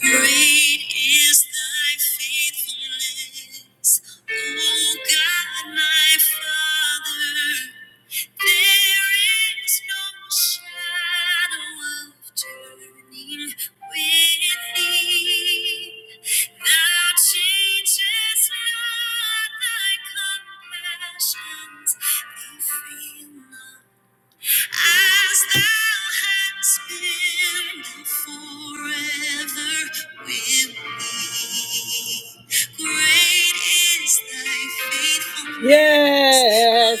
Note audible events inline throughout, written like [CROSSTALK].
Great is thy faithfulness, O God, my Father. There is no shadow of turning with thee. Thou changes not thy compassions, they fail not. As thou hast been forever with me. Yes. Yes.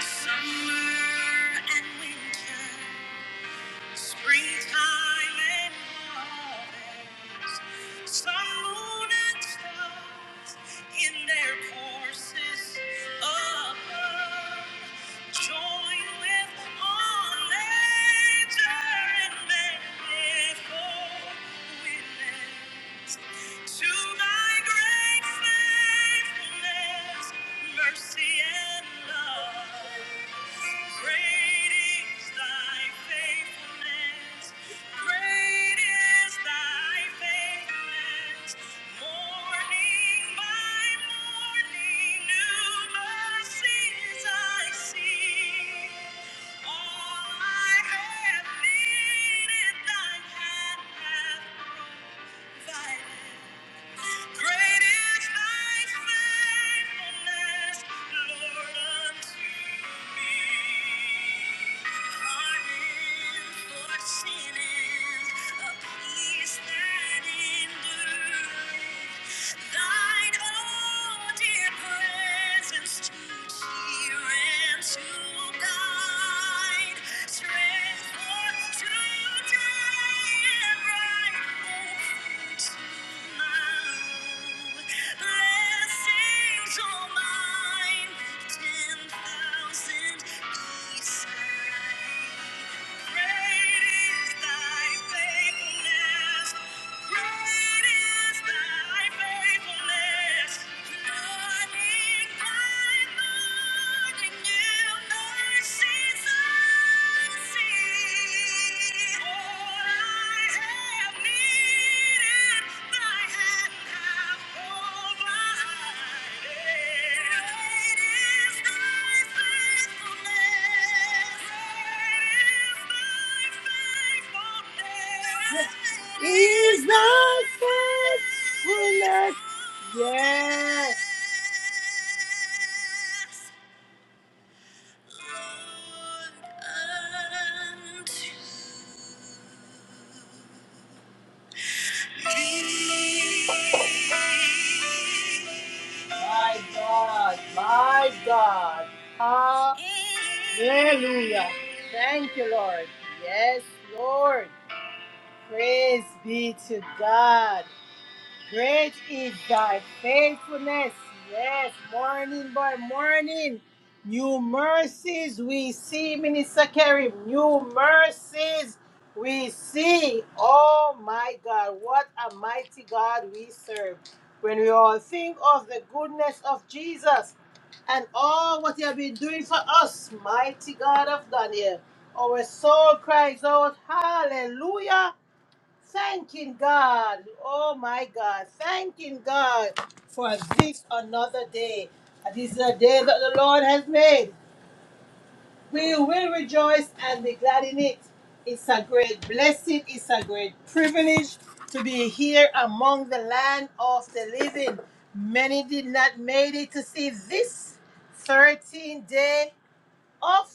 Summer and winter. Springtime and harvest, sun, moon, and stars in their courses above, join with all nature and manifold witness to thy great faithfulness, mercy, and love. Great is thy faithfulness. Great is thy faithfulness. Morning by morning, new mercies I see. All I have needed, thy hand hath provided. Great is thy faithfulness, Lord, unto me. Pardon for sins, a peace that endureth. Thine, oh, dear presence to she ran to guide strength for today and bright hope tomorrow. Blessings all mine, ten thousand beside. Is thy faithfulness? Yes. My God, my God. Hallelujah. Thank you, Lord. Yes, Lord. Praise be to God. Great is thy faithfulness. Yes, morning by morning. New mercies we see, Minister Karim. New mercies we see. Oh my God, what a mighty God we serve. When we all think of the goodness of Jesus and all what he has been doing for us, mighty God of Daniel, our soul cries out, Hallelujah! Thanking God. Oh my God. Thanking God for this another day. This is a day that the Lord has made. We will rejoice and be glad in it. It's a great blessing. It's a great privilege to be here among the land of the living. Many did not make it to see this 13th day of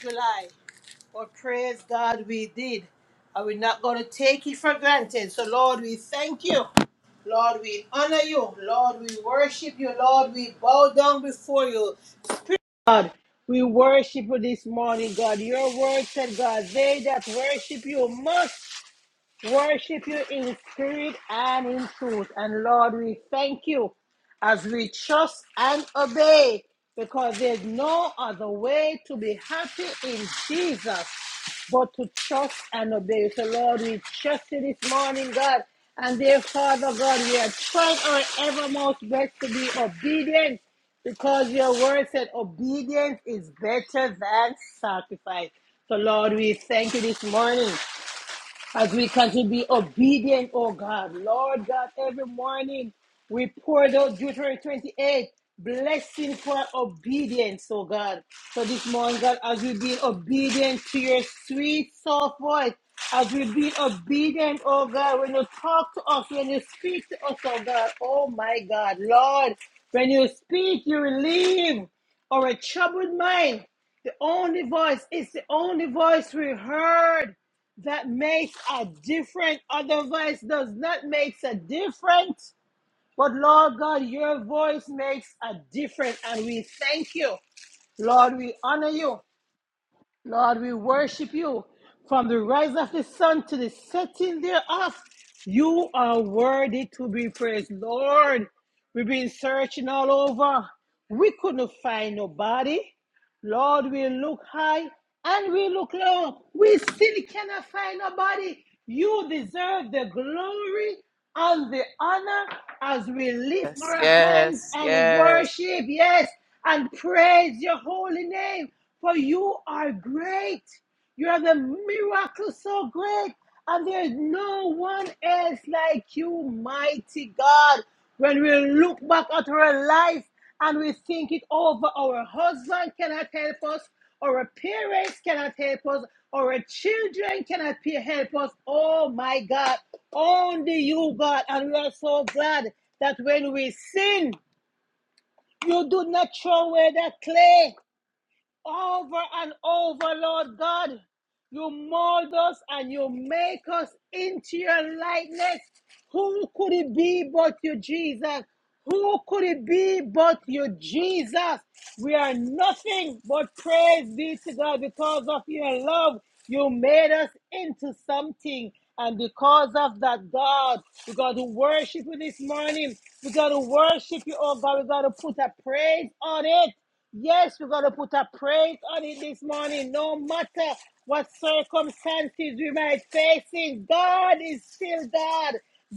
July. But praise God we did. And we're not going to take it for granted. So, Lord, we thank you. Lord, we honor you. Lord, we worship you. Lord, we bow down before you. We worship you this morning, God. Your word said, God, they that worship you must Worship you in spirit and in truth. And Lord, we thank you as we trust and obey because there's no other way to be happy in Jesus but to trust and obey. So, Lord, we trust you this morning, God. And dear Father God, we are trying our evermost best to be obedient because your word said obedience is better than sacrifice. So, Lord, we thank you this morning as we continue to be obedient, oh God. Lord God, every morning we poured out Deuteronomy 28, blessing for obedience, oh God. So this morning, God, as we be obedient to your sweet, soft voice, as we be obedient, oh God, when you talk to us, when you speak to us, oh God, oh my God, Lord, when you speak, you relieve our troubled mind. The only voice is the only voice we heard that makes a difference. Other voice does not make a difference. But Lord God, your voice makes a difference. And we thank you. Lord, we honor you. Lord, we worship you. From the rise of the sun to the setting thereof, you are worthy to be praised. Lord, we've been searching all over. We couldn't find nobody. Lord, we look high and we look low. We still cannot find nobody. You deserve the glory and the honor as we lift Yes, our hands yes, and yes, worship, yes, and praise your holy name, for you are great. You are the miracle so great, and there is no one else like you, mighty God. When we look back at our life and we think it over, our husband cannot help us, our parents cannot help us, our children cannot pe- help us. Oh my God, only you, God. And we are so glad that when we sin, you do not throw away the clay over and over, Lord God. You mold us and you make us into your likeness. Who could it be but you, Jesus? Who could it be but you, Jesus? We are nothing but praise be to God because of your love. You made us into something. And because of that, God, we got to worship you this morning. We got to worship you, oh God. We got to put a praise on it. Yes, we're going to put a praise on it this morning. No matter what circumstances we might facing, God is still God.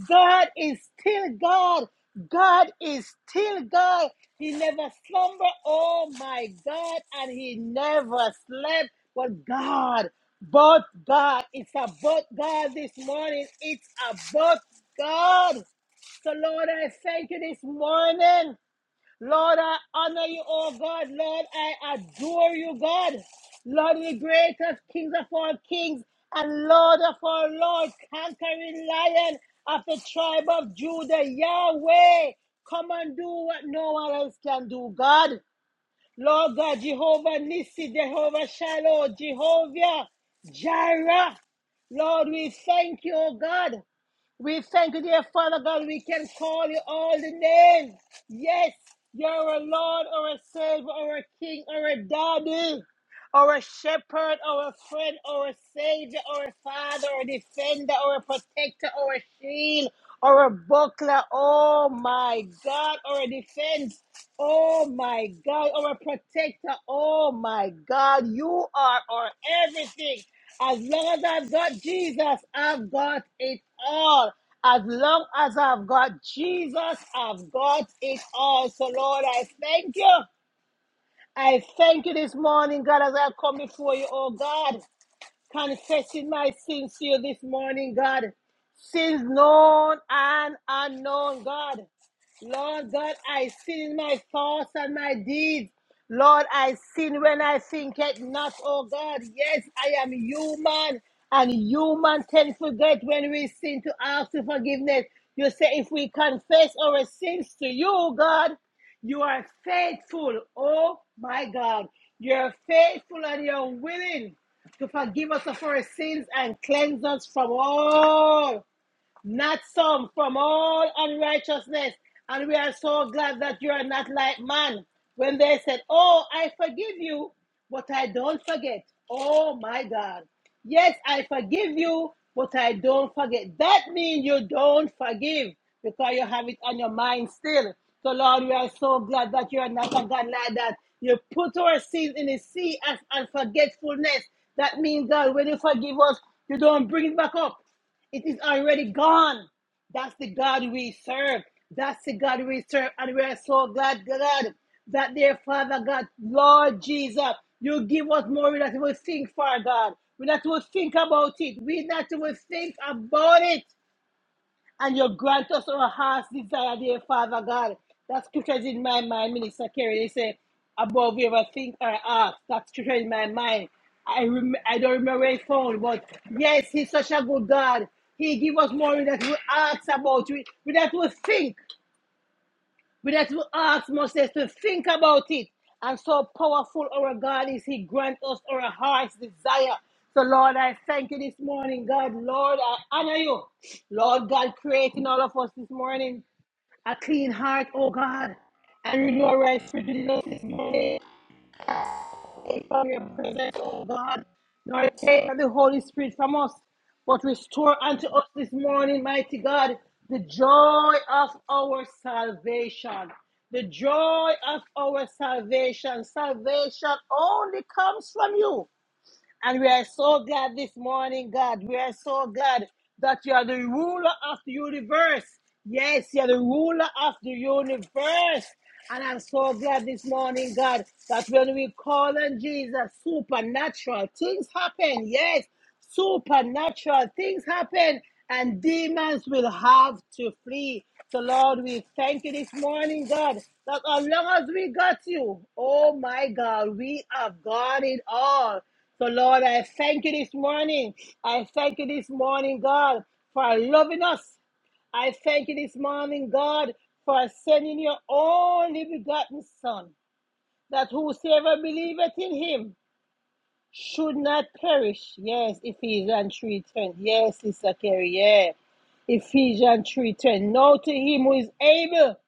God is still God. God is still God. He never slumber. Oh my God. And he never slept. But God, but God, it's about God this morning. It's about God. So Lord, I thank you this morning. Lord, I honor you, oh God. Lord, I adore you, God. Lord, the greatest kings of all kings and Lord of all lords, conquering lion of the tribe of Judah, Yahweh. Come and do what no one else can do, God. Lord God, Jehovah Nissi, Jehovah Shiloh, Jehovah Jireh. Lord, we thank you, oh God. We thank you, dear Father God. We can call you all the names. Yes, you're a Lord or a Savior or a King or a Daddy or a Shepherd or a friend or a Savior or a Father or a Defender or a Protector or a Shield or a Buckler. Oh my God. Or a Defense. Oh my God. Or a Protector. Oh my God. You are our everything. As long as I've got Jesus, I've got it all. As long as I've got Jesus, I've got it all. So, Lord, I thank you. I thank you this morning, God, as I come before you, oh God confessing my sins to you this morning, God. Sins known and unknown, God. Lord God, I sin in my thoughts and my deeds. Lord, I sin when I think it not, oh God. Yes, I am human, and human can forget when we sin to ask for forgiveness. You say, if we confess our sins to you, God, you are faithful. Oh my God. You're faithful and you're willing to forgive us of our sins and cleanse us from all not some, from all unrighteousness. And we are so glad that you are not like man. When they said, Oh, I forgive you, but I don't forget. Oh my God. Yes, I forgive you, but I don't forget. That means you don't forgive because you have it on your mind still. So, Lord, we are so glad that you are not a God like that. You put our sins in the sea as unforgetfulness. That means, God, when you forgive us, you don't bring it back up. It is already gone. That's the God we serve. That's the God we serve. And we are so glad, God, that dear Father God, Lord Jesus, you give us more that we not will think for, God. We not will think about it. We not will think about it. And you grant us our heart's desire, dear Father God. That scripture is in my mind, Minister Kerry. They say, above you ever think or ask. That scripture is in my mind. I rem- I don't remember where it found, but yes, He's such a good God. He give us more than we ask about. We, we that we think. We that we ask Moses to think about it. And so powerful our God is, He grant us our heart's desire. So, Lord, I thank you this morning, God. Lord, I honor you. Lord God, creating all of us this morning a clean heart, oh God. And renew our right spirit within us this morning. Take from your presence, O God. Nor take the Holy Spirit from us, but restore unto us this morning, mighty God, the joy of our salvation. The joy of our salvation. Salvation only comes from you. And we are so glad this morning, God. We are so glad that you are the ruler of the universe. Yes, you are the ruler of the universe. And I'm so glad this morning, God, that when we call on Jesus, supernatural things happen. Yes, supernatural things happen and demons will have to flee. So, Lord, we thank you this morning, God, that as long as we got you, oh my God, we have got it all. So, Lord, I thank you this morning. I thank you this morning, God, for loving us. I thank you this morning, God, for sending your only begotten Son, that whosoever believeth in him should not perish. Yes, Ephesians 3.10. Yes, Sister Carrie, yeah. Ephesians 3.10. Now to him who is able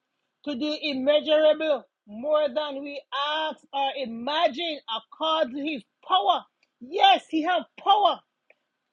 to do immeasurable more than we ask or imagine according to his power. Yes, he has power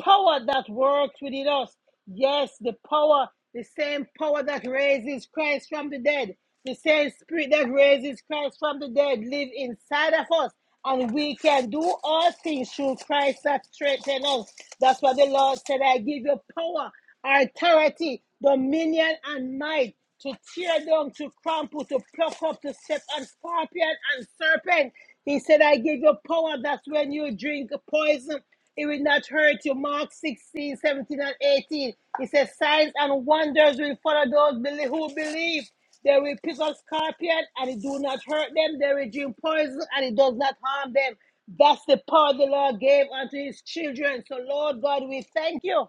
power that works within us. Yes, the power, the same power that raises Christ from the dead, the same spirit that raises Christ from the dead live inside of us. And we can do all things through Christ that strengthens us. That's what the Lord said. I give you power, authority, dominion, and might to tear down, to crumple, to pluck up, to set on scorpion and serpent. He said, I give you power that when you drink poison, it will not hurt you. Mark 16, 17, and 18. He says, Signs and wonders will follow those beli- who believe. They will pick up scorpion and it do not hurt them. They will drink poison and it does not harm them. That's the power the Lord gave unto his children. So, Lord God, we thank you.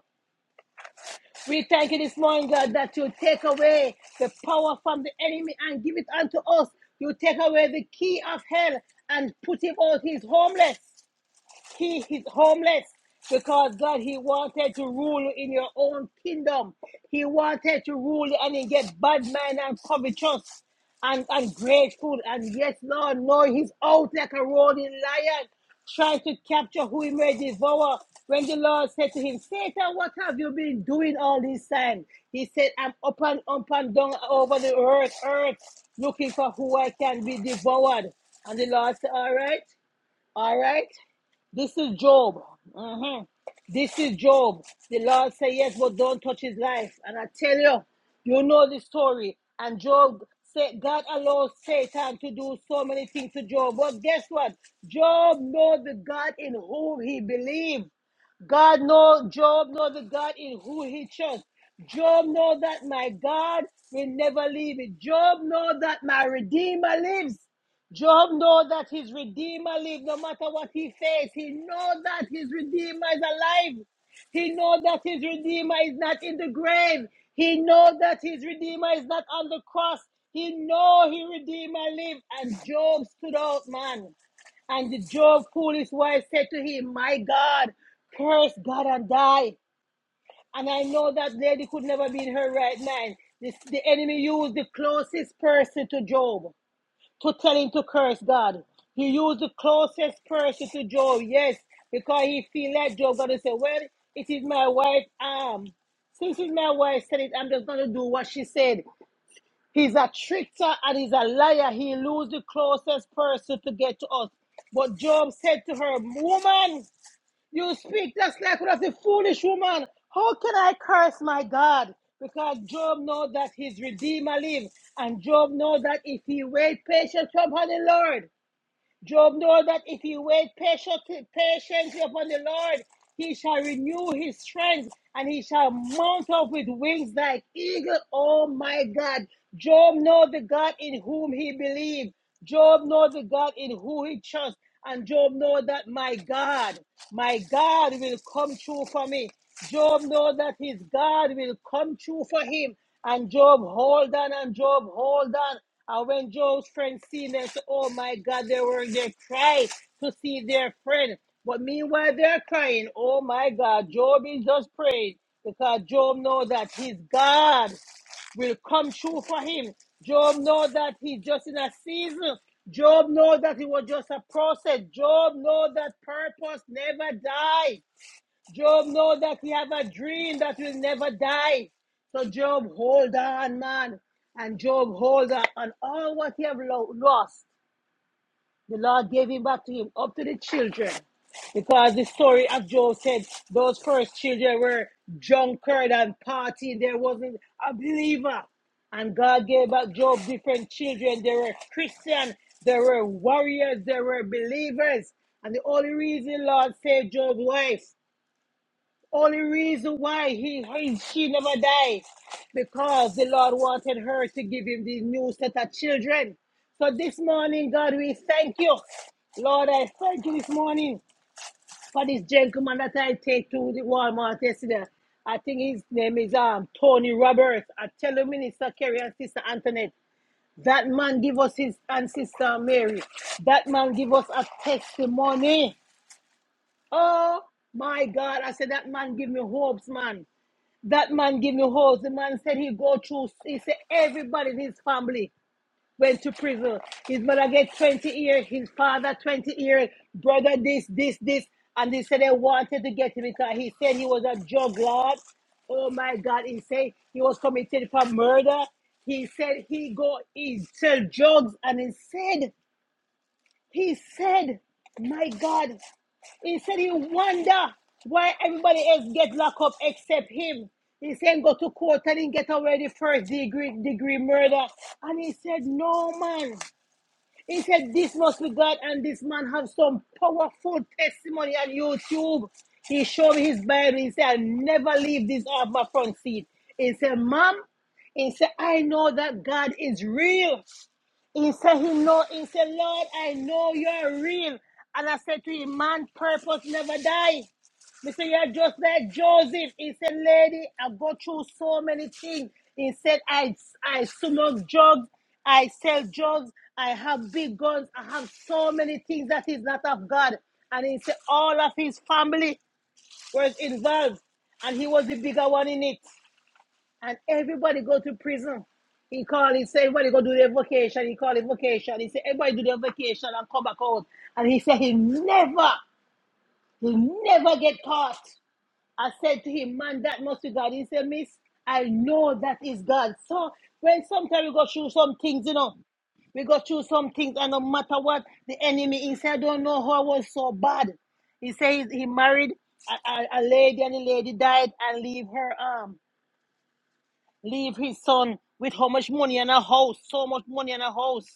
We thank you this morning, God, that you take away the power from the enemy and give it unto us. You take away the key of hell and put him out. He's homeless. He is homeless because God, He wanted to rule in your own kingdom. He wanted to rule and he get bad man and covetous and ungrateful. And yes, Lord, no, He's out like a roaring lion trying to capture who he may devour. When the Lord said to him, Satan, what have you been doing all this time? He said, I'm up and up and down over the earth, earth, looking for who I can be devoured. And the Lord said, All right. All right? This is Job. Mhm. This is Job. The Lord said yes, but don't touch his life. And I tell you, you know the story. And Job said, God allows Satan to do so many things to Job. But guess what? Job knows the God in whom he believed. God knows Job knows the God in who he trusts. Job knows that my God will never leave it. Job knows that my Redeemer lives. Job knows that his Redeemer lives no matter what he faces. He knows that his Redeemer is alive. He knows that his Redeemer is not in the grave. He knows that his Redeemer is not on the cross. He knows his Redeemer lives. And Job stood out, man. And the Job foolish wife said to him, My God, curse God and die. And I know that lady could never be in her right mind. This, the enemy used the closest person to Job to tell him to curse God. He used the closest person to Job, yes, because he feel like Job gonna say, Well, it is my wife Um, Since it's my wife said it, I'm just gonna do what she said. He's a trickster and he's a liar. He lose the closest person to get to us. But Job said to her, Woman, you speak just like one of the foolish woman. How can I curse my God? Because Job knows that his Redeemer lives, and Job knows that if he wait patient upon the Lord, Job knows that if he wait patiently, patiently upon the Lord, he shall renew his strength and he shall mount up with wings like eagle. Oh my God. Job knows the God in whom he believes. Job knows the God in who he trusts. And Job knows that my God, my God will come true for me. Job knows that his God will come true for him. And Job hold on and Job hold on and when Joe's friends seen them, said, Oh my God, they were they there to see their friend. But meanwhile, they're crying. Oh my God, Job is just praying because Job knows that his God will come true for him. Job know that he's just in a season. Job know that it was just a process. Job know that purpose never dies. Job know that he have a dream that will never die. So Job hold on, man. And Job hold on. And all what he have lo- lost, the Lord gave him back to him, up to the children. Because the story of Job said those first children were drunkard and partying. There wasn't a believer. And God gave back Job different children. They were Christian, they were warriors, they were believers. And the only reason Lord saved Job's wife only reason why he, he she never died because the Lord wanted her to give him these new set of children. So this morning, God, we thank you. Lord, I thank you this morning for this gentleman that I take to the Walmart yesterday. I think his name is um Tony Roberts. I tell you, Minister Kerry and Sister Antoinette, that man give us his and Sister Mary. That man give us a testimony. Oh my God, I said that man give me hopes, man. That man give me holes. The man said he go through. He said everybody in his family went to prison. His mother get 20 years. His father 20 years. Brother this, this, this. And they said they wanted to get him because he said he was a drug lord. Oh my God. He said he was committed for murder. He said he go, he sell drugs. And he said he said, My God, he said he wonder why everybody else get locked up except him. He said go to court and he get already first degree degree murder. And he said, No man. He said this must be God and this man have some powerful testimony on YouTube. He showed me his Bible. He said, i never leave this off my front seat. He said, Mom, he said, I know that God is real. He said he know. He said, Lord, I know you're real. And I said to him, man, purpose never die. He said, you're just like Joseph. He said, lady, I go through so many things. He said, I, I smoke drugs. I sell drugs. I have big guns. I have so many things that is not of God. And he said, all of his family was involved. And he was the bigger one in it and everybody go to prison. He called. he said, everybody go do their vacation. He called it vacation. He said, everybody do their vacation and come back out. And he said, he never, he never get caught. I said to him, man, that must be God. He said, miss, I know that is God. So when sometimes we go through some things, you know, we go through some things and no matter what, the enemy, he said, I don't know how I was so bad. He said he he married a, a, a lady and the lady died and leave her arm leave his son with how much money and a house, so much money and a house,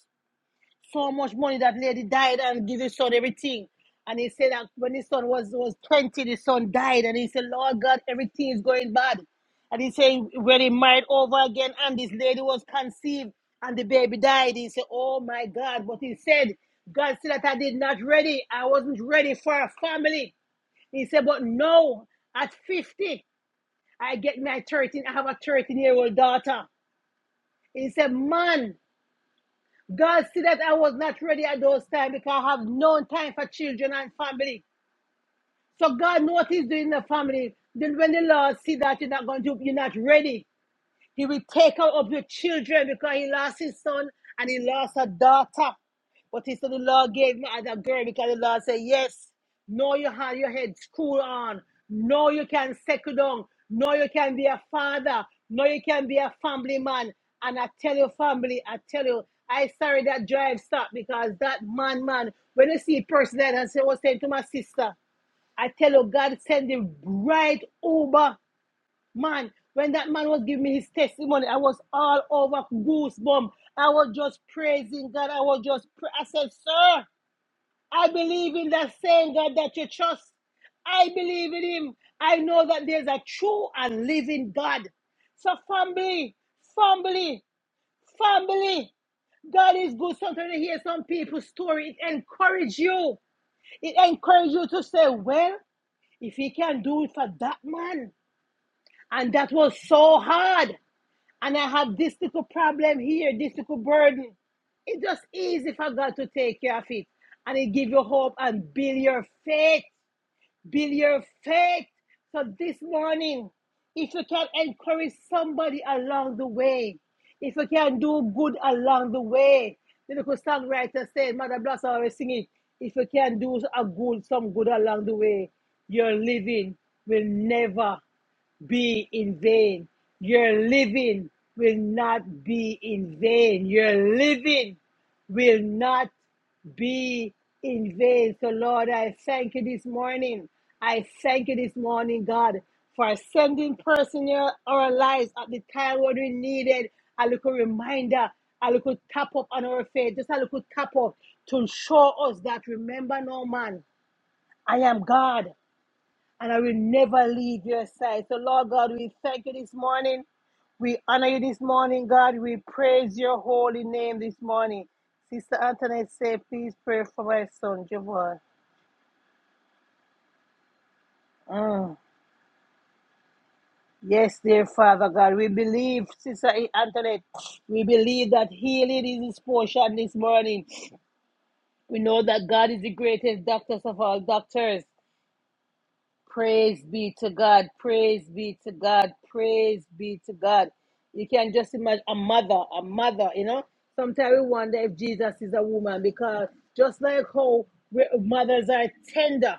so much money that lady died and give his son everything. And he said that when his son was, was 20, the son died. And he said, Lord God, everything is going bad. And he said, when he married over again and this lady was conceived and the baby died, he said, oh my God. But he said, God said that I did not ready. I wasn't ready for a family. He said, but no, at 50, I get my 13, I have a 13 year old daughter. He said, Man, God see that I was not ready at those times because I have no time for children and family. So God knows what He's doing in the family. Then when the Lord see that you're not going to, you're not ready. He will take out of your children because he lost his son and he lost a daughter. But he said, The Lord gave me as a girl because the Lord said, Yes, no, you have your head school on. No, you can settle down. No, you can be a father. No, you can be a family man. And I tell your family, I tell you, I sorry that drive stopped because that man, man, when you see a person that I was saying to my sister, I tell you, God send the right Uber Man, when that man was giving me his testimony, I was all over goosebumps. I was just praising God. I was just, pra- I said, Sir, I believe in that same God that you trust. I believe in him. I know that there's a true and living God. So, family, family, family, God is good. Sometimes you hear some people's story, it encourages you. It encourages you to say, Well, if he can do it for that man, and that was so hard and I have this little problem here, this little burden. It's just easy for God to take care of it. And it give you hope and build your faith. Build your faith. So this morning, if you can encourage somebody along the way, if you can do good along the way, the little songwriter said, Mother Blossom always sing it. If you can do a good, some good along the way, your living will never be in vain. Your living will not be in vain. Your living will not be in vain. So, Lord, I thank you this morning. I thank you this morning, God, for sending personnel our lives at the time when we needed a little reminder, a little tap up on our faith, just a little tap up to show us that remember, no man, I am God and I will never leave your side. So, Lord God, we thank you this morning. We honor you this morning, God. We praise your holy name this morning. Sister Antoinette say, please pray for my son, Javon. Mm. Yes, dear Father God, we believe, Sister Antoinette, we believe that healing is his portion this morning. We know that God is the greatest doctor of all doctors. Praise be to God. Praise be to God. Praise be to God. You can just imagine a mother, a mother, you know. Sometimes we wonder if Jesus is a woman because just like how we- mothers are tender,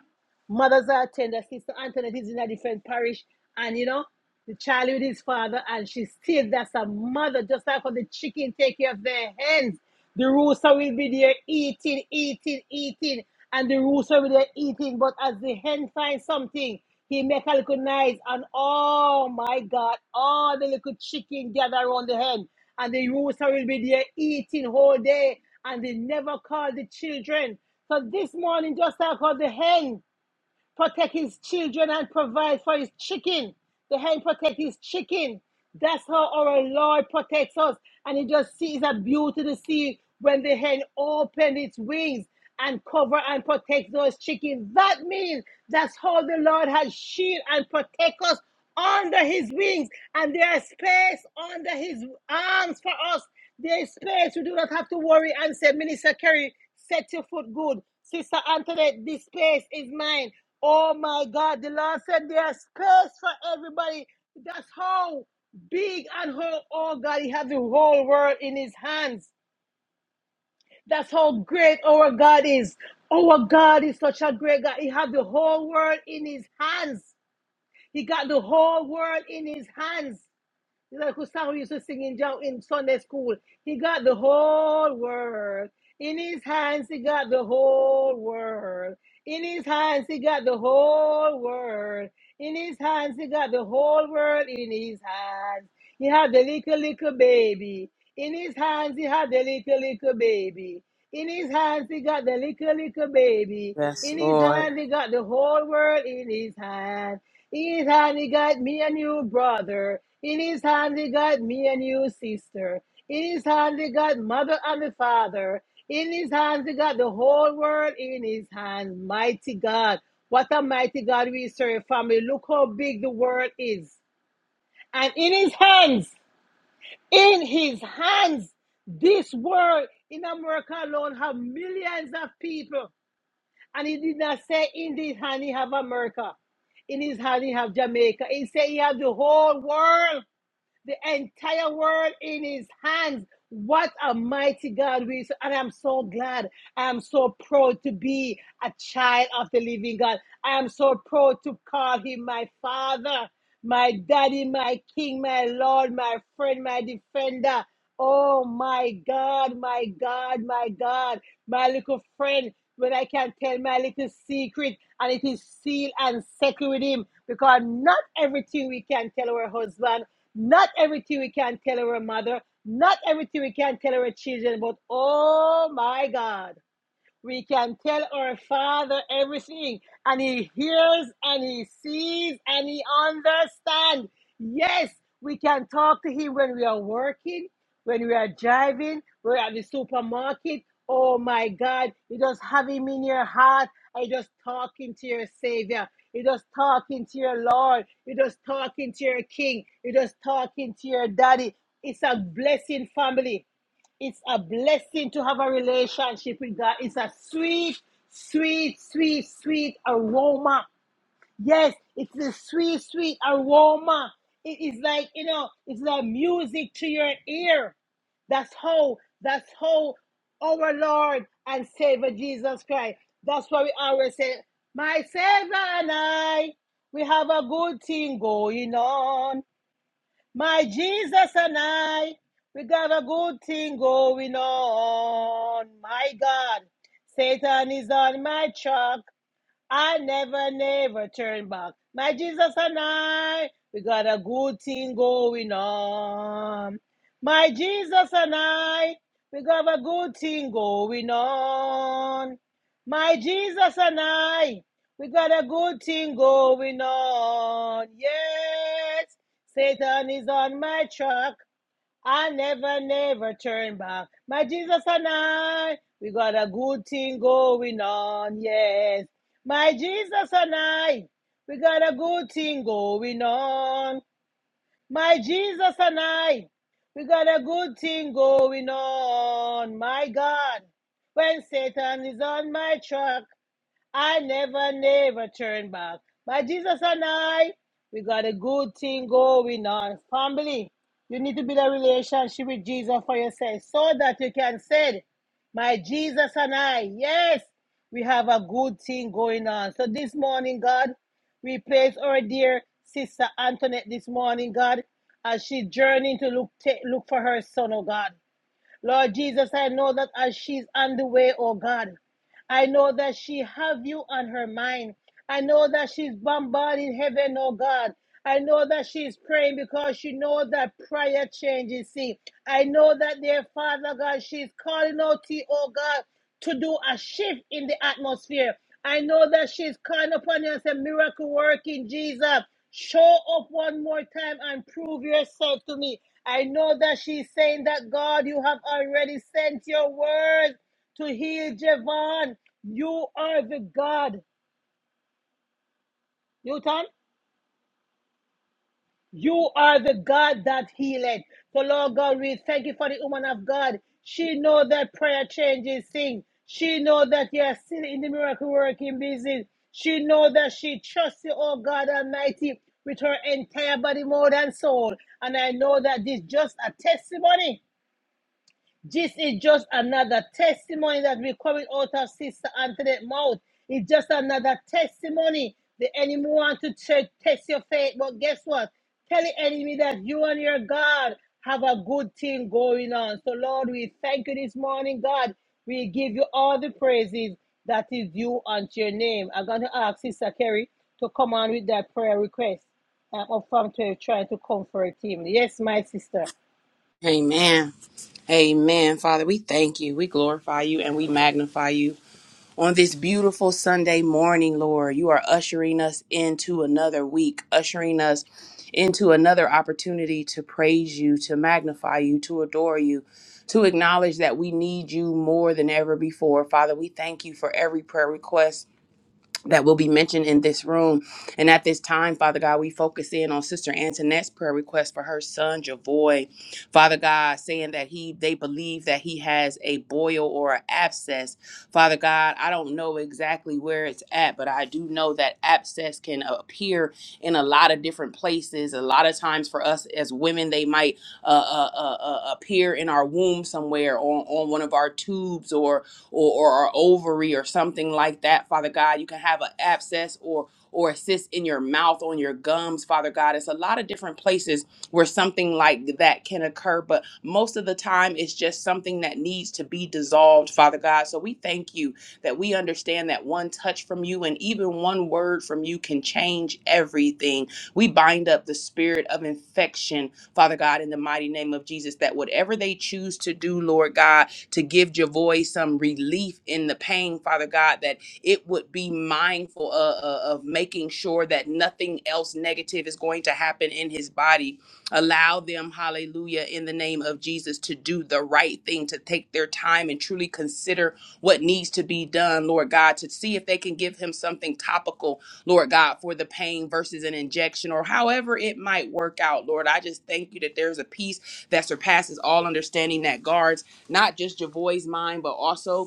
mothers are tender. Sister Antoinette is in a different parish, and you know, the child with his father, and she still that's a mother, just like how the chicken take care of their hens. The rooster will be there eating, eating, eating, and the rooster will be there eating. But as the hen finds something, he make a little noise, and oh my God, all the little chicken gather around the hen, and the rooster will be there eating whole day, and they never call the children. So this morning, just like how the hen protect his children and provide for his chicken. The hen protect his chicken. That's how our Lord protects us. And it just sees a beauty to see when the hen opened its wings and cover and protect those chickens. That means that's how the Lord has shield and protect us under his wings. And there is space under his arms for us. There is space. We do not have to worry and say, Minister Kerry, set your foot good. Sister Antoinette, this space is mine. Oh my God, the Lord said there's space for everybody. That's how big and how, oh God, He has the whole world in His hands. That's how great our God is. Our God is such a great God. He has the whole world in His hands. He got the whole world in His hands. It's like Gustavo used to sing in, in Sunday school. He got the whole world. In his hands, he got the whole world. In his hands, he got the whole world. In his hands, he got the whole world in his hands. He had the little, little baby. In his hands, he had the little, little baby. In his hands, he got the little, little baby. yes, In his Lord. hand, he got the whole world in his hand. In his hand, he got me and you, brother. In his hand, he got me and you, sister. In his hand, he got mother and the father. In his hands, he got the whole world in his hands. Mighty God. What a mighty God we serve, family. Look how big the world is. And in his hands, in his hands. This world in America alone have millions of people. And he did not say in his hand he have America. In his hand he have Jamaica. He said he have the whole world the entire world in his hands. What a mighty God we serve. And I'm so glad. I am so proud to be a child of the living God. I am so proud to call him my father, my daddy, my king, my Lord, my friend, my defender. Oh my God, my God, my God, my little friend, when I can tell my little secret and it is sealed and settled with him because not everything we can tell our husband not everything we can tell our mother. Not everything we can tell our children. But oh my God. We can tell our Father everything, and He hears, and He sees, and He understands. Yes, we can talk to Him when we are working, when we are driving, we're at the supermarket. Oh my God, you're just having Him in your heart. You're just talking to your Savior. You're just talking to your Lord. You're just talking to your King. You're just talking to your Daddy. It's a blessing, family. It's a blessing to have a relationship with God. It's a sweet, sweet, sweet, sweet aroma. Yes, it's a sweet, sweet aroma. It is like, you know, it's like music to your ear. That's how, that's how our Lord and Savior Jesus Christ. That's why we always say, My Savior and I, we have a good thing going on. My Jesus and I, we got a good thing going on. My God, Satan is on my track. I never, never turn back. My Jesus and I, we got a good thing going on. My Jesus and I, we got a good thing going on. My Jesus and I, we got a good thing going on. Yes, Satan is on my track. I never, never turn back. My Jesus and I, we got a good thing going on, yes. My Jesus and I, we got a good thing going on. My Jesus and I, we got a good thing going on. My God, when Satan is on my track, I never, never turn back. My Jesus and I, we got a good thing going on. Family, you need to build a relationship with Jesus for yourself so that you can say, My Jesus and I, yes, we have a good thing going on. So this morning, God, we place our dear sister Antoinette this morning, God, as she journeying to look, take, look for her son, oh God. Lord Jesus, I know that as she's on the way, oh God, I know that she have you on her mind. I know that she's bombarding heaven, oh God. I know that she's praying because she knows that prayer changes things. I know that, dear Father God, she's calling out to you, oh God, to do a shift in the atmosphere. I know that she's calling upon you and saying, miracle working, Jesus. Show up one more time and prove yourself to me. I know that she's saying that, God, you have already sent your word to heal Javon. You are the God. You, Tom? You are the God that healeth. So, Lord God, we thank you for the woman of God. She know that prayer changes things. She know that you are still in the miracle working business. She know that she trusts you, oh God Almighty, with her entire body, more than soul. And I know that this just a testimony this is just another testimony that we're coming out of Sister Antoinette mouth. It's just another testimony. The enemy wants to check, test your faith, but guess what? Tell the enemy that you and your God have a good thing going on. So, Lord, we thank you this morning, God. We give you all the praises that is due unto your name. I'm going to ask Sister Kerry to come on with that prayer request. I'm up from to trying to comfort him. Yes, my sister. Amen. Amen. Father, we thank you. We glorify you and we magnify you on this beautiful Sunday morning, Lord. You are ushering us into another week, ushering us into another opportunity to praise you, to magnify you, to adore you, to acknowledge that we need you more than ever before. Father, we thank you for every prayer request that will be mentioned in this room. And at this time, Father God, we focus in on Sister Antoinette's prayer request for her son, Javoy. Father God, saying that he they believe that he has a boil or an abscess. Father God, I don't know exactly where it's at, but I do know that abscess can appear in a lot of different places. A lot of times for us as women, they might uh, uh, uh, uh, appear in our womb somewhere or on one of our tubes or or, or, or ovary or something like that, Father God. You can have an abscess or or a cyst in your mouth, on your gums, Father God. It's a lot of different places where something like that can occur, but most of the time it's just something that needs to be dissolved, Father God. So we thank you that we understand that one touch from you and even one word from you can change everything. We bind up the spirit of infection, Father God, in the mighty name of Jesus, that whatever they choose to do, Lord God, to give your voice some relief in the pain, Father God, that it would be mindful uh, uh, of making sure that nothing else negative is going to happen in his body. Allow them, hallelujah, in the name of Jesus, to do the right thing, to take their time and truly consider what needs to be done, Lord God, to see if they can give him something topical, Lord God, for the pain versus an injection or however it might work out, Lord. I just thank you that there's a peace that surpasses all understanding that guards not just Javoy's mind, but also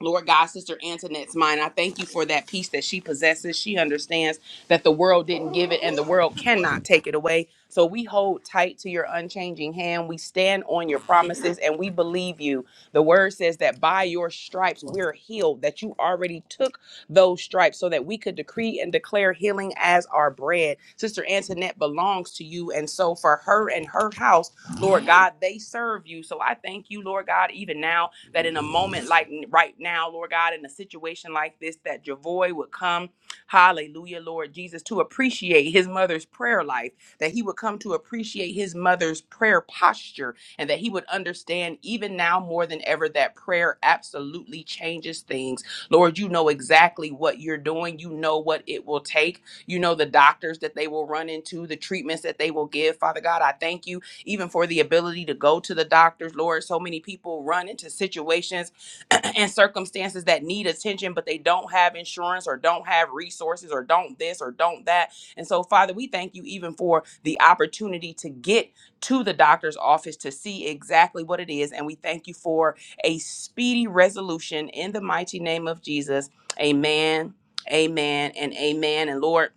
Lord God, Sister Antoinette's mind. I thank you for that peace that she possesses. She understands that the world didn't give it and the world cannot take it away. So we hold tight to your unchanging hand. We stand on your promises and we believe you. The word says that by your stripes we're healed, that you already took those stripes so that we could decree and declare healing as our bread. Sister Antoinette belongs to you. And so for her and her house, Lord God, they serve you. So I thank you, Lord God, even now that in a moment like n- right now, Lord God, in a situation like this, that Javoy would come, hallelujah, Lord Jesus, to appreciate his mother's prayer life, that he would come to appreciate his mother's prayer posture, and that he would understand even now more than ever that prayer absolutely changes things. Lord, you know exactly what you're doing, you know what it will take, you know the doctors that they will run into, the treatments that they will give. Father God, I thank you even for the ability to go to the doctors. Lord, so many people run into situations [CLEARS THROAT] and circumstances that need attention, but they don't have insurance or don't have resources or don't this or don't that. And so, Father, we thank you even for the opportunity to get to the doctor's office to see exactly what it is. And we thank you for a speedy resolution in the mighty name of Jesus. Amen. Amen and amen. And Lord,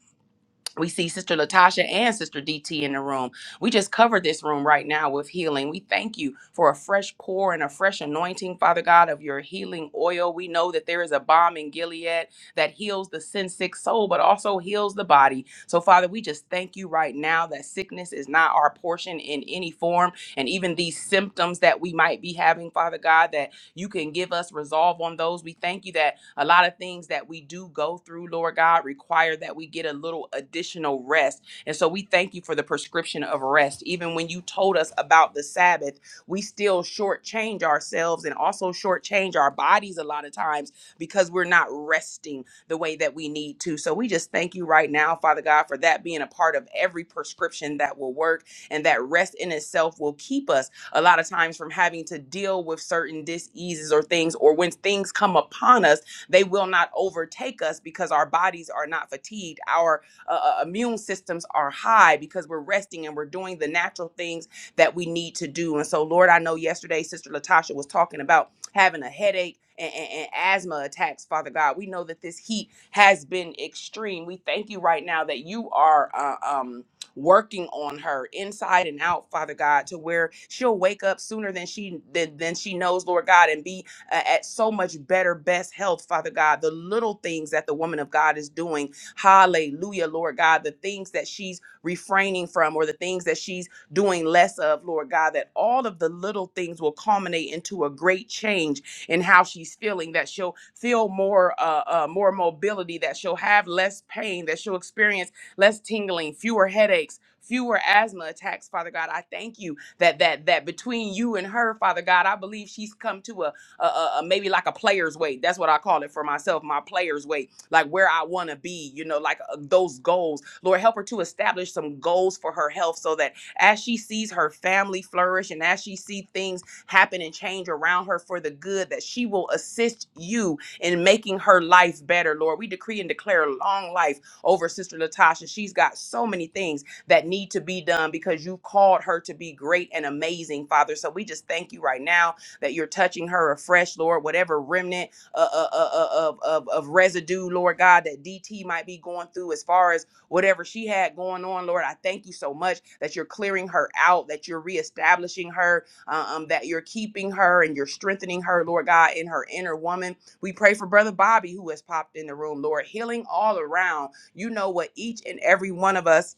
we see Sister Latasha and Sister DT in the room. We just covered this room right now with healing. We thank you for a fresh pour and a fresh anointing, Father God, of your healing oil. We know that there is a balm in Gilead that heals the sin sick soul, but also heals the body. So, Father, we just thank you right now that sickness is not our portion in any form. And even these symptoms that we might be having, Father God, that you can give us resolve on those. We thank you that a lot of things that we do go through, Lord God, require that we get a little additional rest. And so we thank you for the prescription of rest. Even when you told us about the Sabbath, we still shortchange ourselves and also shortchange our bodies a lot of times because we're not resting the way that we need to. So we just thank you right now, Father God, for that being a part of every prescription that will work and that rest in itself will keep us a lot of times from having to deal with certain diseases or things, or when things come upon us, they will not overtake us because our bodies are not fatigued. Our uh, uh, immune systems are high because we're resting and we're doing the natural things that we need to do. And so, Lord, I know yesterday Sister Latasha was talking about having a headache. And, and, and asthma attacks, Father God. We know that this heat has been extreme. We thank you right now that you are uh, um, working on her inside and out, Father God, to where she'll wake up sooner than she than, than she knows, Lord God, and be uh, at so much better, best health, Father God. The little things that the woman of God is doing, Hallelujah, Lord God. The things that she's refraining from, or the things that she's doing less of, Lord God. That all of the little things will culminate into a great change in how she's feeling. That she'll feel more, uh, uh, more mobility. That she'll have less pain. That she'll experience less tingling, fewer headaches, fewer asthma attacks, Father God. I thank you that that that between you and her, Father God, I believe she's come to a, a, a, a maybe like a player's weight. That's what I call it for myself, my player's weight, like where I want to be, you know, like uh, those goals. Lord, help her to establish some goals for her health so that as she sees her family flourish and as she see things happen and change around her for the good, that she will assist you in making her life better, Lord. We decree and declare long life over Sister Latasha. She's got so many things that need to be done because you called her to be great and amazing, Father. So we just thank you right now that you're touching her afresh, Lord. Whatever remnant uh, uh, uh, uh, of, of, of residue, Lord God, that DT might be going through as far as whatever she had going on, Lord, I thank you so much that you're clearing her out, that you're reestablishing her, uh, um, that you're keeping her and you're strengthening her, Lord God, in her inner woman. We pray for Brother Bobby, who has popped in the room, Lord, healing all around you know what each and every one of us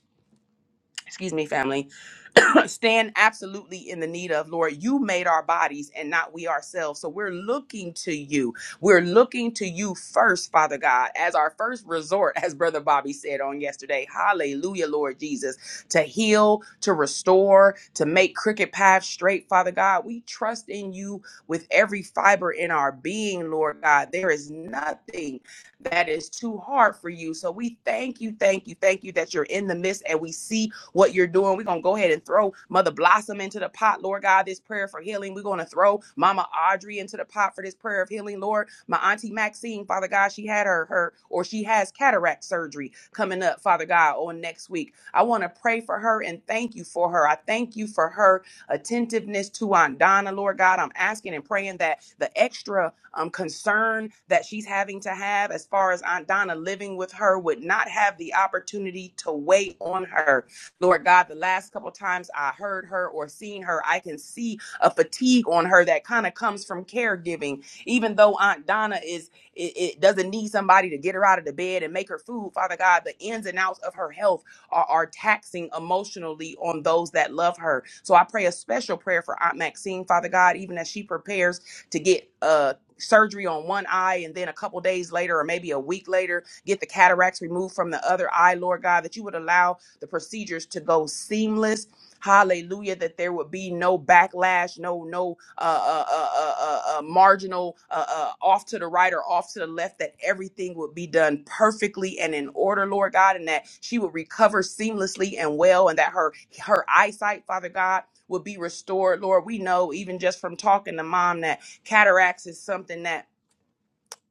excuse me, family, [COUGHS] [CLEARS THROAT] stand absolutely in the need of, Lord. You made our bodies and not we ourselves. So we're looking to you. We're looking to you first, Father God, as our first resort, as Brother Bobby said on yesterday. Hallelujah, Lord Jesus, to heal, to restore, to make crooked paths straight, Father God. We trust in you with every fiber in our being, Lord God. There is nothing that is too hard for you. So we thank you, thank you, thank you that you're in the midst and we see what you're doing. We're going to go ahead and throw Mother Blossom into the pot, Lord God, this prayer for healing. We're going to throw Mama Audrey into the pot for this prayer of healing, Lord. My Auntie Maxine, Father God, she had her, her or she has cataract surgery coming up, Father God, on next week. I want to pray for her and thank you for her. I thank you for her attentiveness to Aunt Donna, Lord God. I'm asking and praying that the extra um, concern that she's having to have as far as Aunt Donna living with her would not have the opportunity to weigh on her. Lord God, the last couple times I heard her or seen her, I can see a fatigue on her that kind of comes from caregiving. Even though Aunt Donna is it, it doesn't need somebody to get her out of the bed and make her food, Father God, the ins and outs of her health are, are taxing emotionally on those that love her. So I pray a special prayer for Aunt Maxine, Father God, even as she prepares to get uh surgery on one eye and then a couple days later or maybe a week later get the cataracts removed from the other eye lord god that you would allow the procedures to go seamless. Hallelujah! That there would be no backlash, no no uh, uh, uh, uh, uh, uh, marginal uh, uh, off to the right or off to the left. That everything would be done perfectly and in order, Lord God, and that she would recover seamlessly and well, and that her her eyesight, Father God, would be restored. Lord, we know even just from talking to mom that cataracts is something that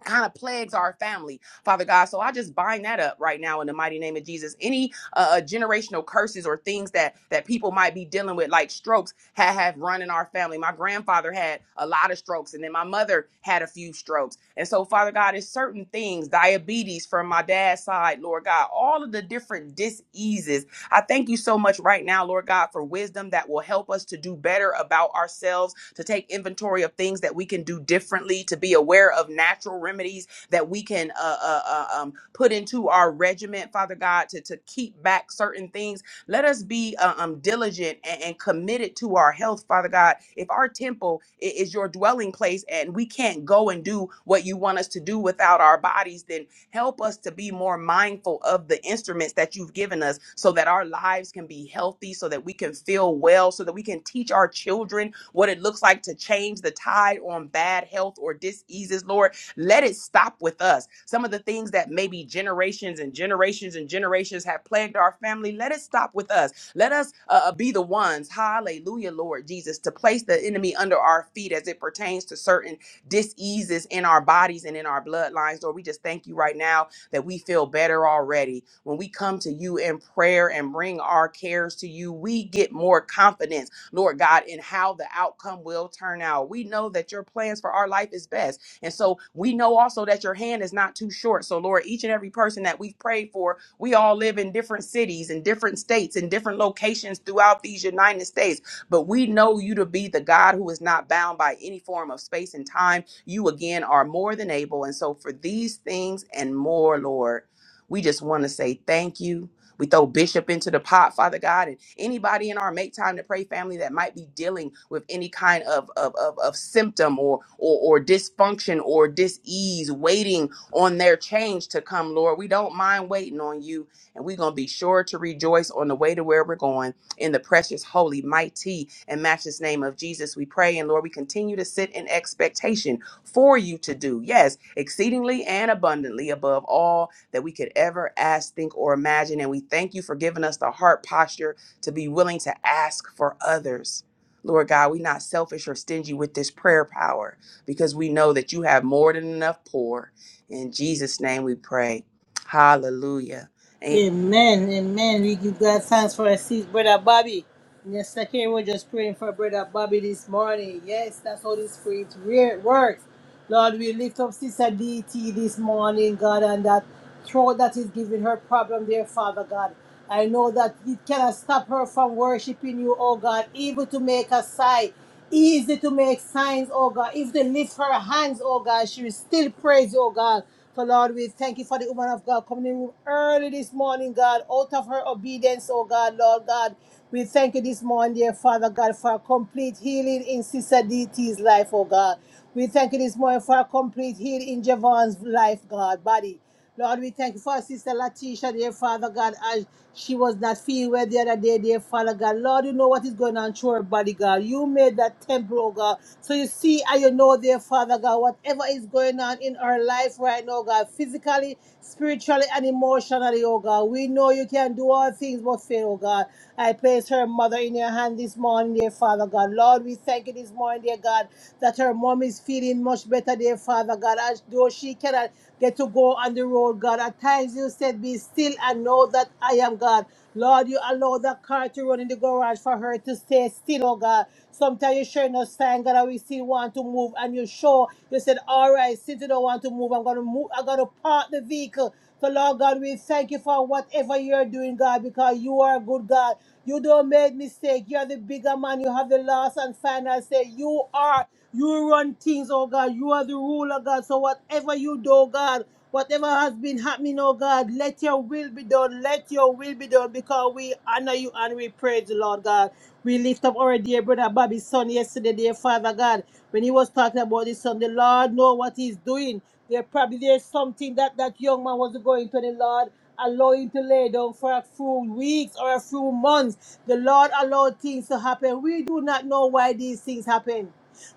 kind of plagues our family, Father God. So I just bind that up right now in the mighty name of Jesus. Any uh, uh, generational curses or things that that people might be dealing with, like strokes, have, have run in our family. My grandfather had a lot of strokes, and then my mother had a few strokes. And so, Father God, it's certain things, diabetes from my dad's side, Lord God, all of the different diseases I thank you so much right now, Lord God, for wisdom that will help us to do better about ourselves, to take inventory of things that we can do differently, to be aware of natural remedies that we can uh, uh, uh, um, put into our regiment, Father God, to, to keep back certain things. Let us be uh, um, diligent and, and committed to our health, Father God. If our temple i- is your dwelling place and we can't go and do what you want us to do without our bodies, then Help us to be more mindful of the instruments that you've given us so that our lives can be healthy, so that we can feel well, so that we can teach our children what it looks like to change the tide on bad health or diseases, Lord. Let it stop with us. Some of the things that maybe generations and generations and generations have plagued our family, let it stop with us. Let us uh, uh, be the ones, hallelujah, Lord Jesus, to place the enemy under our feet as it pertains to certain diseases in our bodies and in our bloodlines. Lord, we just thank you right now that we feel better already. When we come to you in prayer and bring our cares to you, we get more confidence, Lord God, in how the outcome will turn out. We know that your plans for our life is best. And so we know also that your hand is not too short. So, Lord, each and every person that we've prayed for, we all live in different cities and different states and different locations throughout these United States. But we know you to be the God who is not bound by any form of space and time. You again are more than able. And so for these things and more, Lord, we just want to say thank you. We throw Bishop into the pot, Father God, and anybody in our Make Time to Pray family that might be dealing with any kind of, of, of, of symptom or, or, or dysfunction or dis-ease, waiting on their change to come, Lord. We don't mind waiting on you, and we're going to be sure to rejoice on the way to where we're going. In the precious, holy, mighty, and matchless name of Jesus, we pray. And Lord, we continue to sit in expectation for you to do, yes, exceedingly and abundantly above all that we could ever ask, think, or imagine. And we thank you for giving us the heart posture to be willing to ask for others. Lord God, we're not selfish or stingy with this prayer power because we know that you have more than enough pour. In Jesus' name we pray. Hallelujah. Amen. Amen, amen. We give God thanks for our seat, Brother Bobby. Yes, Sakari was just praying for Brother Bobby this morning. Yes, that's how the Spirit re- works. Lord, we lift up Sister DT this morning, God, and that throat that is giving her problem, dear Father God. I know that it cannot stop her from worshiping you, oh God. Able to make a sigh, easy to make signs, oh God. If they lift her hands, oh God, she will still praise you, oh God. So, Lord, we thank you for the woman of God coming in the room early this morning, God, out of her obedience, oh God, Lord God. We thank you this morning, dear Father God, for a complete healing in Sister D T's life, oh God. We thank you this morning for a complete healing in Javon's life, God, body. Lord, we thank you for our sister Latisha, dear Father God, as she was not feeling well the other day, dear Father God. Lord, you know what is going on through her body, God. You made that temple, oh God. So you see and you know, dear Father God, whatever is going on in our life right now, God, physically spiritually and emotionally, oh God. We know you can do all things but fail, oh God. I place her mother in your hand this morning, dear Father God. Lord, we thank you this morning, dear God, that her mom is feeling much better, dear Father God, as though she cannot get to go on the road, God. At times you said, Be still and know that I am God. Lord, you allow that car to run in the garage for her to stay still, oh God. Sometimes you showing us sign, God, that we still want to move, and you show, you said, all right, since you don't want to move, I'm going to move, I'm going to park the vehicle. So, Lord God, we thank you for whatever you're doing, God, because you are a good God. You don't make mistake. You're the bigger man. You have the last and final say. You are, you run things, oh God. You are the ruler, God. So whatever you do, God, Whatever has been happening, oh God, let your will be done. Let your will be done because we honor you and we praise the Lord God. We lift up our dear brother Bobby's son yesterday, dear Father God. When he was talking about his son, the Lord know what he's doing. There probably there's something that that young man was going to the Lord. Allow him to lay down for a few weeks or a few months. The Lord allowed things to happen. We do not know why these things happen.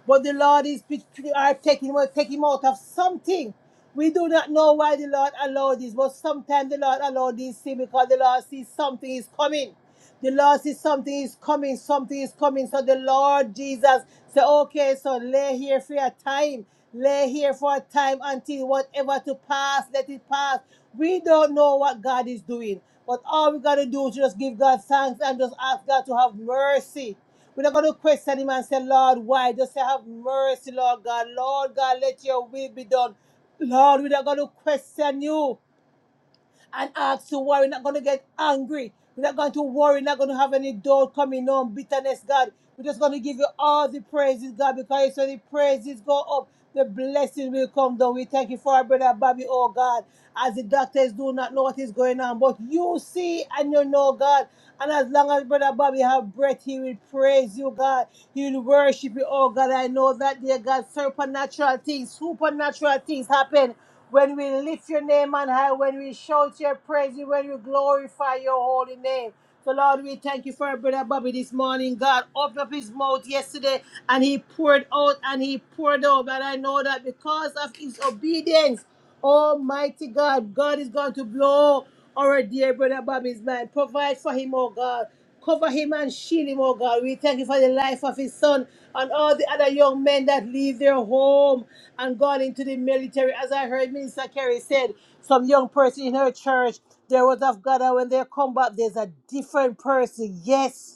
But the Lord is are taking, will take him out of something. We do not know why the Lord allowed this, but sometimes the Lord allowed these things because the Lord sees something is coming. The Lord sees something is coming, something is coming. So the Lord Jesus said, Okay, so lay here for a time. Lay here for a time until whatever to pass, let it pass. We don't know what God is doing. But all we gotta do is just give God thanks and just ask God to have mercy. We're not gonna question him and say, Lord, why? Just say have mercy, Lord God. Lord God, let your will be done. Lord, we're not going to question you and ask you why. We're not going to get angry. We're not going to worry. We're not going to have any doubt coming on, bitterness, God. We're just going to give you all the praises, God, because it's when the praises go up, the blessing will come down. We thank you for our brother Bobby, oh God, as the doctors do not know what is going on, but you see and you know, God. And as long as brother Bobby have breath, he will praise you, God. He will worship you, oh God. I know that, dear God, supernatural things, supernatural things happen when we lift your name on high, when we shout your praises, when we glorify your holy name. So, Lord, we thank you for our brother Bobby this morning. God opened up his mouth yesterday and he poured out and he poured out. But I know that because of his obedience, Almighty God, God is going to blow our dear brother Bobby's mind. Provide for him, oh God. Cover him and shield him, oh God. We thank you for the life of his son and all the other young men that leave their home and gone into the military. As I heard Minister Kerry said, some young person in her church, there was of God, and when they come back, there's a different person. Yes.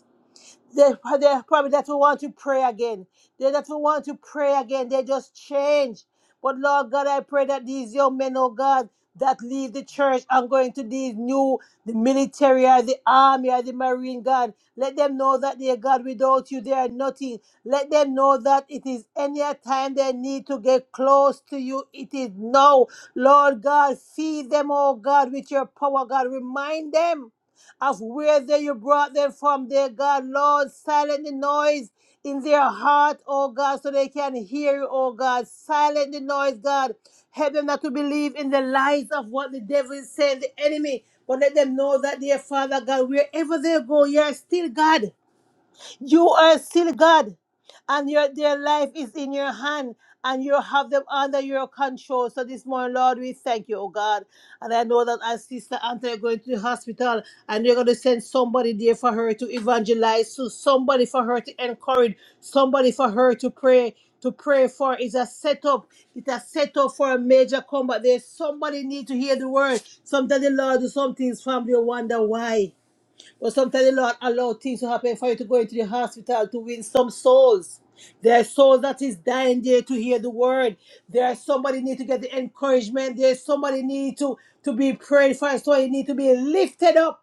They, they probably that will want to pray again. They that will want to pray again. They just change. But Lord God, I pray that these young men, oh God, that leave the church and go into these new the military or the army or the marine God. Let them know that dear God, without you they are nothing. Let them know that it is any time they need to get close to you. It is now. Lord God, feed them, oh God, with your power, God. Remind them of where they you brought them from, dear God. Lord, silent the noise in their heart, oh God, so they can hear you, oh God. Silent the noise, God. Help them not to believe in the lies of what the devil is saying, the enemy. But let them know that, dear Father God, wherever they go, you are still God. You are still God, and your, their life is in your hand, and you have them under your control. So this morning, Lord, we thank you, oh God. And I know that as Sister Anthony going to the hospital, and you're going to send somebody there for her to evangelize, to somebody for her to encourage, somebody for her to pray. To pray for is a setup. It's a setup for a major combat. There's somebody need to hear the word. Sometimes the Lord do some things, family wonder why. But sometimes the Lord allow things to happen for you to go into the hospital to win some souls. There are souls that is dying there to hear the word. There are somebody need to get the encouragement. There's somebody need to, to be prayed for. So you need to be lifted up.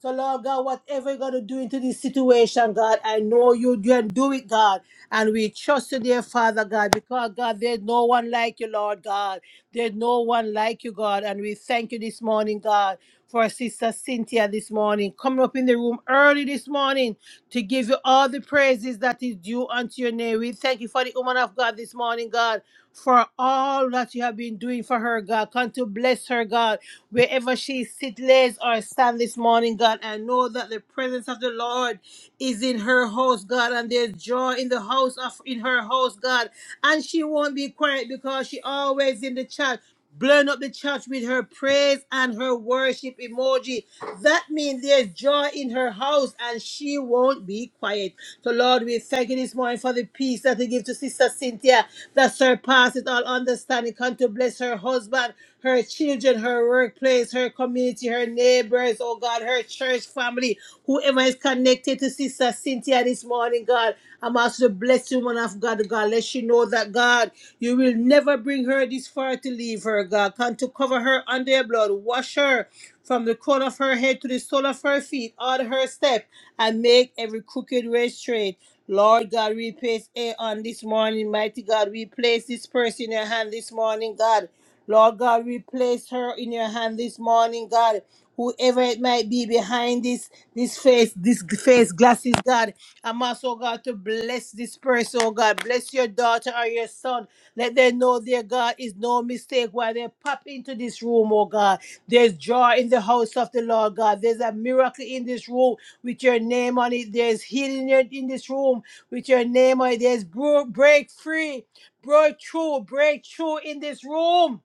So, Lord God, whatever you're going to do into this situation, God, I know you can do it, God. And we trust you, dear Father God, because, God, there's no one like you, Lord God. There's no one like you, God. And we thank you this morning, God, for Sister Cynthia this morning, coming up in the room early this morning to give you all the praises that is due unto your name. We thank you for the woman of God this morning, God, for all that you have been doing for her, God. Come to bless her, God wherever she sit, lays, or stand this morning, God. I know that the presence of the Lord is in her house, God, and there's joy in the house of in her house, God. And she won't be quiet because she always in the chat. Blowing up the church with her praise and her worship emoji. That means there's joy in her house and she won't be quiet. So, Lord, we thank you this morning for the peace that you give to Sister Cynthia that surpasses all understanding. Come to bless her husband, her children, her work workplace, her community, her neighbors, oh God, her church family, whoever is connected to Sister Cynthia this morning, God. I'm also the blessed woman of God, God. Let she know that, God, you will never bring her this far to leave her, God. Come to cover her under your blood. Wash her from the crown of her head to the sole of her feet, all her step, and make every crooked way straight. Lord God, we place A on this morning. Mighty God, we place this person in your hand this morning, God. Lord God, we place her in your hand this morning, God. Whoever it might be behind this, this face, this face glasses, God. I'm also, God, to bless this person, oh God. Bless your daughter or your son. Let them know, their God, is no mistake while they pop into this room, oh God. There's joy in the house of the Lord, God. There's a miracle in this room with your name on it. There's healing in in this room with your name on it. There's bro- break free, breakthrough, breakthrough in this room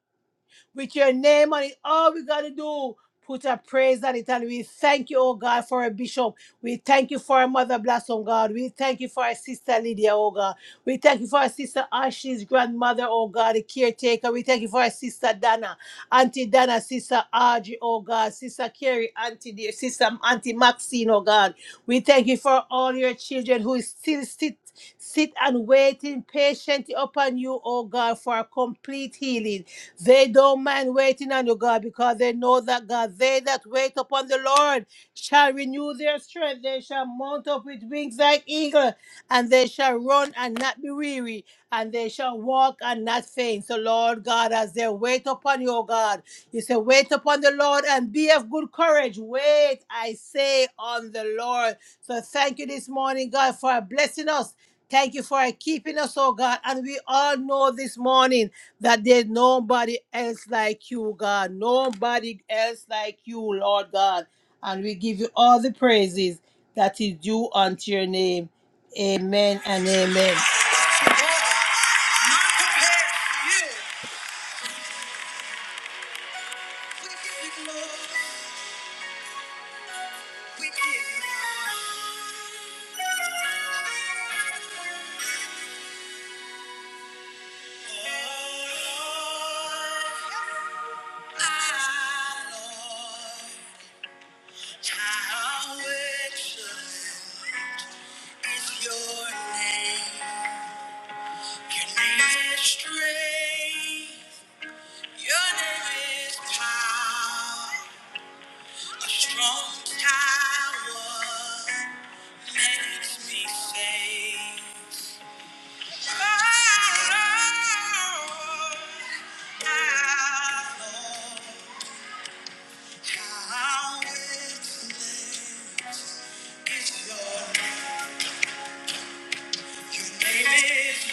with your name on it. All we got to do, put a praise on it. And we thank you, oh God, for a bishop. We thank you for our mother blossom, God. We thank you for our sister Lydia, oh God. We thank you for our sister Ashley's grandmother, oh God, the caretaker. We thank you for our sister Dana, Auntie Dana, sister Audrey, oh God, sister Carrie, Auntie dear, sister Auntie Maxine, oh God. We thank you for all your children who still sit sit and waiting patiently upon you, oh God, for a complete healing. They don't mind waiting on you, God, because they know that, God, they that wait upon the Lord shall renew their strength. They shall mount up with wings like eagle, and they shall run and not be weary, and they shall walk and not faint. So, Lord God, as they wait upon you, O God, you say, wait upon the Lord and be of good courage. Wait, I say, on the Lord. So, thank you this morning, God, for blessing us. Thank you for keeping us, oh God. And we all know this morning that there's nobody else like you, God. Nobody else like you, Lord God. And we give you all the praises that is due unto your name. Amen and amen. How excellent is your name. Your name is strength. Your name is power. A strong tower makes me safe. Oh, how, how excellent is your name. Your name is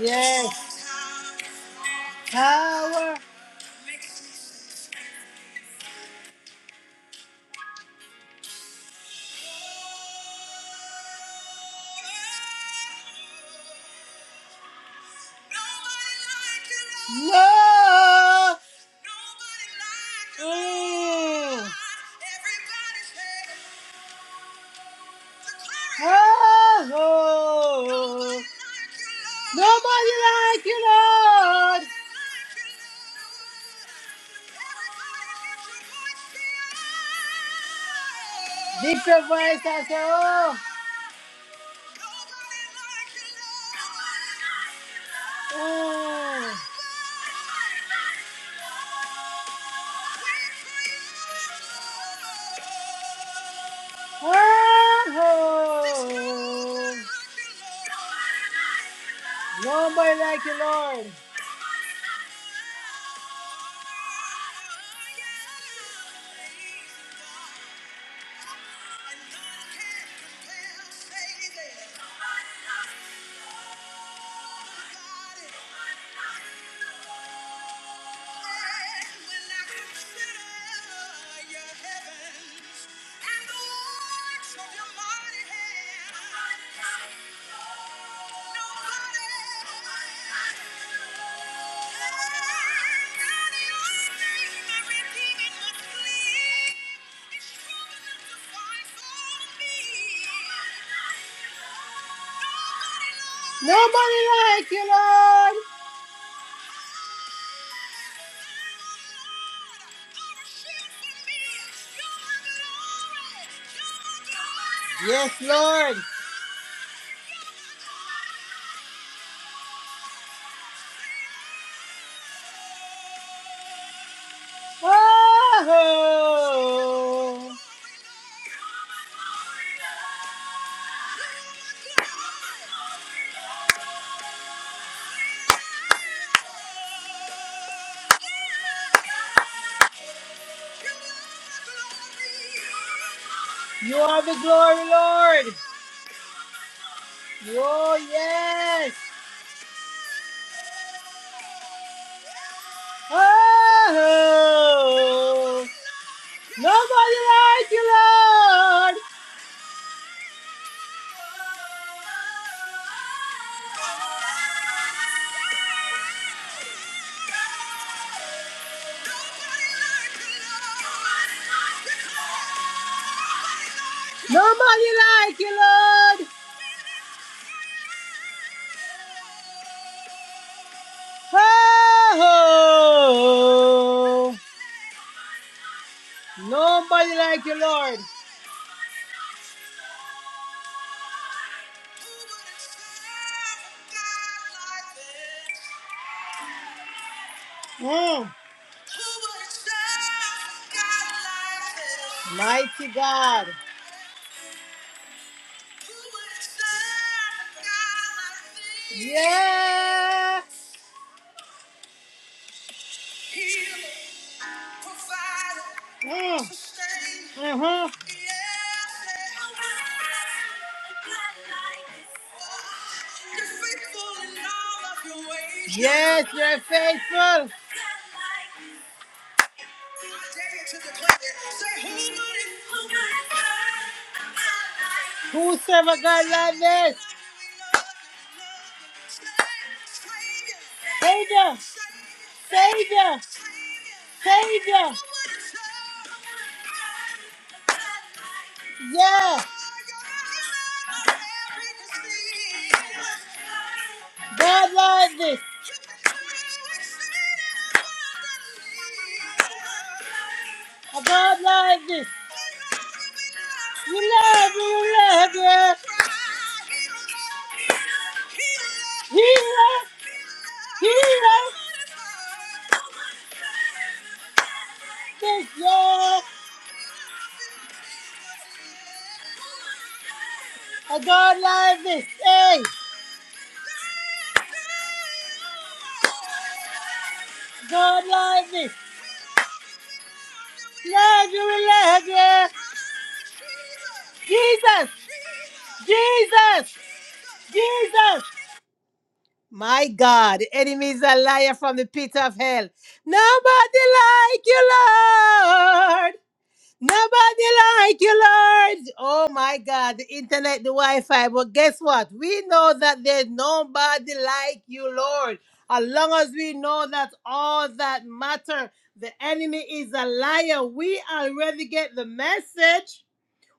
Yes. Power. Love. Mm. Oh, oh. Nobody like you, Lord. Lift your voice and say, Oh. Oh. Oh. Nobody like you, Lord. When I consider your heaven. Nobody like you, Lord. Yes, Lord. Oh! You are the glory, Lord. Oh, yes. Oh, nobody like you, Lord. Nobody like you, Lord. Oh, Nobody like you, Lord. Mm. Mighty God. Yeah. Mm. Mm-hmm. Yes, you're faithful. Whosoever God like this? Savior, Savior, Savior. Yeah. God like this. I don't like this. You love me, you love yeah. Healer, healer, this yeah. I don't like this. Hey. God love me. Yes, you will love yeah. Jesus. Jesus. Jesus. My God, the enemy is a liar from the pit of hell. Nobody like you, Lord. Nobody like you, Lord. Oh my God, the internet, the Wi-Fi. But guess what? We know that there's nobody like you, Lord. As long as we know that all that matter, the enemy is a liar. We already get the message.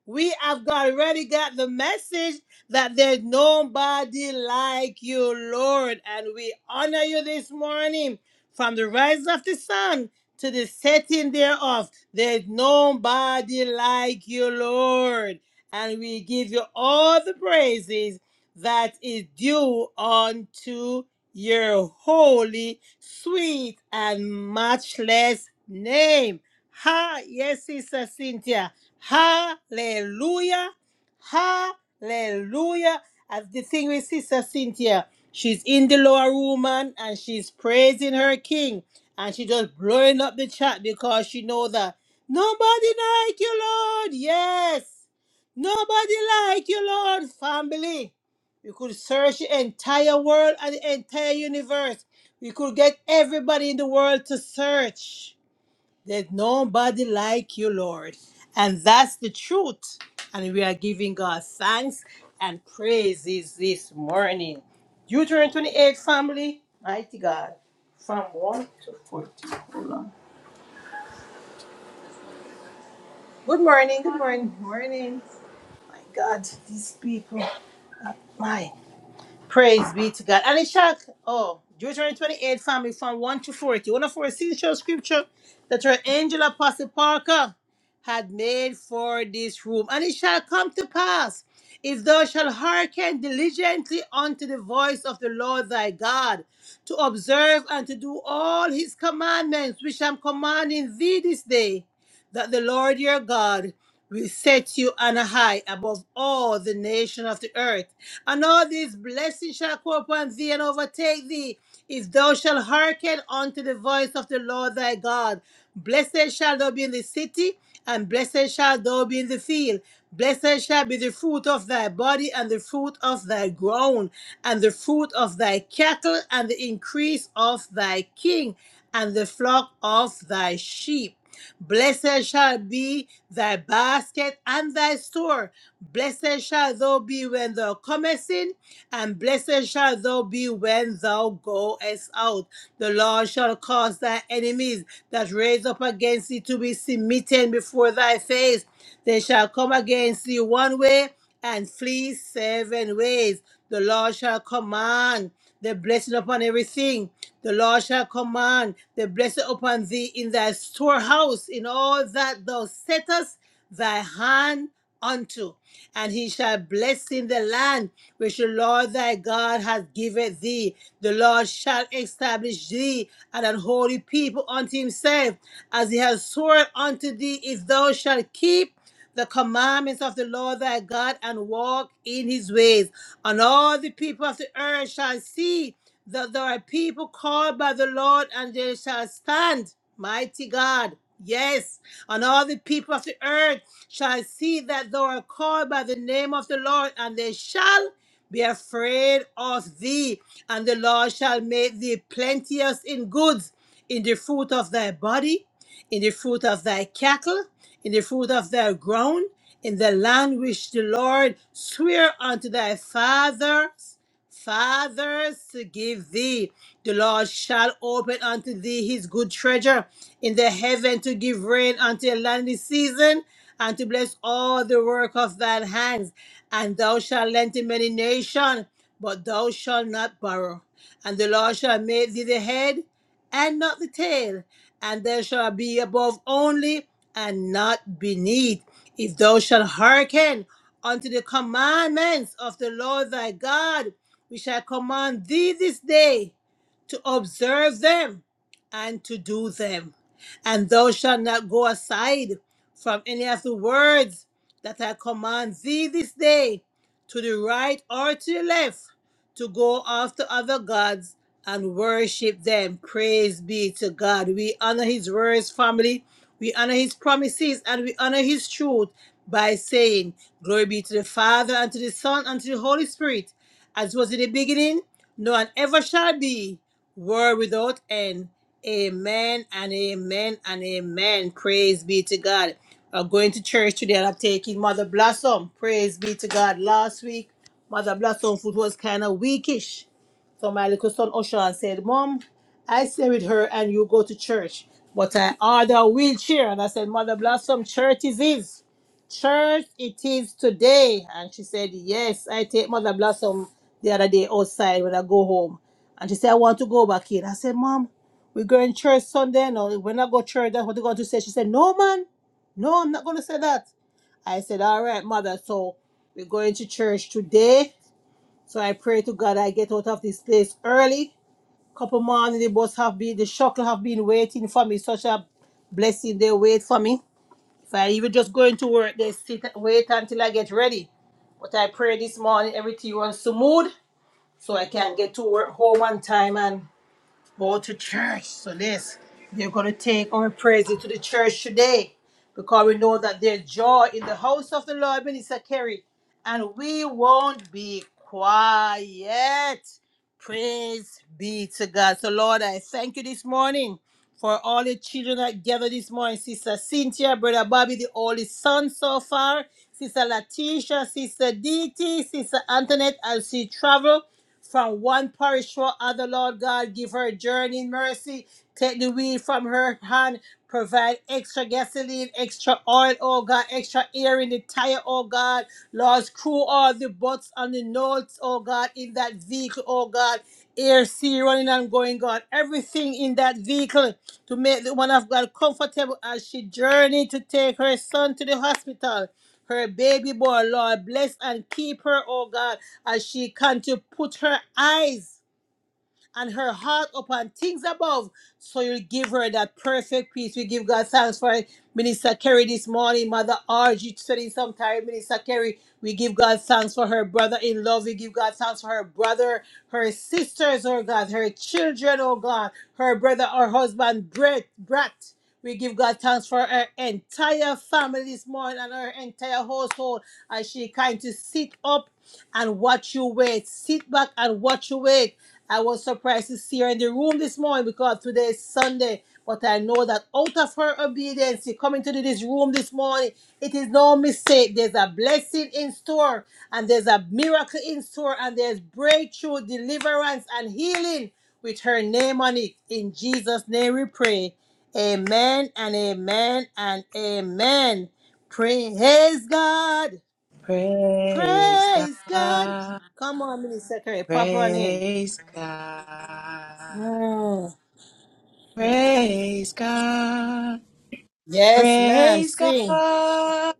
We have got already got the message that there's nobody like you, Lord. And we honor you this morning from the rise of the sun to the setting thereof. There's nobody like you, Lord. And we give you all the praises that is due unto your holy, sweet, and matchless name. Ha, yes, Sister Cynthia. Hallelujah. Hallelujah. As the thing with Sister Cynthia, she's in the lower room man, and she's praising her king. And she just blowing up the chat because she know that nobody like you, Lord. Yes. Nobody like you, Lord. Family. We could search the entire world and the entire universe. We could get everybody in the world to search. There's nobody like you, Lord. And that's the truth. And we are giving God thanks and praises this morning. Deuteronomy 28, family, mighty God, from 1 to 40. Hold on. Good morning, good morning, morning. My God, these people. My. Praise be to God. And Ishak, oh, Deuteronomy 28, family from 1 to 40. One of our essential scripture that our angel Apostle Parker had made for this room. And it shall come to pass, if thou shalt hearken diligently unto the voice of the Lord thy God, to observe and to do all his commandments which I'm commanding thee this day, that the Lord your God will set you on a high above all the nation of the earth and all these blessings shall come upon thee and overtake thee, if thou shalt hearken unto the voice of the Lord thy God. Blessed shall thou be in the city, and blessed shall thou be in the field. Blessed shall be the fruit of thy body, and the fruit of thy ground, and the fruit of thy cattle, and the increase of thy king, and the flock of thy sheep. Blessed shall be thy basket and thy store. Blessed shall thou be when thou comest in, and blessed shall thou be when thou goest out. The Lord shall cause thy enemies that raise up against thee to be smitten before thy face. They shall come against thee one way and flee seven ways. The Lord shall command the blessing upon everything. The Lord shall command the blessing upon thee in thy storehouse, in all that thou settest thy hand unto. And he shall bless in the land which the Lord thy God hath given thee. The Lord shall establish thee an unholy people unto himself, as he has sworn unto thee, if thou shalt keep the commandments of the Lord thy God and walk in his ways. And all the people of the earth shall see that there are people called by the Lord and they shall stand. Mighty God. Yes. And all the people of the earth shall see that thou art called by the name of the Lord and they shall be afraid of thee. And the Lord shall make thee plenteous in goods, in the fruit of thy body in the fruit of thy cattle, in the fruit of thy ground, in the land which the Lord sware unto thy fathers, fathers to give thee. The Lord shall open unto thee his good treasure in the heaven to give rain unto a landly season, and to bless all the work of thine hands. And thou shalt lend to many nations, but thou shalt not borrow. And the Lord shall make thee the head, and not the tail, and there shall be above only and not beneath. If thou shalt hearken unto the commandments of the Lord thy God, we shall command thee this day to observe them and to do them. And thou shalt not go aside from any of the words that I command thee this day, to the right or to the left, to go after other gods and worship them. Praise be to God. We honor His words, family. We honor His promises and we honor His truth by saying, Glory be to the Father and to the Son and to the Holy Spirit, as was in the beginning, now and ever shall be, world without end. Amen and amen and amen. Praise be to God. I'm going to church today and I'm taking Mother Blossom. Praise be to God. Last week, Mother Blossom food was kind of weakish so my little son Oshan said, Mom, I stay with her and you go to church. But I order a wheelchair. And I said, Mother Blossom, church it is. Church it is today. And she said, Yes, I take Mother Blossom the other day outside when I go home. And she said, I want to go back in. I said, Mom, we're going church Sunday. No, we're not going church. That's what they're going to say. She said, No, man. No, I'm not going to say that. I said, All right, Mother. So we're going to church today so I pray to God I get out of this place early. Couple morning the bus have been the shuttle have been waiting for me. Such a blessing they wait for me. If I even just go into work, they sit wait until I get ready. But I pray this morning everything runs smooth so I can get to work home on time and go to church. So this, they're going to take our praise into the church today because we know that there's joy in the house of the Lord, Minister Kerry, and we won't be quiet. Praise be to God. So, Lord, I thank you this morning for all the children that gathered this morning. Sister Cynthia, Brother Bobby, the oldest son so far. Sister Latisha, Sister DT, Sister Antoinette, as she travel from one parish to another, Lord God. Give her journeying mercy. Take the wheel from her hand. Provide extra gasoline, extra oil, oh God, extra air in the tire, oh God. Lord, screw all the butts and the notes, oh God, in that vehicle, oh God. Air, sea, running and going, God. Everything in that vehicle to make the one of God comfortable as she journey to take her son to the hospital her baby boy, Lord. Bless and keep her, oh God as she can to put her eyes and her heart upon things above. So you give her that perfect peace. We give God thanks for Minister Kerry this morning. Mother RG studying sometime. Minister Kerry, we give God thanks for her brother in love. We give God thanks for her brother, her sisters, oh God, her children, oh God, her brother, her husband, Brett, Brat. We give God thanks for her entire family this morning and her entire household as she kind to sit up and watch you wait. Sit back and watch you wait I was surprised to see her in the room this morning because today is Sunday. But I know that out of her obedience, coming to this room this morning, it is no mistake. There's a blessing in store, and there's a miracle in store, and there's breakthrough, deliverance, and healing with her name on it. In Jesus' name we pray. Amen and amen and amen. Praise God. Praise Praise God. God. Come on, Minister Kerry. Pop on in. Praise God. Mm. Praise God. Yes, ma'am. Praise Sing. God.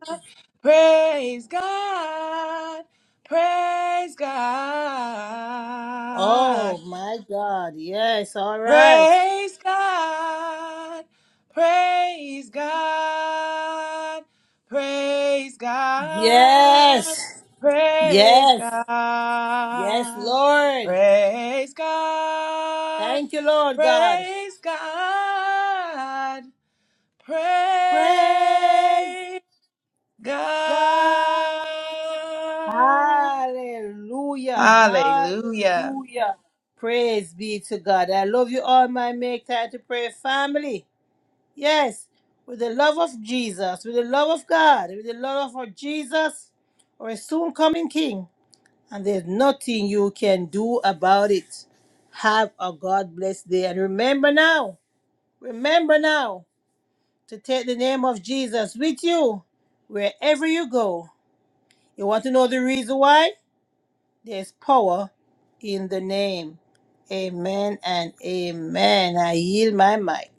Praise God. Praise God. Oh my God. Yes. All right. Praise God. Praise God. Praise God. Yes. Praise Yes. Yes, God. Lord. Praise God. Thank you, Lord God. Praise God. Praise Praise God. God. Hallelujah. Hallelujah. Hallelujah. Praise be to God. I love you all, my make time to pray family. Yes, with the love of Jesus, with the love of God, with the love of our Jesus, our soon coming King. And there's nothing you can do about it. Have a God blessed day. And remember now, remember now to take the name of Jesus with you wherever you go. You want to know the reason why? There's power in the name. Amen and amen. I yield my mic.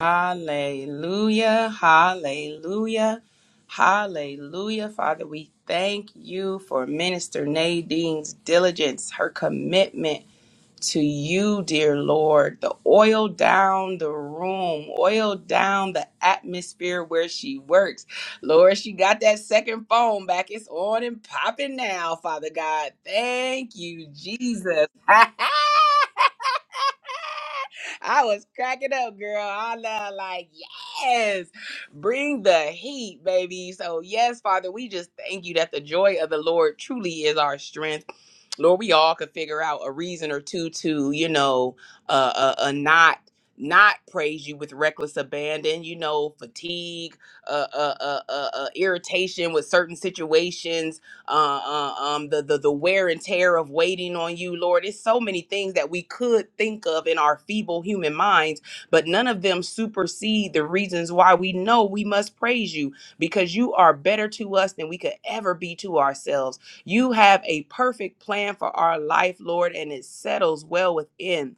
Hallelujah, hallelujah, hallelujah. Father, we thank you for Minister Nadine's diligence, her commitment to you, dear Lord. The oil down the room, oil down the atmosphere where she works. Lord, she got that second phone back. It's on and popping now, Father God. Thank you, Jesus. [LAUGHS] [LAUGHS] I was cracking up, girl. I love, like, yes, bring the heat, baby. So, yes, Father, we just thank you that the joy of the Lord truly is our strength. Lord, we all could figure out a reason or two to, you know, uh, uh, uh not not praise you with reckless abandon you know fatigue uh, uh uh uh uh, irritation with certain situations uh, uh, um, the, the the wear and tear of waiting on you, Lord. It's so many things that we could think of in our feeble human minds, but none of them supersede the reasons why we know we must praise you because you are better to us than we could ever be to ourselves. You have a perfect plan for our life, Lord, and it settles well within.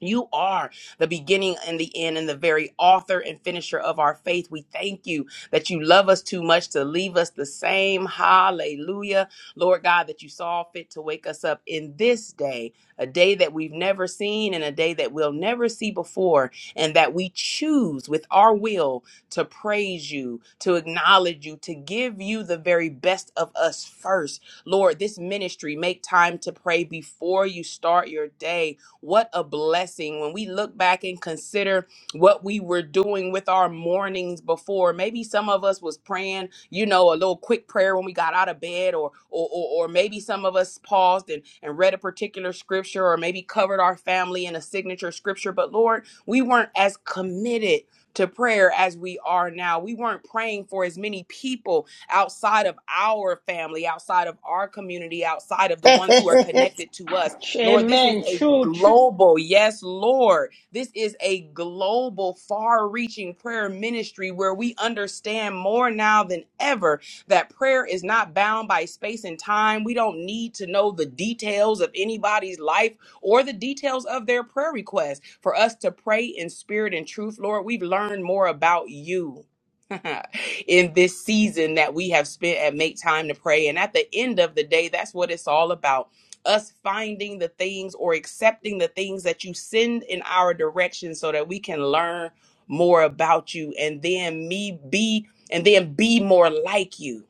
You are the beginning and the end and the very author and finisher of our faith. We thank you that you love us too much to leave us the same. Hallelujah. Lord God, that you saw fit to wake us up in this day, a day that we've never seen and a day that we'll never see before, and that we choose with our will to praise you, to acknowledge you, to give you the very best of us first. Lord, this ministry, make time to pray before you start your day. What a blessing when we look back and consider what we were doing with our mornings before maybe some of us was praying you know a little quick prayer when we got out of bed or or or, or maybe some of us paused and, and read a particular scripture or maybe covered our family in a signature scripture but lord we weren't as committed to prayer as we are now. We weren't praying for as many people outside of our family, outside of our community, outside of the ones who are [LAUGHS] connected to us. Lord, this is Amen. a True. True, global, yes, Lord this is a global, far reaching prayer ministry where we understand more now than ever that prayer is not bound by space and time. We don't need to know the details of anybody's life or the details of their prayer request for us to pray in spirit and truth. Lord, we've learned more about you. [LAUGHS] in this season that we have spent at Make Time to Pray. And at the end of the day, that's what it's all about us finding the things or accepting the things that you send in our direction so that we can learn more about you and then me be and then be more like you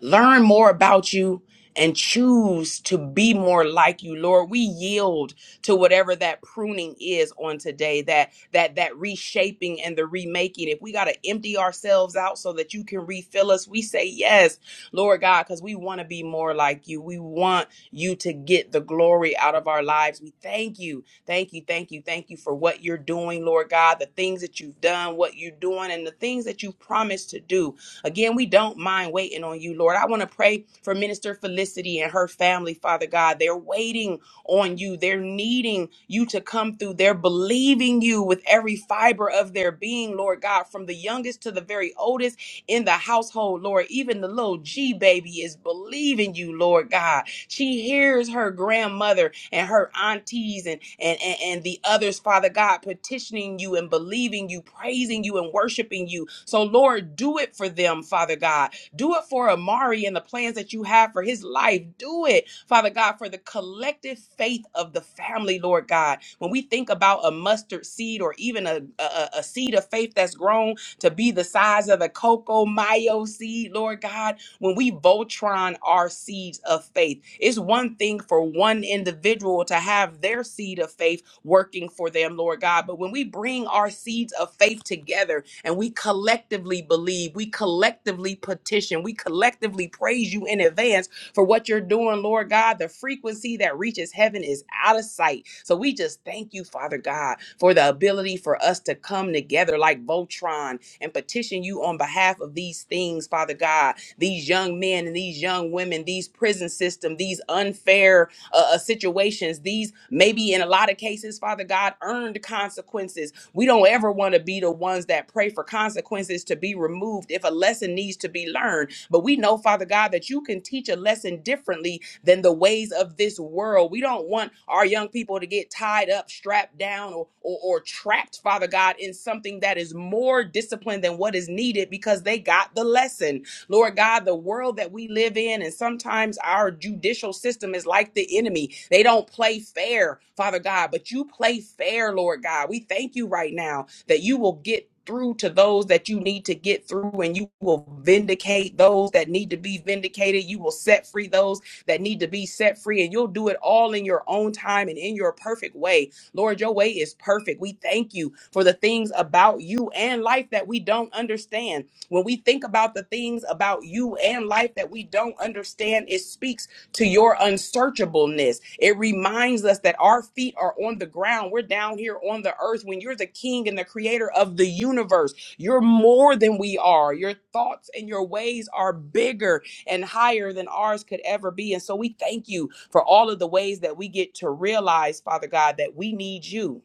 learn more about you and choose to be more like you lord we yield to whatever that pruning is on today that that that reshaping and the remaking if we got to empty ourselves out so that you can refill us we say yes lord god because we want to be more like you we want you to get the glory out of our lives we thank you thank you thank you thank you for what you're doing lord god the things that you've done what you're doing and the things that you've promised to do Again, we don't mind waiting on you, Lord. I want to pray for Minister Felicity and her family, Father God. They're waiting on you. They're needing you to come through. They're believing you with every fiber of their being, Lord God, from the youngest to the very oldest in the household, Lord. Even the little G baby is believing you, Lord God. She hears her grandmother and her aunties and, and, and, and the others, Father God, petitioning you and believing you, praising you and worshiping you. So, Lord, do it for them, Father God. Do it for Amari and the plans that you have for his life. Do it, Father God, for the collective faith of the family, Lord God. When we think about a mustard seed or even a, a, a seed of faith that's grown to be the size of a cocoa mayo seed, Lord God, when we Voltron our seeds of faith. It's one thing for one individual to have their seed of faith working for them, Lord God. But when we bring our seeds of faith together and we collectively believe, we collectively petition, we collectively praise you in advance for what you're doing, Lord God. The frequency that reaches heaven is out of sight. So we just thank you, Father God, for the ability for us to come together like Voltron and petition you on behalf of these things, Father God, these young men and these young women, these prison system, these unfair uh, uh, situations, these maybe in a lot of cases, Father God, earned consequences we don't ever want to be the ones that pray for consequences to be removed if a lesson needs to be learned. But we know, Father God, that you can teach a lesson differently than the ways of this world. We don't want our young people to get tied up, strapped down, or, or, or trapped, Father God, in something that is more disciplined than what is needed because they got the lesson. Lord God, the world that we live in, and sometimes our judicial system is like the enemy. They don't play fair, Father God, but you play fair, Lord God. We thank you right now that you will get through to those that you need to get through and you will vindicate those that need to be vindicated you will set free those that need to be set free and you'll do it all in your own time and in your perfect way lord your way is perfect we thank you for the things about you and life that we don't understand when we think about the things about you and life that we don't understand, it speaks to your unsearchableness. It reminds us that our feet are on the ground. We're down here on the earth. When you're the king and the creator of the universe, you're more than we are. Your thoughts and your ways are bigger and higher than ours could ever be. And so we thank you for all of the ways that we get to realize, Father God, that we need you.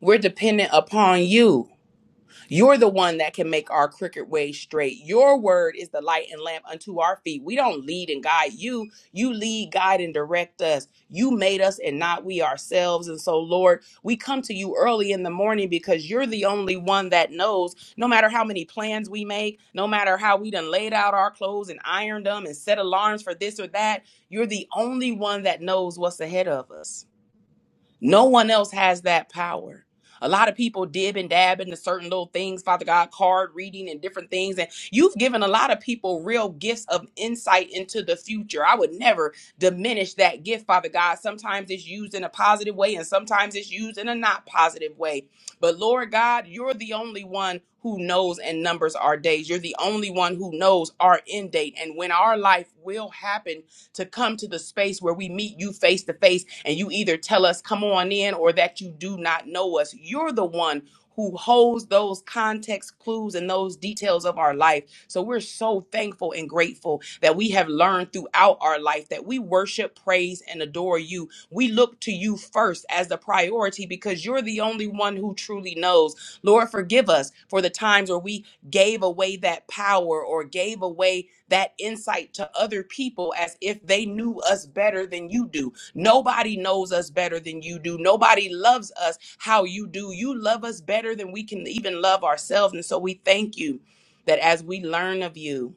We're dependent upon you you're the one that can make our crooked way straight. Your word is the light and lamp unto our feet. We don't lead and guide you. You lead, guide, and direct us. You made us and not we ourselves. And so, Lord, we come to you early in the morning because you're the only one that knows no matter how many plans we make, no matter how we done laid out our clothes and ironed them and set alarms for this or that, you're the only one that knows what's ahead of us. No one else has that power. A lot of people dib and dab into certain little things, Father God, card reading and different things. And you've given a lot of people real gifts of insight into the future. I would never diminish that gift, Father God. Sometimes it's used in a positive way and sometimes it's used in a not positive way. But Lord God, you're the only one who knows and numbers our days. You're the only one who knows our end date and when our life will happen to come to the space where we meet you face to face and you either tell us, come on in, or that you do not know us. You're the one who holds those context clues and those details of our life. So we're so thankful and grateful that we have learned throughout our life that we worship, praise, and adore you. We look to you first as the priority because you're the only one who truly knows. Lord, forgive us for the times where we gave away that power or gave away that insight to other people as if they knew us better than you do. Nobody knows us better than you do. Nobody loves us how you do. You love us better than we can even love ourselves. And so we thank you that as we learn of you,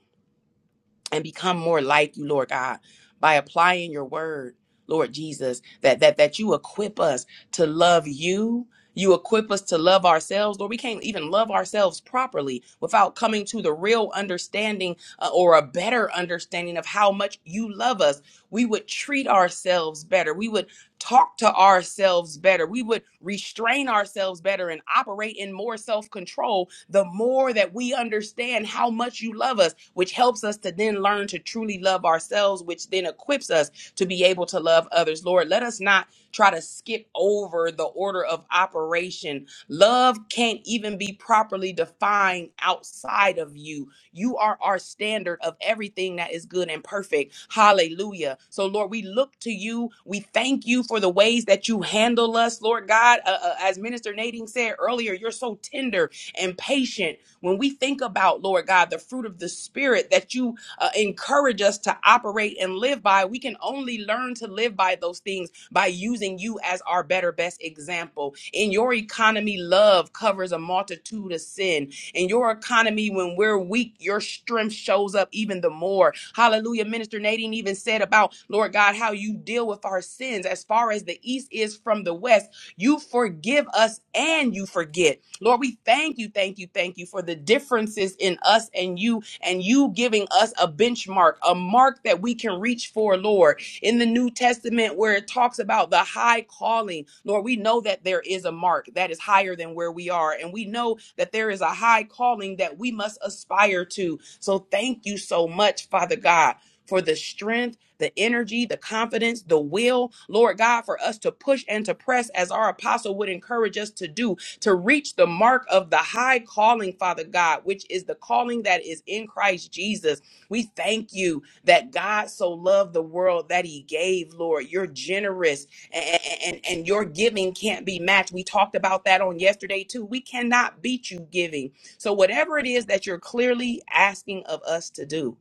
and become more like you, Lord God, by applying your word, Lord Jesus, that that that you equip us to love you. You equip us to love ourselves, Lord. We can't even love ourselves properly without coming to the real understanding uh, or a better understanding of how much you love us. We would treat ourselves better. We would talk to ourselves better. We would restrain ourselves better and operate in more self control the more that we understand how much you love us, which helps us to then learn to truly love ourselves, which then equips us to be able to love others. Lord, let us not try to skip over the order of operation. Love can't even be properly defined outside of you you are our standard of everything that is good and perfect. Hallelujah. So, Lord, we look to you. We thank you for the ways that you handle us, Lord God. Uh, uh, as Minister Nadine said earlier, you're so tender and patient. When we think about, Lord God, the fruit of the Spirit that you uh, encourage us to operate and live by, we can only learn to live by those things by using you as our better, best example. In your economy, love covers a multitude of sin in your economy, when we're weak, your strength shows up even the more. Hallelujah. Minister Nadine even said about, Lord God, how you deal with our sins as far as the east is from the west. You forgive us and you forget. Lord, we thank you, thank you, thank you for the differences in us and you, and you giving us a benchmark, a mark that we can reach for, Lord in the New Testament where it talks about the high calling. Lord, we know that there is a mark that is higher than where we are, and we know that there is a high calling that we must aspire to. So thank you so much, Father God, for the strength. The energy, the confidence, the will, Lord God, for us to push and to press as our apostle would encourage us to do, to reach the mark of the high calling, Father God, which is the calling that is in Christ Jesus. We thank you that God so loved the world that he gave, Lord. You're generous and, and, and your giving can't be matched. We talked about that on yesterday too. We cannot beat you giving. So, whatever it is that you're clearly asking of us to do,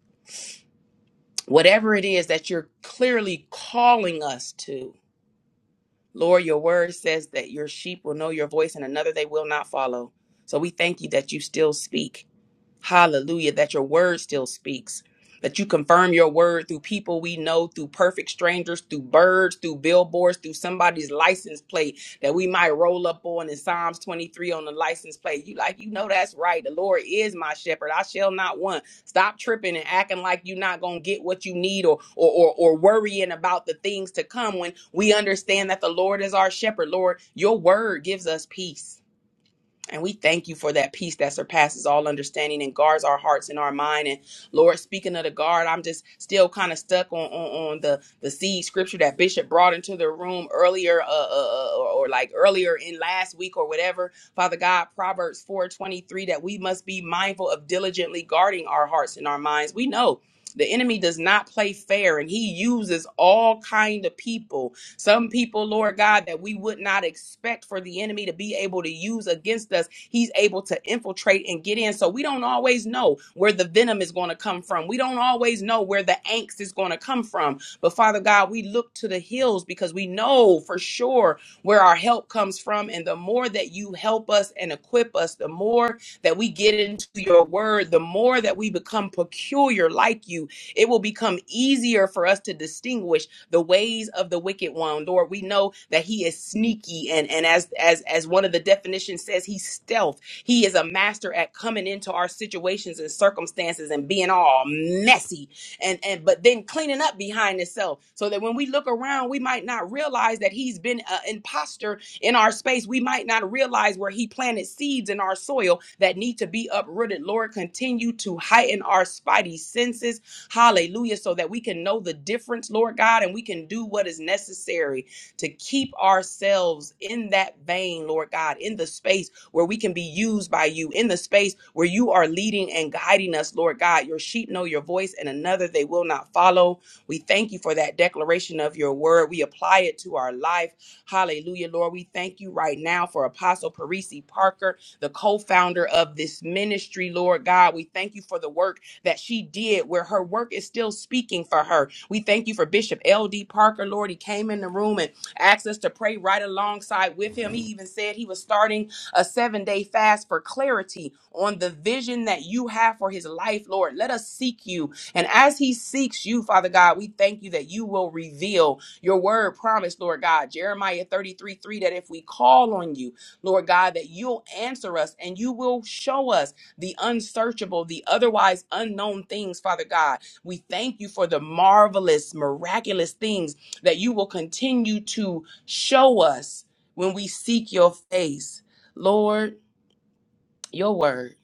whatever it is that you're clearly calling us to, Lord, your word says that your sheep will know your voice and another they will not follow. So, we thank you that you still speak. Hallelujah. That your word still speaks. That you confirm your word through people we know, through perfect strangers, through birds, through billboards, through somebody's license plate that we might roll up on in Psalms 23 on the license plate. You like, you know that's right. The Lord is my shepherd. I shall not want. Stop tripping and acting like you're not gonna get what you need or or or, or worrying about the things to come when we understand that the Lord is our shepherd. Lord, your word gives us peace. And we thank you for that peace that surpasses all understanding and guards our hearts and our mind. And Lord, speaking of the guard, I'm just still kind of stuck on, on on the the seed scripture that Bishop brought into the room earlier, uh, uh, uh, or, or like earlier in last week or whatever. Father God, Proverbs 4:23 that we must be mindful of diligently guarding our hearts and our minds. We know the enemy does not play fair, and he uses all kind of people some people, Lord God, that we would not expect for the enemy to be able to use against us, he's able to infiltrate and get in. So we don't always know where the venom is going to come from. We don't always know where the angst is going to come from. But Father God, we look to the hills because we know for sure where our help comes from. And the more that you help us and equip us, the more that we get into your word, the more that we become peculiar like you, it will become easier for us to distinguish the ways of the wicked one. Lord, we know that he is sneaky and, and as as as one of the definitions says, he's stealth. He is a master at coming into our situations and circumstances and being all messy and and but then cleaning up behind himself so that when we look around we might not realize that he's been an imposter in our space we might not realize where he planted seeds in our soil that need to be uprooted lord continue to heighten our spidey senses Hallelujah. So that we can know the difference, Lord God, and we can do what is necessary to keep ourselves in that vein, Lord God, in the space where we can be used by you, in the space where you are leading and guiding us, Lord God. Your sheep know your voice, and another they will not follow. We thank you for that declaration of your word. We apply it to our life. Hallelujah, Lord. We thank you right now for Apostle Parisi Parker, the co founder of this ministry, Lord God. We thank you for the work that she did where her work is still speaking for her. We thank you for Bishop L.D. Parker. Lord, he came in the room and asked us to pray right alongside with him. He even said he was starting a seven day fast for clarity on the vision that you have for his life, Lord. Let us seek you. And as he seeks you, Father God, we thank you that you will reveal your word promise, Lord God. Jeremiah 33 3 that if we call on you, Lord God, that you'll answer us and you will show us the unsearchable, the otherwise unknown things, Father God. We thank you for the marvelous, miraculous things that you will continue to show us when we seek your face. Lord, your word.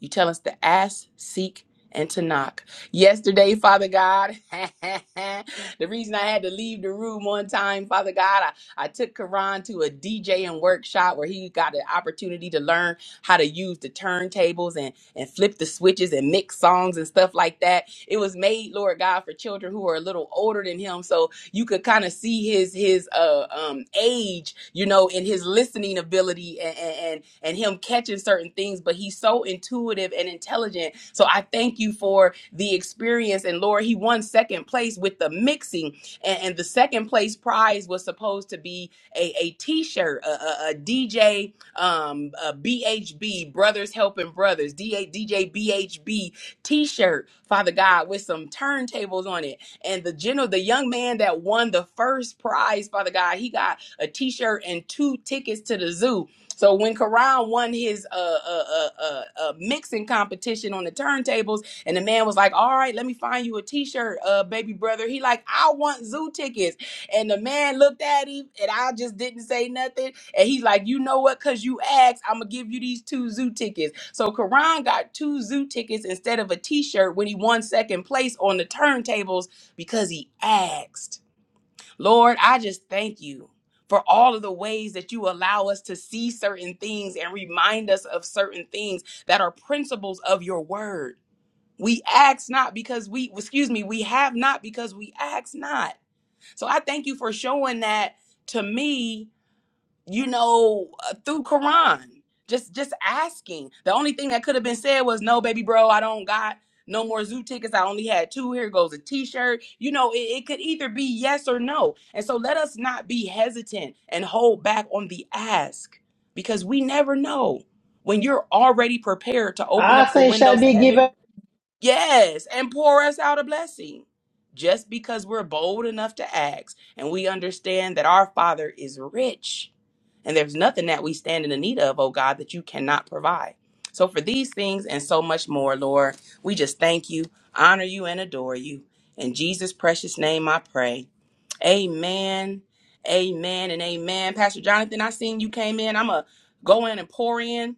You tell us to ask, seek, and to knock. Yesterday, Father God, [LAUGHS] the reason I had to leave the room one time, Father God, I, I took Karan to a DJing workshop where he got an opportunity to learn how to use the turntables and, and flip the switches and mix songs and stuff like that. It was made, Lord God, for children who are a little older than him. So you could kind of see his his uh um age you know in his listening ability and, and and and him catching certain things but he's so intuitive and intelligent so i thank you for the experience and lord he won second place with the mixing and, and the second place prize was supposed to be a, a t-shirt a, dj um a bhb brothers helping brothers D- dj bhb t-shirt father god with some turntables on it and the general, the young man that won the first prize, Father God, he got a T-shirt and two tickets to the zoo. So when Karan won his uh, uh, uh, uh, uh, mixing competition on the turntables, and the man was like, "All right, let me find you a T-shirt, uh, baby brother." He like, "I want zoo tickets," and the man looked at him, and I just didn't say nothing. And he's like, "You know what? Cause you asked, I'm gonna give you these two zoo tickets." So Karan got two zoo tickets instead of a T-shirt when he won second place on the turntables because he asked. Lord, I just thank you for all of the ways that you allow us to see certain things and remind us of certain things that are principles of your word. We ask not because we, excuse me, we have not because we ask not. So I thank you for showing that to me you know, uh, through Quran. Just just asking. The only thing that could have been said was, "No, baby, bro, I don't got no more zoo tickets. I only had two. Here goes a T-shirt." You know, it, it could either be yes or no. And so let us not be hesitant and hold back on the ask because we never know. When you're already prepared to open I up the say, it shall windows of be heaven given. Yes, and pour us out a blessing. Just because we're bold enough to ask and we understand that our Father is rich and there's nothing that we stand in the need of, oh God, that you cannot provide. So for these things and so much more, Lord, we just thank you, honor you, and adore you. In Jesus' precious name I pray. Amen. Amen and amen. Pastor Jonathan, I seen you came in. I'm going to go in and pour in.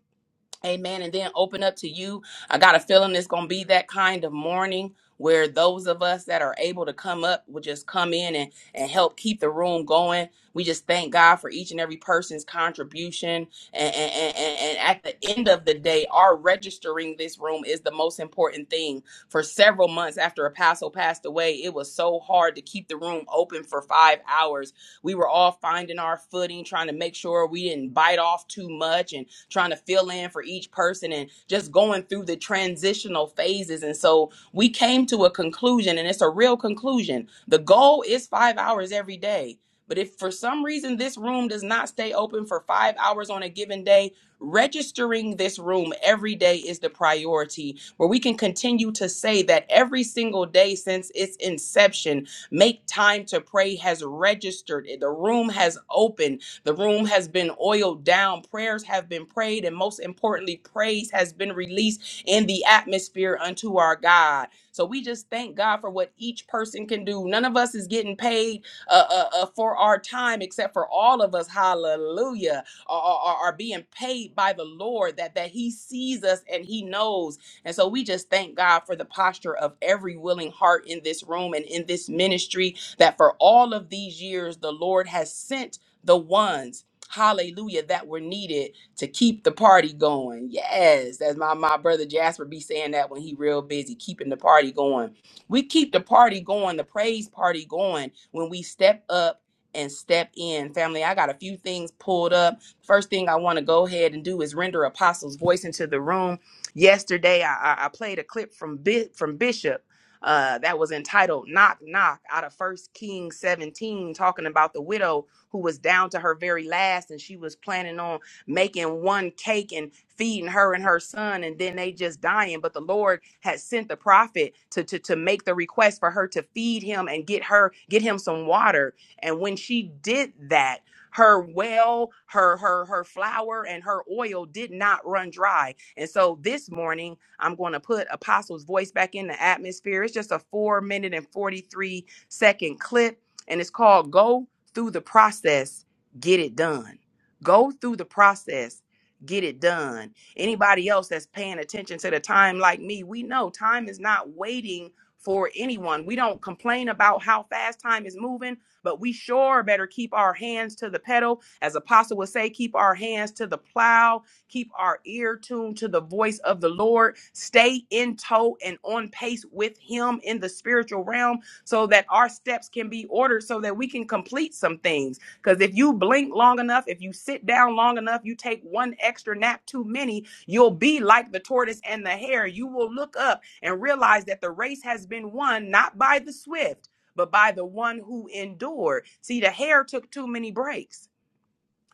Amen. And then open up to you. I got a feeling it's going to be that kind of morning where those of us that are able to come up will just come in and, and help keep the room going. We just thank God for each and every person's contribution. And, and, and, and and at the end of the day, our registering this room is the most important thing. For several months after Apostle passed away, it was so hard to keep the room open for five hours. We were all finding our footing, trying to make sure we didn't bite off too much and trying to fill in for each person and just going through the transitional phases. And so we came to a conclusion, and it's a real conclusion. The goal is five hours every day. But if for some reason this room does not stay open for five hours on a given day, registering this room every day is the priority where we can continue to say that every single day since its inception, make time to pray has registered. The room has opened the room has been oiled down, prayers have been prayed, and most importantly, praise has been released in the atmosphere unto our God. So we just thank God for what each person can do. None of us is getting paid uh, uh, uh, for our time, except for all of us, hallelujah, are, are, are are being paid by the Lord that, that He sees us and He knows. And so we just thank God for the posture of every willing heart in this room and in this ministry that for all of these years, the Lord has sent the ones, hallelujah, that were needed to keep the party going. Yes, that's my, my brother Jasper be saying that when he real busy, keeping the party going. We keep the party going, the praise party going when we step up and step in. Family, I got a few things pulled up. First thing I want to go ahead and do is render Apostle's voice into the room. Yesterday, I, I I played a clip from Bi- from Bishop uh, that was entitled "Knock Knock" out of First Kings 17, talking about the widow who was down to her very last and she was planning on making one cake and feeding her and her son and then they just dying but the lord had sent the prophet to, to to make the request for her to feed him and get her get him some water and when she did that her well her her her flour and her oil did not run dry and so this morning i'm going to put apostle's voice back in the atmosphere it's just a four minute and 43 second clip and it's called go through the process, get it done. Go through the process, get it done. Anybody else that's paying attention to the time like me, we know time is not waiting for anyone. We don't complain about how fast time is moving, but we sure better keep our hands to the pedal. As Apostle would say, keep our hands to the plow, keep our ear tuned to the voice of the Lord, stay in tow and on pace with Him in the spiritual realm so that our steps can be ordered so that we can complete some things. Because if you blink long enough, if you sit down long enough, you take one extra nap too many, you'll be like the tortoise and the hare. You will look up and realize that the race has been won not by the swift, but by the one who endured. See, the hare took too many breaks.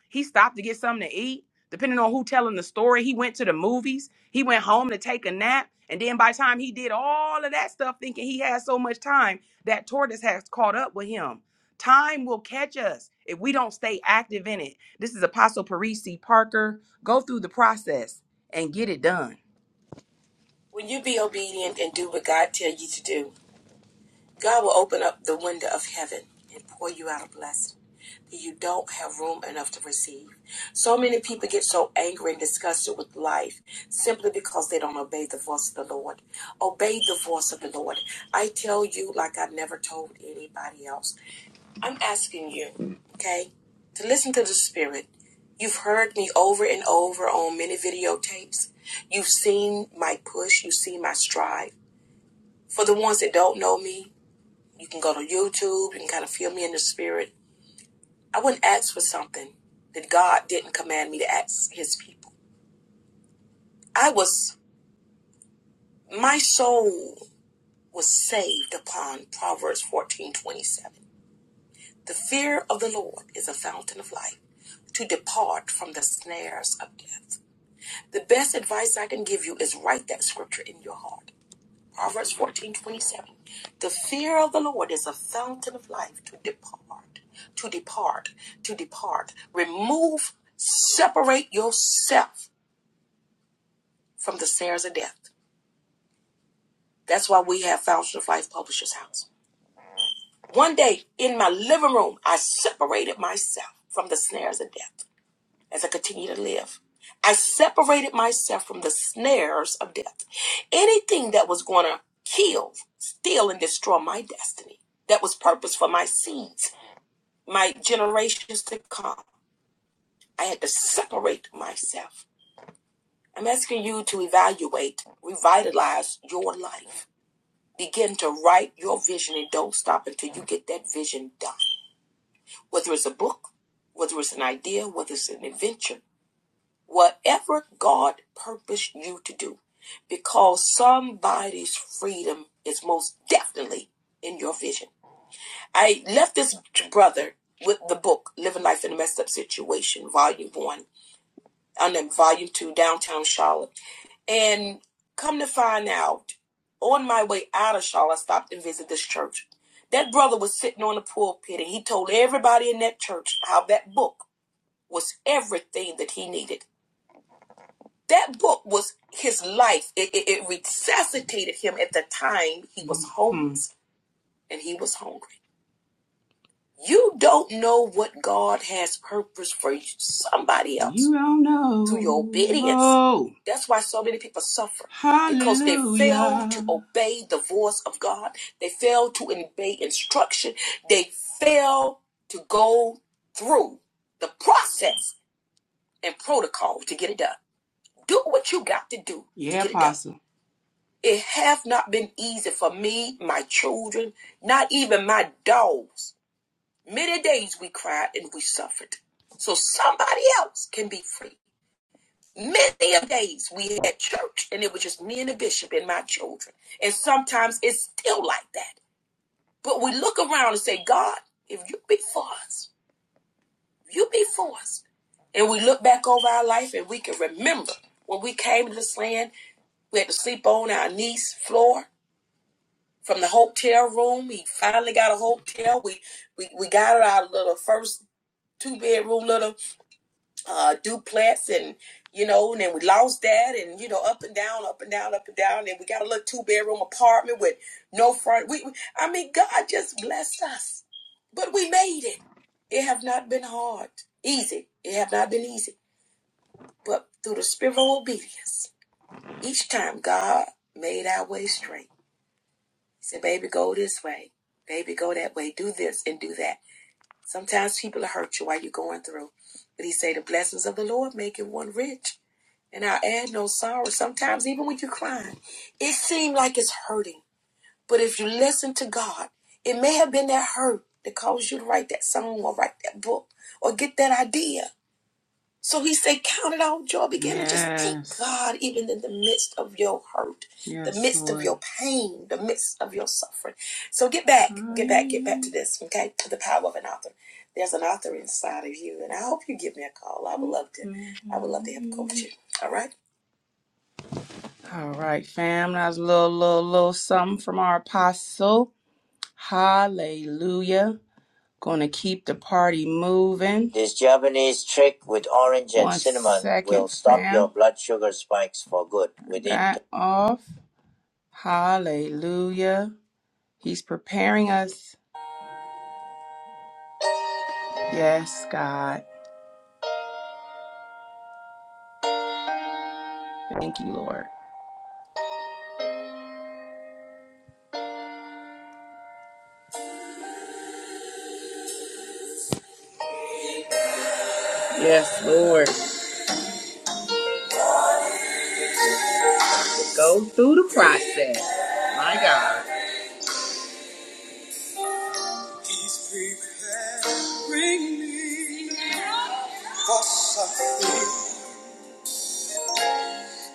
He stopped to get something to eat. Depending on who telling the story, he went to the movies. He went home to take a nap. And then by the time he did all of that stuff, thinking he had so much time, that tortoise has caught up with him. Time will catch us if we don't stay active in it. This is Apostle Parisi Parker. Go through the process and get it done. When you be obedient and do what God tell you to do, God will open up the window of heaven and pour you out a blessing that you don't have room enough to receive. So many people get so angry and disgusted with life simply because they don't obey the voice of the Lord. Obey the voice of the Lord. I tell you, like I've never told anybody else, I'm asking you, okay, to listen to the Spirit. You've heard me over and over on many videotapes. You've seen my push, you've seen my strive. For the ones that don't know me, you can go to YouTube. You can kind of feel me in the spirit. I wouldn't ask for something that God didn't command me to ask his people. I was, my soul was saved upon Proverbs fourteen twenty-seven. The fear of the Lord is a fountain of life to depart from the snares of death. The best advice I can give you is write that scripture in your heart. Proverbs fourteen twenty seven. The fear of the Lord is a fountain of life to depart, to depart, to depart. Remove, separate yourself from the snares of death. That's why we have Fountain of Life Publishers House. One day in my living room, I separated myself from the snares of death. as I continue to live. I separated myself from the snares of death. Anything that was going to kill, steal, and destroy my destiny that was purpose for my seeds, my generations to come. I had to separate myself. I'm asking you to evaluate, revitalize your life. Begin to write your vision and don't stop until you get that vision done. Whether it's a book, whether it's an idea, whether it's an adventure, Whatever God purposed you to do, because somebody's freedom is most definitely in your vision. I left this brother with the book Living Life in a Messed Up Situation, Volume 1, and then Volume 2, Downtown Charlotte. And come to find out, on my way out of Charlotte, I stopped and visited this church. That brother was sitting on the pulpit and he told everybody in that church how that book was everything that he needed. that book was his life. It, it, it resuscitated him at the time he was homeless Mhm. and he was hungry. You don't know what God has purpose for somebody else. You don't know. Through your obedience. Oh. That's why so many people suffer. Hallelujah. Because they fail to obey the voice of God. They fail to obey instruction. They fail to go through the process and protocol to get it done. Do what you got to do. to Yeah, to get it Apostle. done. It hath not been easy for me, my children, not even my dogs. Many days we cried and we suffered. So somebody else can be free. Many of days we had church and it was just me and the bishop and my children. And sometimes it's still like that. But we look around and say, God, if you be for us, if you be for us. And we look back over our life and we can remember when we came to this land, we had to sleep on our niece's floor. from the hotel room. He finally got a hotel. We we, we got our little first two bedroom little uh duplex and you know, and then we lost that and you know, up and down, up and down, up and down, and we got a little two bedroom apartment with no front. We, we I mean God just blessed us. But we made it. It have not been hard. Easy. It have not been easy. But through the spirit of obedience, each time God made our way straight. He said, baby, go this way. Baby, go that way. Do this and do that. Sometimes people will hurt you while you're going through. But he said, the blessings of the Lord make it one rich. And I add no sorrow. Sometimes even when you're crying, it seems like it's hurting. But if you listen to God, it may have been that hurt that caused you to write that song or write that book or get that idea. So he said, Count it all joy. Begin to just thank Yes. God, even in the midst of your hurt, the Yes, midst of Lord. your pain, the midst of your suffering. So get back, get back, get back to this, okay? To the power of an author. There's an author inside of you, and I hope you give me a call. I would love to. I would love to help coach you. All right? All right, fam. That's a little, little, little something from our apostle. Hallelujah. Gonna keep the party moving. This Japanese trick with orange and One cinnamon will second, will stop fam. your blood sugar spikes for good within. That off. Hallelujah. He's preparing us. Yes, God. Thank you, Lord. Yes, Lord. He's preparing me for something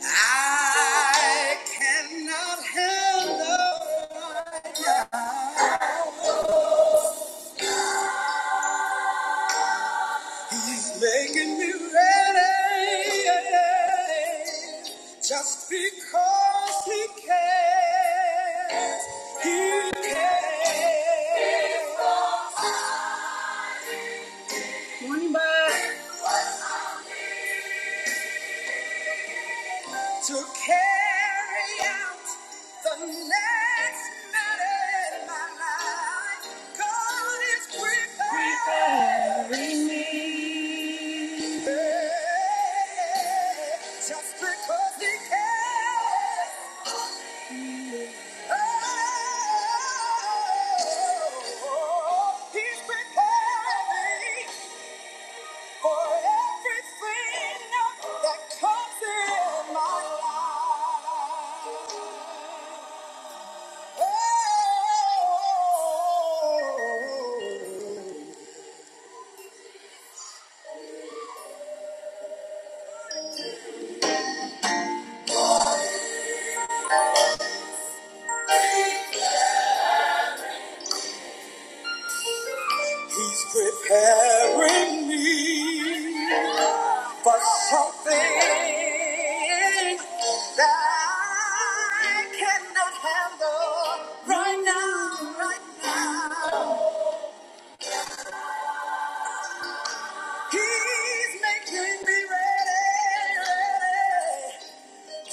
I cannot handle. right now. He's making me ready just because he cares. He cares. Morning, bud to carry out the next matter in my life. God is preparing preparing me. Yeah, Just because He cares. Oh, He's preparing for everything that comes in my life. Oh, he's preparing me for something that I cannot handle right now, right now. He's making me ready, ready.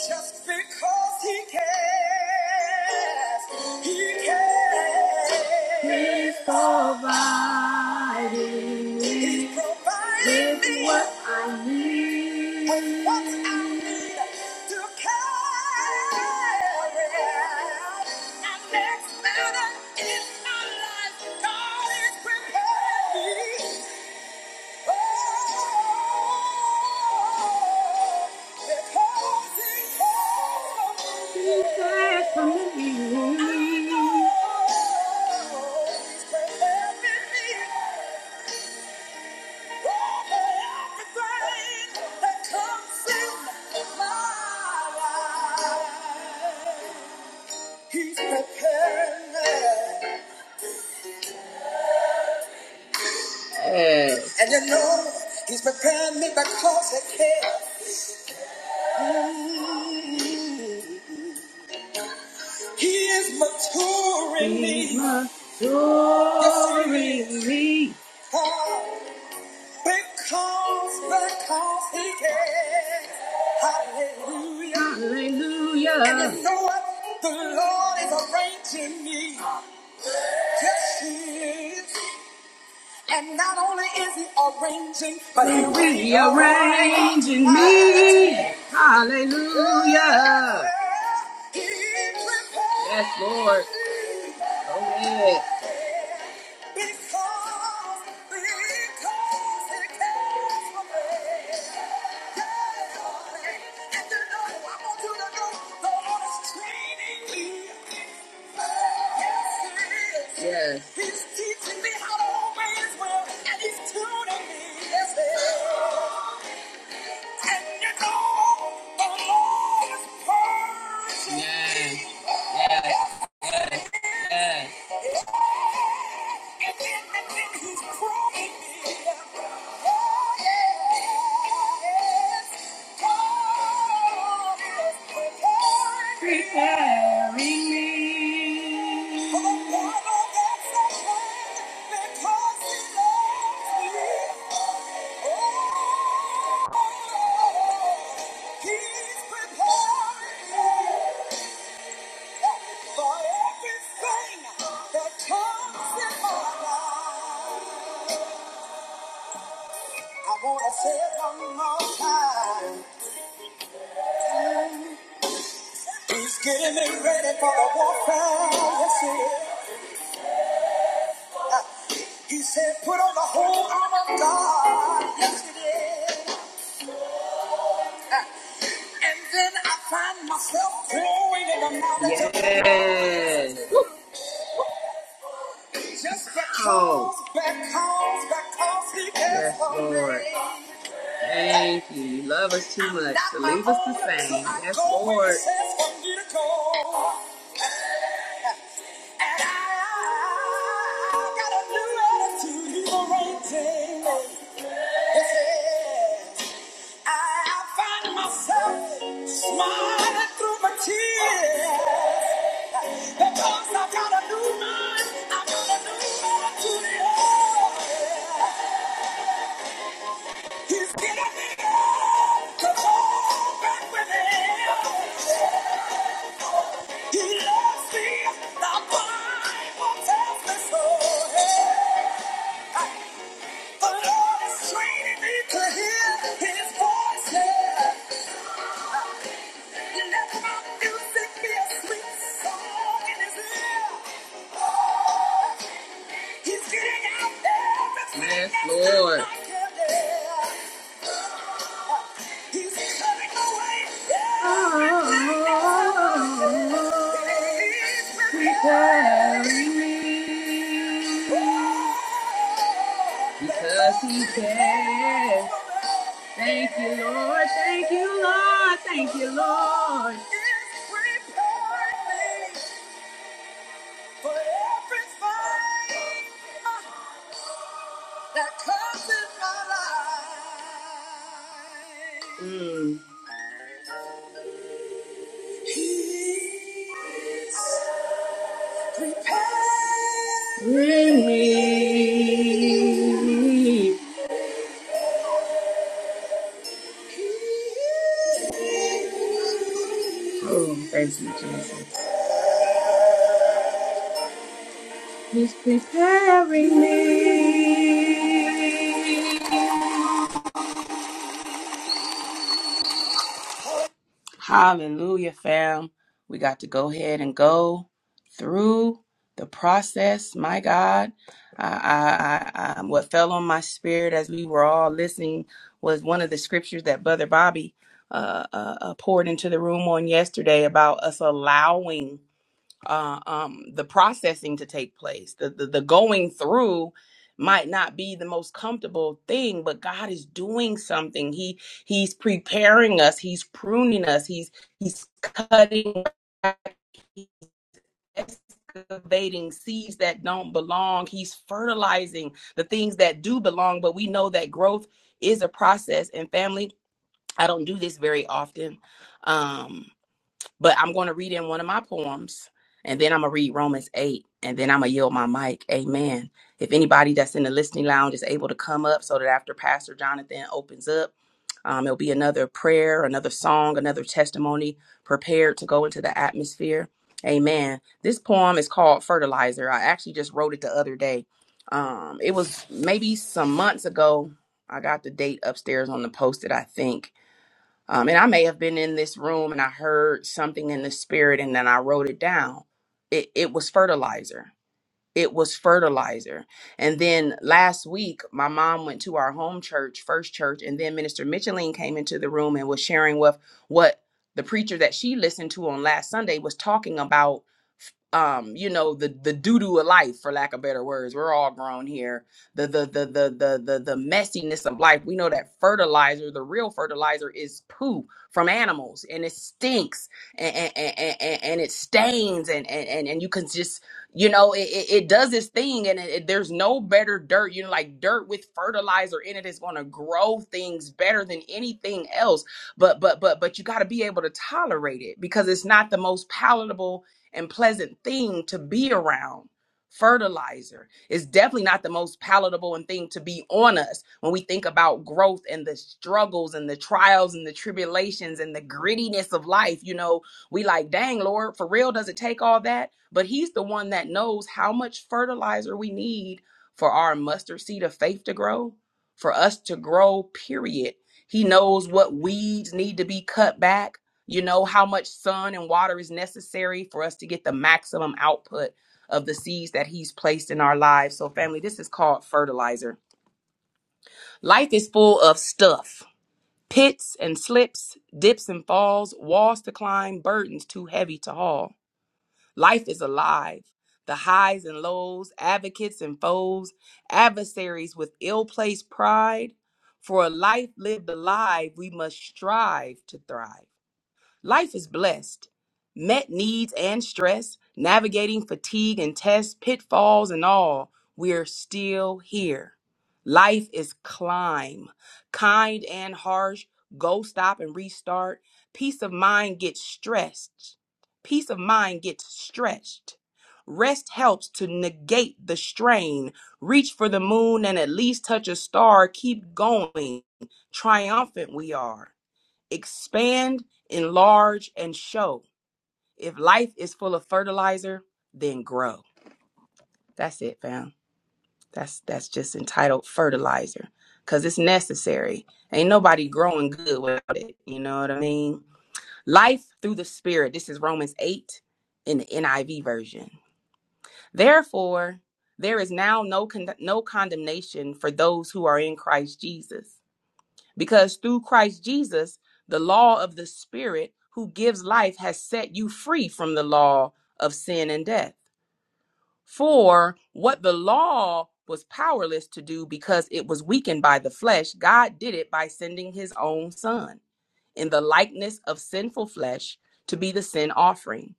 just because he cares. He cares. He's providing me He's providing with me what I need. With what I need to carry out my next matter in my life. God is prepared. He's preparing me. And you know, he's preparing me because he cares. Mm. He is maturing me. maturing me. Oh, because, because he cares. Hallelujah. Hallelujah. And you know what? The Lord is arranging me. Yes, he is. And not only is he arranging, but he's rearranging me. Hallelujah. Yes, Lord. Oh, yeah. Because, because it came from Yeah. And you know, I want you to know the Lord is training me. Yes, Yes. He's teaching me how to obey His will, and He's tuning me. Yes, He And you know, the Lord is purging me. Yes. he's Oh, yes. preparing me. For the battle that's ahead, because he loves me. Oh, he's preparing me for everything that comes in my life. I want to say it one more time. He's getting me ready for the warfare. Yes, he is. He said, put on the whole armor of God. Yes, he did. And then I find myself growing in the knowledge of Yes. just Oh, because, because, because he cares yes, for Lord. me. Much. Not my leave us the own, so I Yes, go where he says for me to go. And I got a new attitude liberating. Yes, yes. I find myself smiling through my tears because I got a new mind. I got a new attitude. Yeah. He's getting me up to go back with He loves me. The Bible tells me so. The Lord is training me to Oh, Yes, Yeah. Because he cares. Thank you, Lord. Thank you, Lord. Thank you, Lord. Hallelujah, fam. We got to go ahead and go through the process. My God, I, I, I, I- what fell on my spirit as we were all listening was one of the scriptures that Brother Bobby uh, uh, uh, poured into the room on yesterday about us allowing uh, um, the processing to take place. The, the the going through might not be the most comfortable thing, but God is doing something. He He's preparing us. He's pruning us. He's He's cutting. back, He's Excavating seeds that don't belong. He's fertilizing the things that do belong, but we know that growth is a process. And family, I don't do this very often. Um, but I'm going to read in one of my poems, and then I'm going to read Romans 8, and then I'm going to yield my mic. Amen. If anybody that's in the listening lounge is able to come up so that after Pastor Jonathan opens up, um, it'll be another prayer, another song, another testimony prepared to go into the atmosphere. Amen. This poem is called Fertilizer. I actually just wrote it the other day. Um, it was maybe some months ago. I got the date upstairs on the post it, I think um, and I may have been in this room and I heard something in the spirit and then I wrote it down. It, it was fertilizer it was fertilizer. And then last week, my mom went to our home church, First Church, and then Minister Micheline came into the room and was sharing with what the preacher that she listened to on last Sunday was talking about. Um, you know the the doo doo of life, for lack of better words. We're all grown here. The the the the the the the messiness of life. We know that fertilizer, the real fertilizer, is poo from animals, and it stinks and and and, and, it stains, and and and and you can just you know it, it, it does this thing and it, it- there's no better dirt you know like dirt with fertilizer in it is going to grow things better than anything else but but but but you got to be able to tolerate it because it's not the most palatable and pleasant thing to be around fertilizer is definitely not the most palatable and thing to be on us when we think about growth and the struggles and the trials and the tribulations and the grittiness of life you know we like, dang, Lord, for real, does it take all that? But He's the one that knows how much fertilizer we need for our mustard seed of faith to grow, for us to grow, period. He knows what weeds need to be cut back, you know, how much sun and water is necessary for us to get the maximum output of the seeds that He's placed in our lives. So, family, this is called fertilizer. Life is full of stuff. Pits and slips, dips and falls, walls to climb, burdens too heavy to haul. Life is alive. The highs and lows, advocates and foes, adversaries with ill placed pride. For a life lived alive, we must strive to thrive. Life is blessed. Met needs and stress, navigating fatigue and tests, pitfalls and all, we're still here. Life is climb, kind and harsh, go stop and restart. Peace of mind gets stretched. Peace of mind gets stretched. Rest helps to negate the strain. Reach for the moon and at least touch a star. Keep going. Triumphant we are expand, enlarge, and show. If life is full of fertilizer, then grow. That's it, fam. That's that's just entitled fertilizer because it's necessary. Ain't nobody growing good without it. You know what I mean? Life through the Spirit. This is Romans 8 in the NIV version. Therefore, there is now no con- no condemnation for those who are in Christ Jesus. Because through Christ Jesus, the law of the Spirit who gives life has set you free from the law of sin and death. For what the law was powerless to do because it was weakened by the flesh, God did it by sending his own Son in the likeness of sinful flesh to be the sin offering.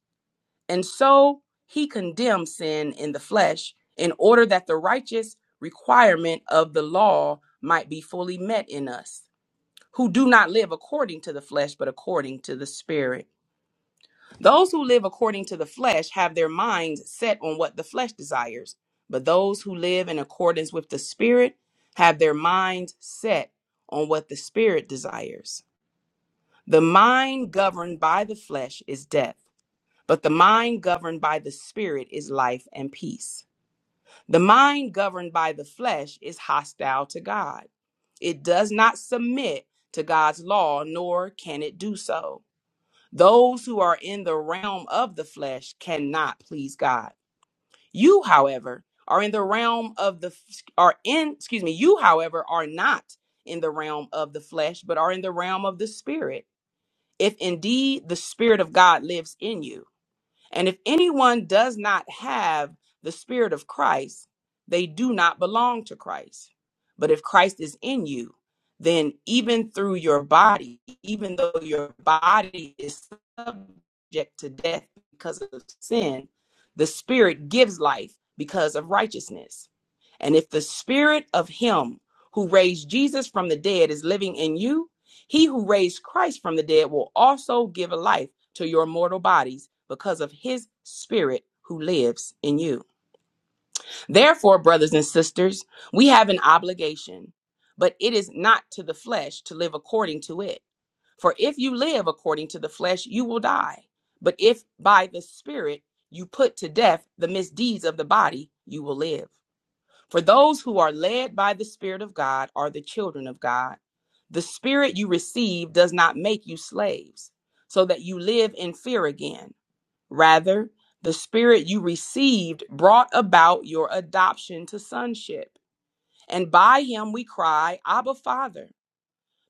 And so he condemned sin in the flesh in order that the righteous requirement of the law might be fully met in us who do not live according to the flesh, but according to the Spirit. Those who live according to the flesh have their minds set on what the flesh desires, but those who live in accordance with the Spirit have their minds set on what the Spirit desires. The mind governed by the flesh is death, but the mind governed by the Spirit is life and peace. The mind governed by the flesh is hostile to God. It does not submit to God's law, nor can it do so. Those who are in the realm of the flesh cannot please God. You, however, are in the realm of the are in excuse me, you however are not in the realm of the flesh, but are in the realm of the spirit. If indeed the spirit of God lives in you, and if anyone does not have the Spirit of Christ, they do not belong to Christ. But if Christ is in you, then even through your body, even though your body is subject to death because of sin, the Spirit gives life because of righteousness. And if the Spirit of Him who raised Jesus from the dead is living in you, he who raised Christ from the dead will also give a life to your mortal bodies because of his spirit who lives in you. Therefore, brothers and sisters, we have an obligation, but it is not to the flesh to live according to it. For if you live according to the flesh, you will die. But if by the spirit you put to death the misdeeds of the body, you will live. For those who are led by the spirit of God are the children of God. The spirit you receive does not make you slaves, so that you live in fear again. Rather, the Spirit you received brought about your adoption to sonship. And by him we cry, Abba, Father.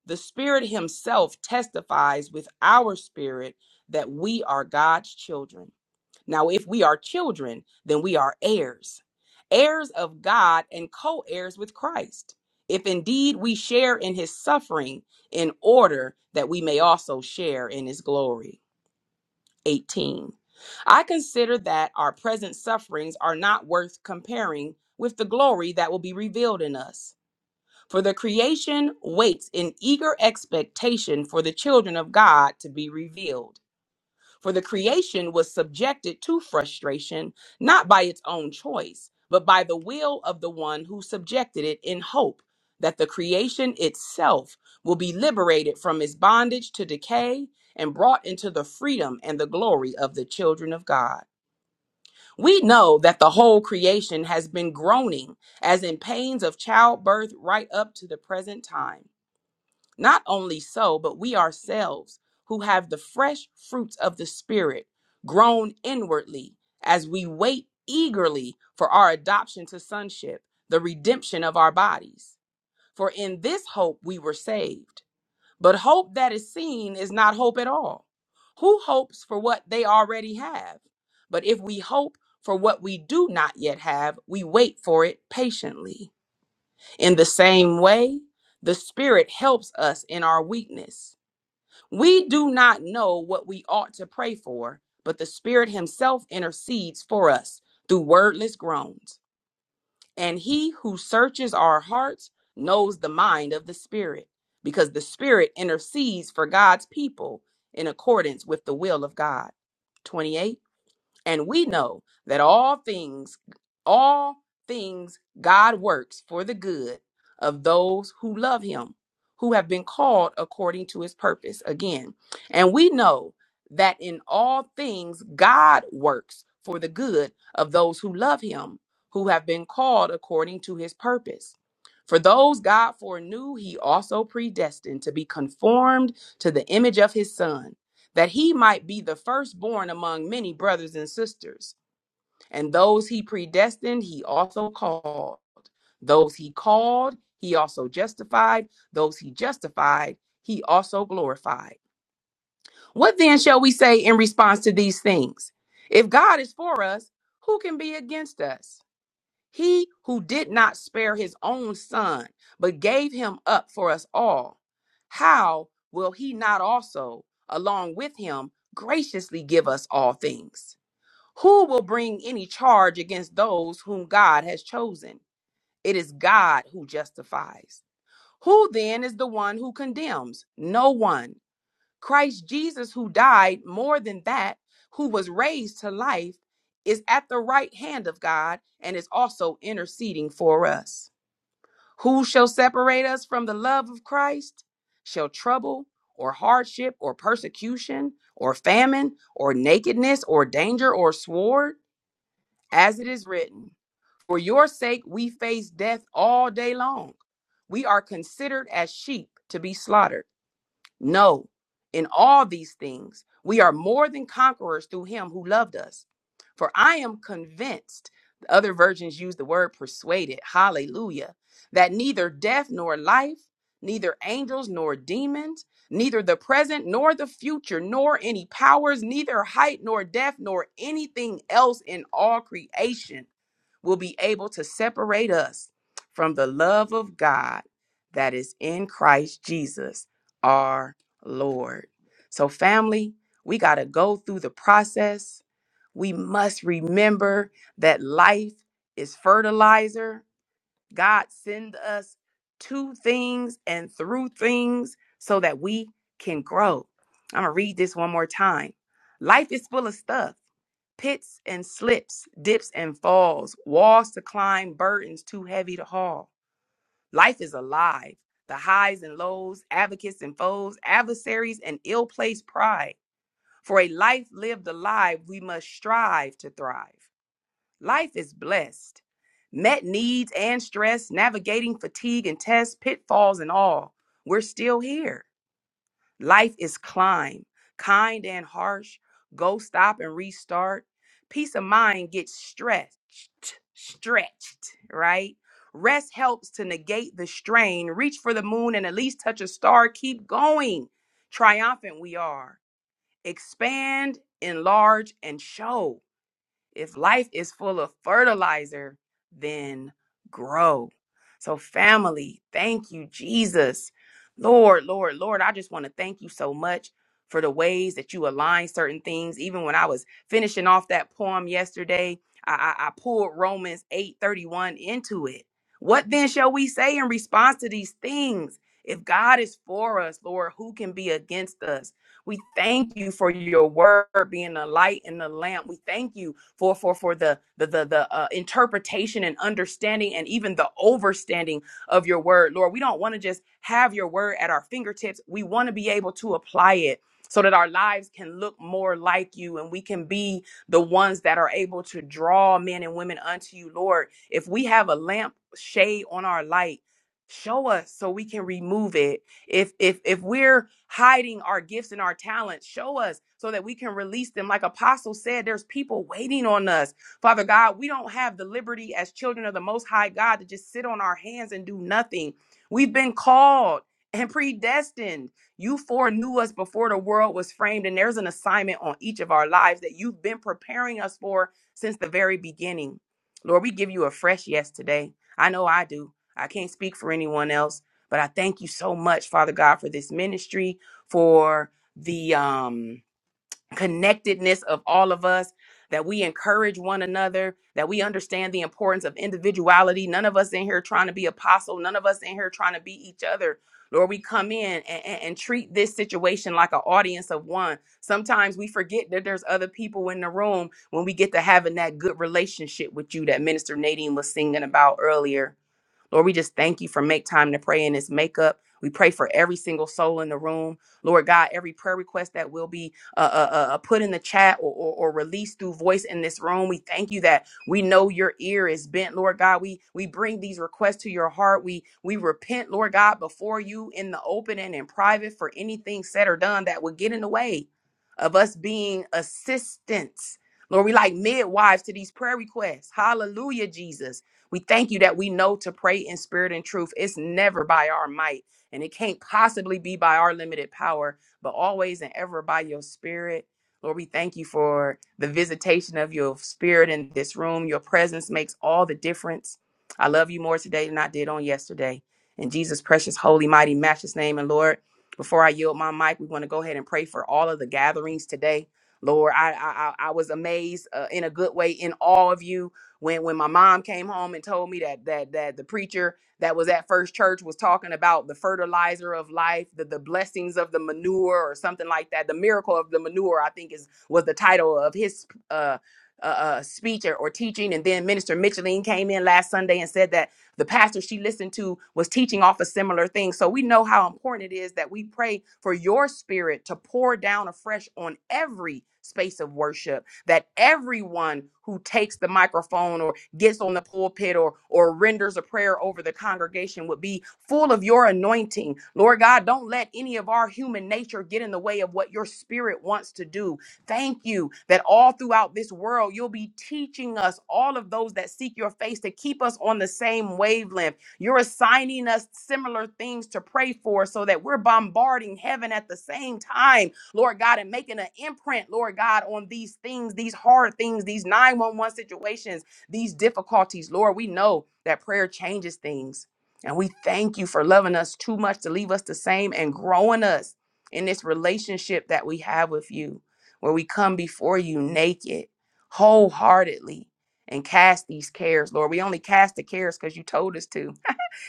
The Spirit himself testifies with our spirit that we are God's children. Now, if we are children, then we are heirs, heirs of God and co heirs with Christ. If indeed we share in his suffering, in order that we may also share in his glory. 18. I consider that our present sufferings are not worth comparing with the glory that will be revealed in us. For the creation waits in eager expectation for the children of God to be revealed. For the creation was subjected to frustration, not by its own choice, but by the will of the one who subjected it in hope that the creation itself will be liberated from its bondage to decay and brought into the freedom and the glory of the children of God. We know that the whole creation has been groaning as in pains of childbirth right up to the present time. Not only so, but we ourselves who have the fresh fruits of the Spirit grown inwardly as we wait eagerly for our adoption to sonship, the redemption of our bodies. For in this hope we were saved. But hope that is seen is not hope at all. Who hopes for what they already have? But if we hope for what we do not yet have, we wait for it patiently. In the same way, the Spirit helps us in our weakness. We do not know what we ought to pray for, but the Spirit Himself intercedes for us through wordless groans. And He who searches our hearts knows the mind of the Spirit, because the Spirit intercedes for God's people in accordance with the will of God. 28 and we know that all things, all things God works for the good of those who love him, who have been called according to his purpose. Again, and we know that in all things God works for the good of those who love him, who have been called according to his purpose. For those God foreknew, he also predestined to be conformed to the image of his son that he might be the firstborn among many brothers and sisters. And those he predestined, he also called. Those he called, he also justified. Those he justified, he also glorified. What then shall we say in response to these things? If God is for us, who can be against us? He who did not spare his own son, but gave him up for us all, how will he not also, along with him, graciously give us all things? Who will bring any charge against those whom God has chosen? It is God who justifies. Who then is the one who condemns? No one. Christ Jesus, who died more than that, who was raised to life, is at the right hand of God and is also interceding for us. Who shall separate us from the love of Christ? Shall trouble or hardship or persecution or famine or nakedness or danger or sword? As it is written, For your sake we face death all day long. We are considered as sheep to be slaughtered. No, in all these things, we are more than conquerors through him who loved us. For I am convinced, the other versions use the word persuaded, hallelujah, that neither death nor life, neither angels nor demons, neither the present nor the future, nor any powers, neither height nor depth, nor anything else in all creation will be able to separate us from the love of God that is in Christ Jesus our Lord. So, family, we got to go through the process. We must remember that life is fertilizer. God send us to things and through things so that we can grow. I'm going to read this one more time. Life is full of stuff pits and slips, dips and falls, walls to climb, burdens too heavy to haul. Life is alive. The highs and lows, advocates and foes, adversaries and ill placed pride. For a life lived alive, we must strive to thrive. Life is blessed. Met needs and stress, navigating fatigue and tests, pitfalls and all. We're still here. Life is climb, kind and harsh. Go stop and restart. Peace of mind gets stretched, stretched, right? Rest helps to negate the strain. Reach for the moon and at least touch a star. Keep going. Triumphant we are. Expand, enlarge, and show. If life is full of fertilizer, then grow. So, family, thank you, Jesus. Lord, Lord, Lord, I just want to thank you so much for the ways that you align certain things. Even when I was finishing off that poem yesterday, I, I, I pulled Romans 8:31 into it. What then shall we say in response to these things? If God is for us, Lord, who can be against us? We thank you for your word being the light and the lamp. We thank you for for for the the the, the uh, interpretation and understanding and even the overstanding of your word, Lord. We don't want to just have your word at our fingertips. We want to be able to apply it so that our lives can look more like you and we can be the ones that are able to draw men and women unto you, Lord. If we have a lamp shade on our light, show us so we can remove it if if if we're hiding our gifts and our talents, show us so that we can release them. Like Apostle said, there's people waiting on us. Father God, we don't have the liberty as children of the most high God to just sit on our hands and do nothing. We've been called and predestined. You foreknew us before the world was framed, and there's an assignment on each of our lives that you've been preparing us for since the very beginning. Lord, we give you a fresh yes today. I know I do. I can't speak for anyone else. But I thank you so much, Father God, for this ministry, for the um, connectedness of all of us, that we encourage one another, that we understand the importance of individuality. None of us in here trying to be apostle, none of us in here trying to be each other. Lord, we come in and, and, and treat this situation like an audience of one. Sometimes we forget that there's other people in the room when we get to having that good relationship with you that Minister Nadine was singing about earlier Lord, we just thank you for make time to pray in this makeup. We pray for every single soul in the room. Lord God, every prayer request that will be uh, uh, uh, uh, put in the chat or, or, or released through voice in this room, we thank you that we know your ear is bent, Lord God. We we bring these requests to your heart. We we repent, Lord God, before you in the open and in private for anything said or done that would get in the way of us being assistants. Lord, we like midwives to these prayer requests. Hallelujah, Jesus. We thank you that we know to pray in spirit and truth. It's never by our might, and it can't possibly be by our limited power, but always and ever by your spirit. Lord, we thank you for the visitation of your spirit in this room. Your presence makes all the difference. I love you more today than I did on yesterday. In Jesus' precious, holy, mighty, matchless name. And Lord, before I yield my mic, we want to go ahead and pray for all of the gatherings today. Lord, I I, I I was amazed uh, in a good way in all of you when when my mom came home and told me that that that the preacher that was at First Church was talking about the fertilizer of life, the the blessings of the manure or something like that, the miracle of the manure, I think is was the title of his uh uh, uh, speech or, or teaching, and then Minister Micheline came in last Sunday and said that the pastor she listened to was teaching off a similar thing. So we know how important it is that we pray for your spirit to pour down afresh on every space of worship that everyone who takes the microphone or gets on the pulpit or or renders a prayer over the congregation would be full of your anointing. Lord God, don't let any of our human nature get in the way of what your spirit wants to do. Thank you that all throughout this world you'll be teaching us all of those that seek your face to keep us on the same wavelength. You're assigning us similar things to pray for so that we're bombarding heaven at the same time Lord God, and making an imprint, Lord God, on these things, these hard things, these 911 situations, these difficulties. Lord, we know that prayer changes things. And we thank you for loving us too much to leave us the same and growing us in this relationship that we have with you, where we come before you naked, wholeheartedly, and cast these cares, Lord. We only cast the cares because you told us to.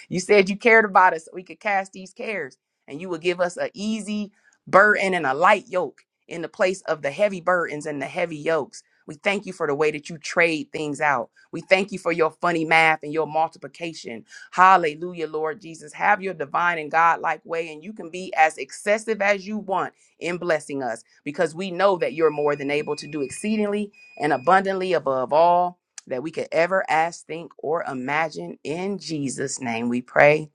You said you cared about us so we could cast these cares, and you would give us an easy burden and a light yoke in the place of the heavy burdens and the heavy yokes. We thank you for the way that you trade things out. We thank you for your funny math and your multiplication. Hallelujah, Lord Jesus. Have your divine and godlike way, and you can be as excessive as you want in blessing us because we know that you're more than able to do exceedingly and abundantly above all that we could ever ask, think, or imagine. In Jesus' name we pray.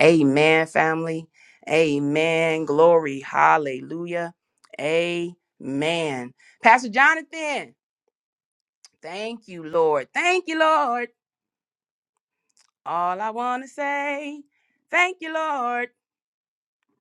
Amen, family. Amen. Glory. Hallelujah. Amen. Pastor Jonathan, thank you, Lord. Thank you, Lord. All I want to say, thank you, Lord.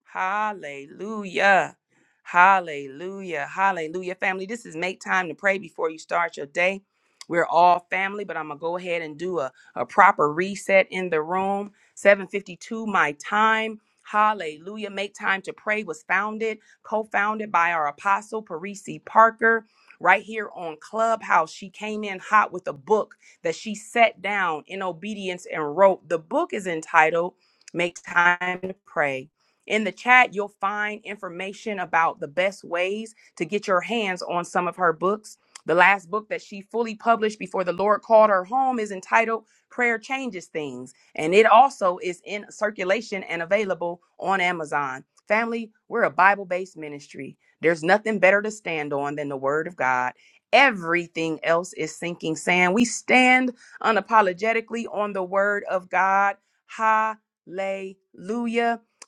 Hallelujah. Hallelujah. Hallelujah. Family, this is make time to pray before you start your day. We're all family, but I'm gonna go ahead and do a, a proper reset in the room. 752 my time. Hallelujah. Make time to pray was founded, co-founded by our apostle Parisi Parker. Right here on Clubhouse, she came in hot with a book that she set down in obedience and wrote. The book is entitled Make Time to Pray in the chat, you'll find information about the best ways to get your hands on some of her books. The last book that she fully published before the Lord called her home is entitled Prayer Changes Things, and it also is in circulation and available on Amazon. Family, we're a Bible based ministry. There's nothing better to stand on than the Word of God. Everything else is sinking sand. We stand unapologetically on the Word of God. Hallelujah.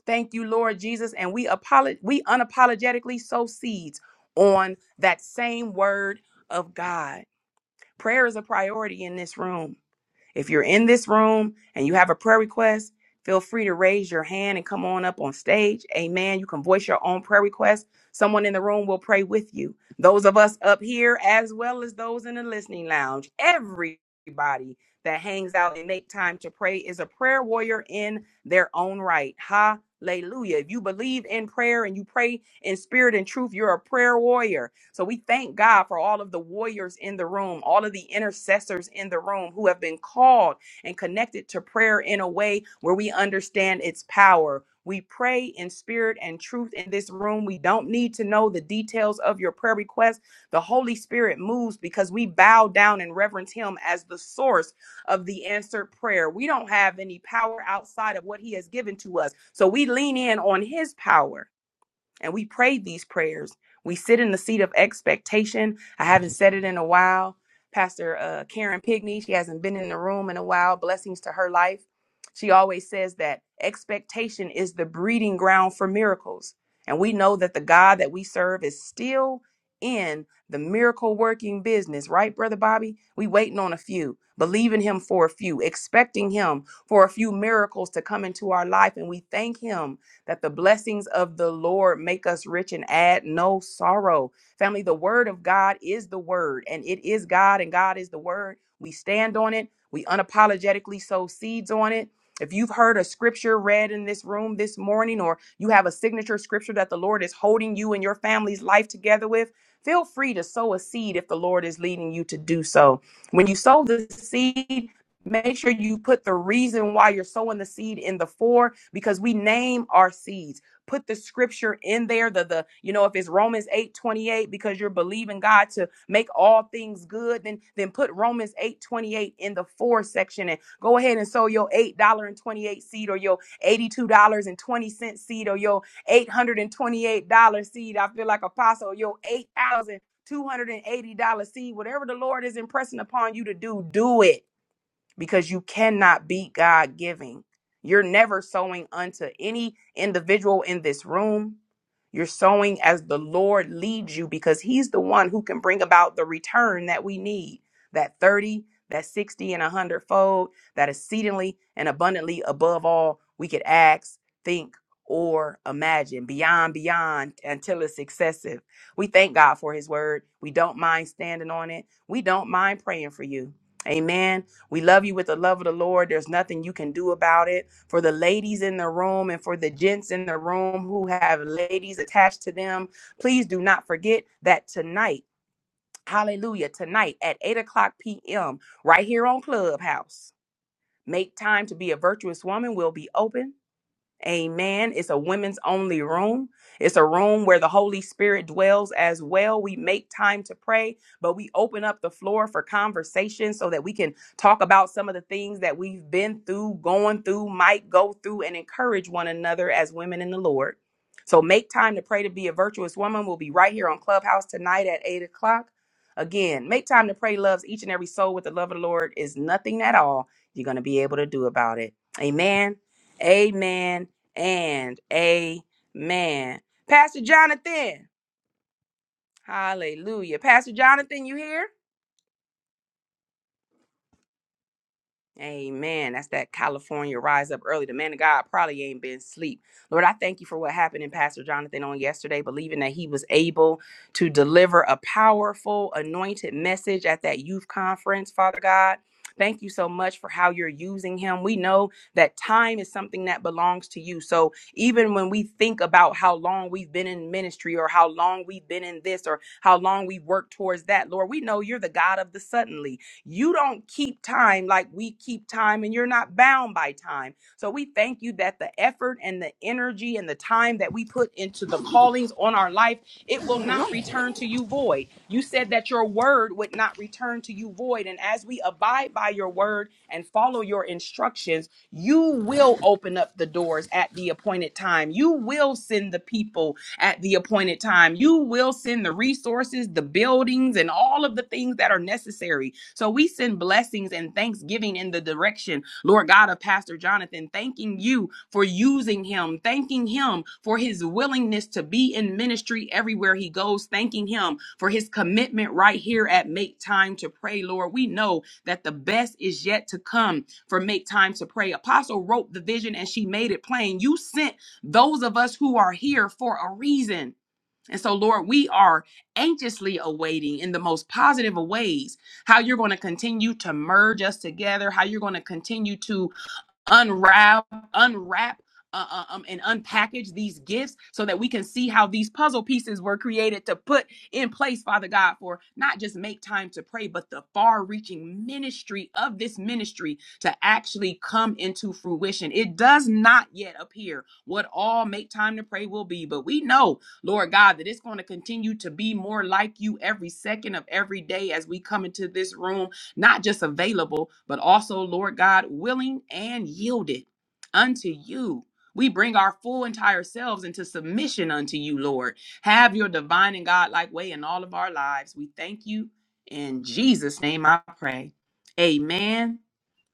Thank you, Lord Jesus. And we apolog- we unapologetically sow seeds on that same word of God. Prayer is a priority in this room. If you're in this room and you have a prayer request, feel free to raise your hand and come on up on stage. Amen. You can voice your own prayer request. Someone in the room will pray with you. Those of us up here, as well as those in the listening lounge, everybody that hangs out and make time to pray is a prayer warrior in their own right. Hallelujah. If you believe in prayer and you pray in spirit and truth, you're a prayer warrior. So we thank God for all of the warriors in the room, all of the intercessors in the room who have been called and connected to prayer in a way where we understand its power. We pray in spirit and truth in this room. We don't need to know the details of your prayer request. The Holy Spirit moves because we bow down and reverence Him as the source of the answered prayer. We don't have any power outside of what He has given to us. So we lean in on His power and we prayed these prayers. We sit in the seat of expectation. I haven't said it in a while. Pastor uh, Karen Pigney, she hasn't been in the room in a while. Blessings to her life. She always says that expectation is the breeding ground for miracles. And we know that the God that we serve is still in the miracle working business, right, Brother Bobby? We waiting on a few, believing him for a few, expecting him for a few miracles to come into our life. And we thank him that the blessings of the Lord make us rich and add no sorrow. Family, the word of God is the word, and it is God, and God is the word. We stand on it, we unapologetically sow seeds on it. If you've heard a scripture read in this room this morning, or you have a signature scripture that the Lord is holding you and your family's life together with, feel free to sow a seed if the Lord is leading you to do so. When you sow the seed, Make sure you put the reason why you're sowing the seed in the four because we name our seeds. Put the scripture in there. The the you know if it's Romans 8 28 because you're believing God to make all things good, then then put Romans 8 28 in the four section and go ahead and sow your eight dollar and twenty eight seed or your eighty two dollars and twenty cent seed or your eight hundred and twenty eight dollar seed. I feel like apostle, your eight thousand two hundred and eighty dollar seed, whatever the Lord is impressing upon you to do, do it because you cannot be God giving. You're never sowing unto any individual in this room. You're sowing as the Lord leads you because He's the one who can bring about the return that we need that 30, that 60, and a hundredfold, that exceedingly and abundantly above all we could ask, think, or imagine, beyond, beyond, until it's excessive. We thank God for His word. We don't mind standing on it. We don't mind praying for you. Amen. We love you with the love of the Lord. There's nothing you can do about it. For the ladies in the room and for the gents in the room who have ladies attached to them, please do not forget that tonight, hallelujah, tonight at 8 o'clock p.m., right here on Clubhouse, Make Time to Be a Virtuous Woman will be open. Amen. It's a women's only room. It's a room where the Holy Spirit dwells as well. We make time to pray, but we open up the floor for conversation so that we can talk about some of the things that we've been through, going through, might go through, and encourage one another as women in the Lord. So make time to pray to be a virtuous woman. We'll be right here on Clubhouse tonight at 8 o'clock. Again, make time to pray loves each and every soul with the love of the Lord is nothing at all you're going to be able to do about it. Amen. Amen and amen. Pastor Jonathan, hallelujah. Pastor Jonathan, you here? Amen. That's that California rise up early. The man of God probably ain't been sleep. Lord, I thank you for what happened in Pastor Jonathan on yesterday, believing that he was able to deliver a powerful, anointed message at that youth conference, Father God. Thank you so much for how you're using him. We know that time is something that belongs to you. So even when we think about how long we've been in ministry or how long we've been in this or how long we've worked towards that, Lord, we know you're the God of the suddenly. You don't keep time like we keep time, and you're not bound by time. So we thank you that the effort and the energy and the time that we put into the callings on our life, it will not return to you void. You said that your word would not return to you void. And as we abide by your word and follow your instructions, you will open up the doors at the appointed time. You will send the people at the appointed time. You will send the resources, the buildings, and all of the things that are necessary. So we send blessings and thanksgiving in the direction, Lord God, of Pastor Jonathan, thanking you for using him, thanking him for his willingness to be in ministry everywhere he goes, thanking him for his commitment right here at Make Time to Pray, Lord. We know that the best is yet to come for Make Time to Pray. Apostle wrote the vision and she made it plain. You sent those of us who are here for a reason. And so, Lord, we are anxiously awaiting in the most positive of ways how you're going to continue to merge us together, how you're going to continue to unwrap unwrap uh, uh, um, and unpackage these gifts so that we can see how these puzzle pieces were created to put in place father god for not just make time to pray but the far reaching ministry of this ministry to actually come into fruition it does not yet appear what all make time to pray will be but we know lord god that it's going to continue to be more like you every second of every day as we come into this room not just available, but also, Lord God, willing and yielded unto you. We bring our full entire selves into submission unto you, Lord. Have your divine and godlike way in all of our lives. We thank you. In Jesus' name I pray. Amen,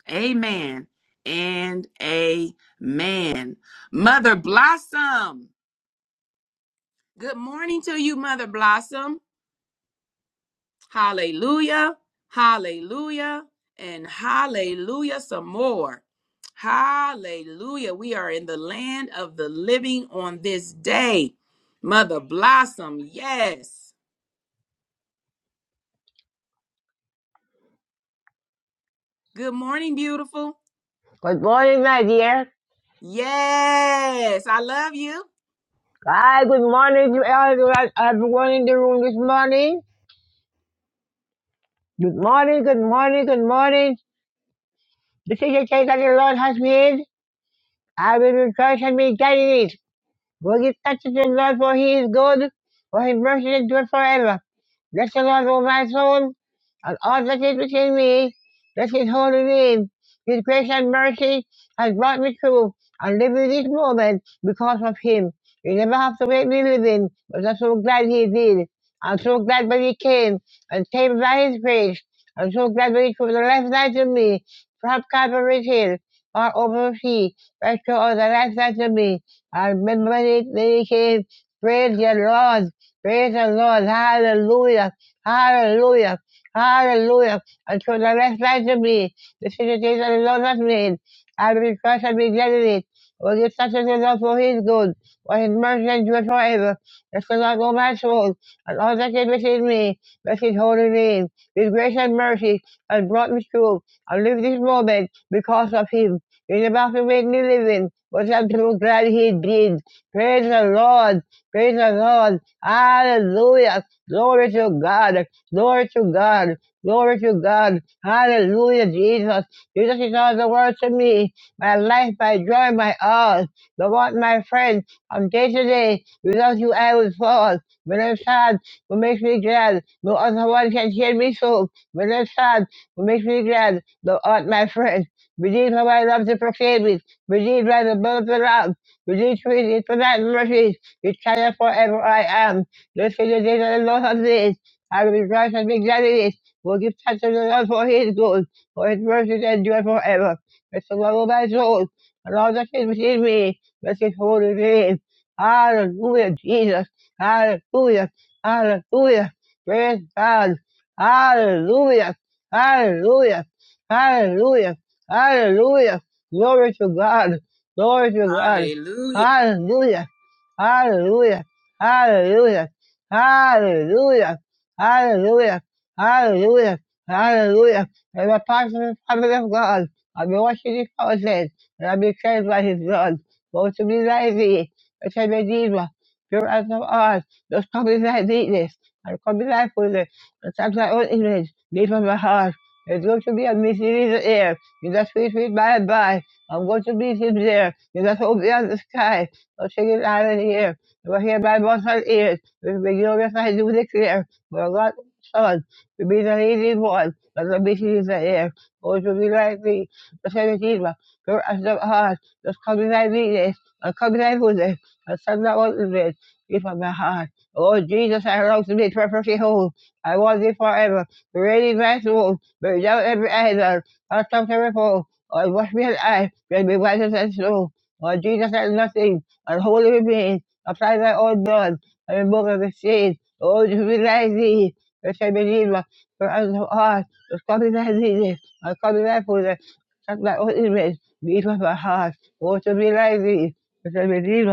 amen, and amen. Mother Blossom, good morning to you, Mother Blossom. Hallelujah. Hallelujah. And hallelujah some more. Hallelujah. We are in the land of the living on this day. Mother Blossom, yes. Good morning, beautiful. Good morning, my dear. Yes. I love you. Hi, good morning to everyone everyone in the room this morning. Good morning, good morning, good morning. This is the day that the Lord has made. I will rejoice and be glad in it. For he touches the Lord, for he is good, for his mercy endures forever. Bless the Lord, O my soul, and all that is within me. Bless his holy name. His grace and mercy has brought me through and live in this moment because of him. He never have to make me living, but I'm so glad he did. I'm so glad when he came and came by his grace. I'm so glad when he took the left side of me from Calvary's Hill or over the sea, right to all the left side of me. I've been ready came, Praise the Lord. Praise the Lord. Hallelujah. Hallelujah. Hallelujah. Until the rest lies to me. This is the day that the Lord has made. I will rejoice and be glad in it. For this such is the Lord for his good. For his mercy endures forever. Bless the Lord, O my soul, and all that is within me. Bless his holy name. His grace and mercy has brought me through. I live this moment because of him. It's about to make me living. but I'm so glad he did. Praise the Lord. Praise the Lord. Hallelujah. Glory to God. Glory to God. Glory to God. Hallelujah, Jesus. Jesus is all the world to me. My life, my joy, my all. The Lord, my friend, from day to day, without you I would fall. When I'm sad, what makes me glad? No other one can hear me so. When I'm sad, what makes me glad? The Lord, my friend. Redeemed her by love to forgiveness. Redeemed by the blood of the Lamb. Redeemed for his tonight mercies. Eternal forever I am. This is the day that the Lord has made. I will rejoice and be glad in it. We'll give thanks to the Lord for his good. For his mercies endure forever. Bless the Lord, O my soul. And all that is within me. Bless his holy name. Hallelujah, Jesus. Hallelujah. Hallelujah. Praise God. Hallelujah. Hallelujah. Hallelujah. Hallelujah. Glory to God. Glory to God. Hallelujah. Hallelujah. Hallelujah. Hallelujah. Hallelujah. Hallelujah. Hallelujah. Hallelujah. And the pastor family of God. I'll be watching his fountain, and I'll be saved by his blood. Go to me like thee, which I may need one. Pure as of art, just come in thy neatness, and come in thy fullness, and touch thy own image, deep from my heart. It's good to be a misleader you're the sweet, sweet bye-bye. I'm going to meet him there. You're the hope beyond the sky. I'll take it out of here. We're here by both our ears. We'll be glorious, I do declare. We're God's son. To be the leading one. But the mission is the air. Oh, to be like me. The seventeen one. Pure as the heart. Just come in thy weakness. And come in thy fullness. And send that one to me. Give up my heart. Oh, Jesus, I long to be perfectly whole. I want thee forever. Ready my soul. Burn down every idol are so terrible. Or what real life can be righteous and true. Or Jesus has nothing, and holy remains. Apply thy own blood, and remove every sin. Oh, to realize thee, which I believe, for unto us, to copy thy disease, and copy thy food, and thy own image, beat with my heart. Oh, to realize thee, which I believe,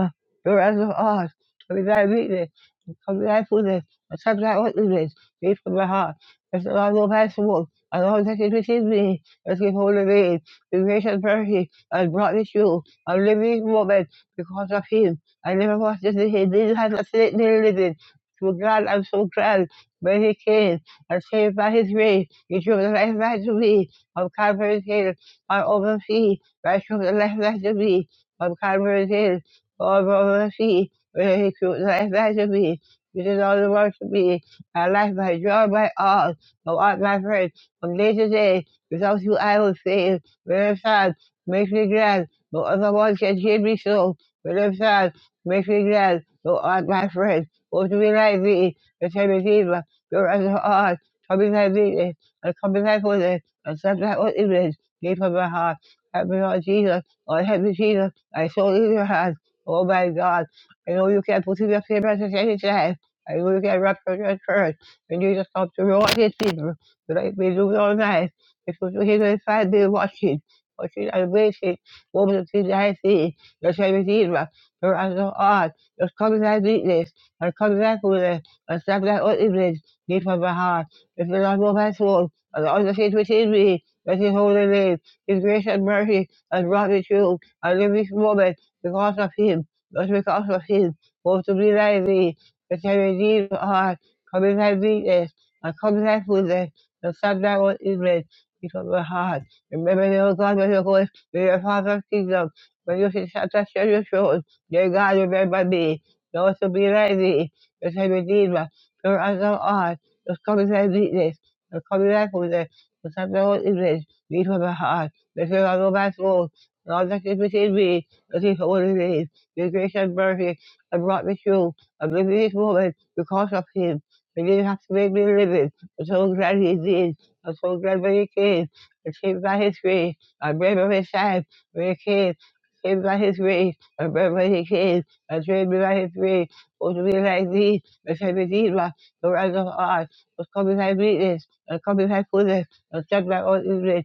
for unto us, copy thy weakness, and copy thy food, and suck thy own image, beat with my heart. If the Lord will pass the world, and all that it receives me as we hold away the grace and mercy has brought me through a living this moment because of him. I never was just in him. This has a state near living. So glad, I'm so glad when he came and saved by his grace. He drove the life back to me of Calvary's Hill, my open feet. I drove the life back to me of Calvary's Hill, all my open feet. When he drove the life back to me, it is all the world to me. My life, my joy, my all, thou art my friend from day to day. Without you, I would fail. When I'm sad, make me glad. No other one can hear me so. When I'm sad, make me glad. Thou art my friend. Oh, to be like thee, the same Redeemer, pure as thou art. Come in thy meekness, and come in thy fullness, and set thy own image deep in my heart. Help me, Lord Jesus. Lord, help me, Jesus. My soul is in your hands. Oh, my God. I know you can put in your favors at any time. I know you can wrap your church. When Jesus comes to reward his people, tonight we do all night was watching, watching and waiting. What was The thing I see, the same as pensar de Washington. Muchas veces vos me utilizaste los servicios, orando a los comidas líquidos, las comidas puras, las tablas horribles, ni por bajar, es el amor pastor, a la otra situación, that his holy name, his grace and mercy, and brought me through. and live this moment because of him, just because of him, both to be like thee, that I redeem our comidas weakness, our comidas puras, the subject was England feet of the heart. Remember, dear God, when you go When your father sees kingdom, when you sit at the treasure throne, dear God, remember me. Those who be like thee, the same Redeemer, pure as thou art, the coming thy weakness, the coming thy fullness, the son of thy own image, meet from the heart, the fear of all my soul, and all that is within me, the thief of holy name, your grace and mercy, have brought me through, and living this moment because of him, and didn't have to make me living, and so glad he did. I'm so glad for your kids. The kids by his grace. I bread by his side. For your kids. Kids by his grace. I bread by his kids. I dread by his grace. Oh, to be like thee. The shepherd Eva. The rise of art. The come beside weakness. The come beside fullness. The judge by all evil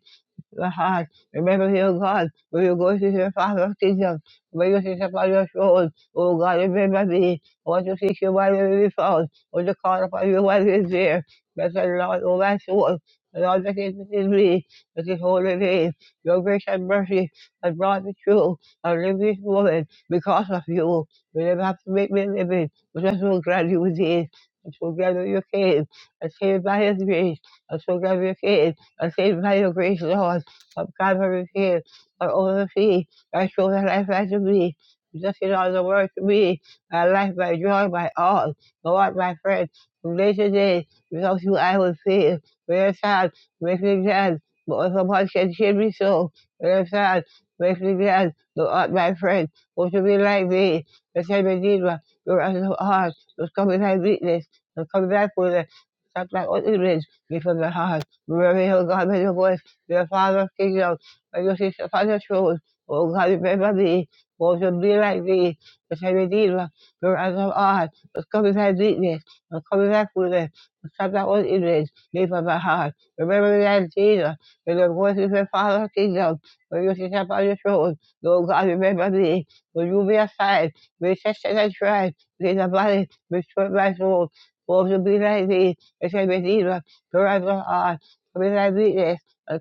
the heart. Remember, dear God, when you go to your father's kingdom, when you sit upon your throne, oh God, remember me. I want to seek you while you may be found, or to call upon you while you is there. Bless the Lord, oh my soul, and all that is within me, with his holy name. Your grace and mercy has brought me through. I live this moment because of you. You never have to make me live it, but I'm so glad you did. I'm so glad that you came. I saved by his grace. I'm so glad you came. I saved by your grace, Lord of God will refuse or oversee our children's life as to be. Just in all the world to me. my life, my joy, my all. Lord, my friend, from day to day, without you I will fail. When I'm sad, make me glad. But if the Lord can cheer me so, when I'm sad, make me glad. Thou art my friend, who to be like me. The same Redeemer, your eyes of heart, who's come with thy weakness, who's come back with it. Stop like what it is, before the heart. Remember, O God, with your voice. Dear Father, King of majesty, upon the throne, O God, remember thee, born to be like thee, the same Redeemer, the rise of art, the come in thy weakness, the come in thy fullness, the stop thy own image, leave of my heart. Remember that Jesus, when the voice of the Father, Kingdom, majesty, upon the throne, Lord God, remember thee, when you be aside, may test and try, lead the body, restore my soul, born to be like thee, the same Redeemer, the rise of art, come in thy weakness,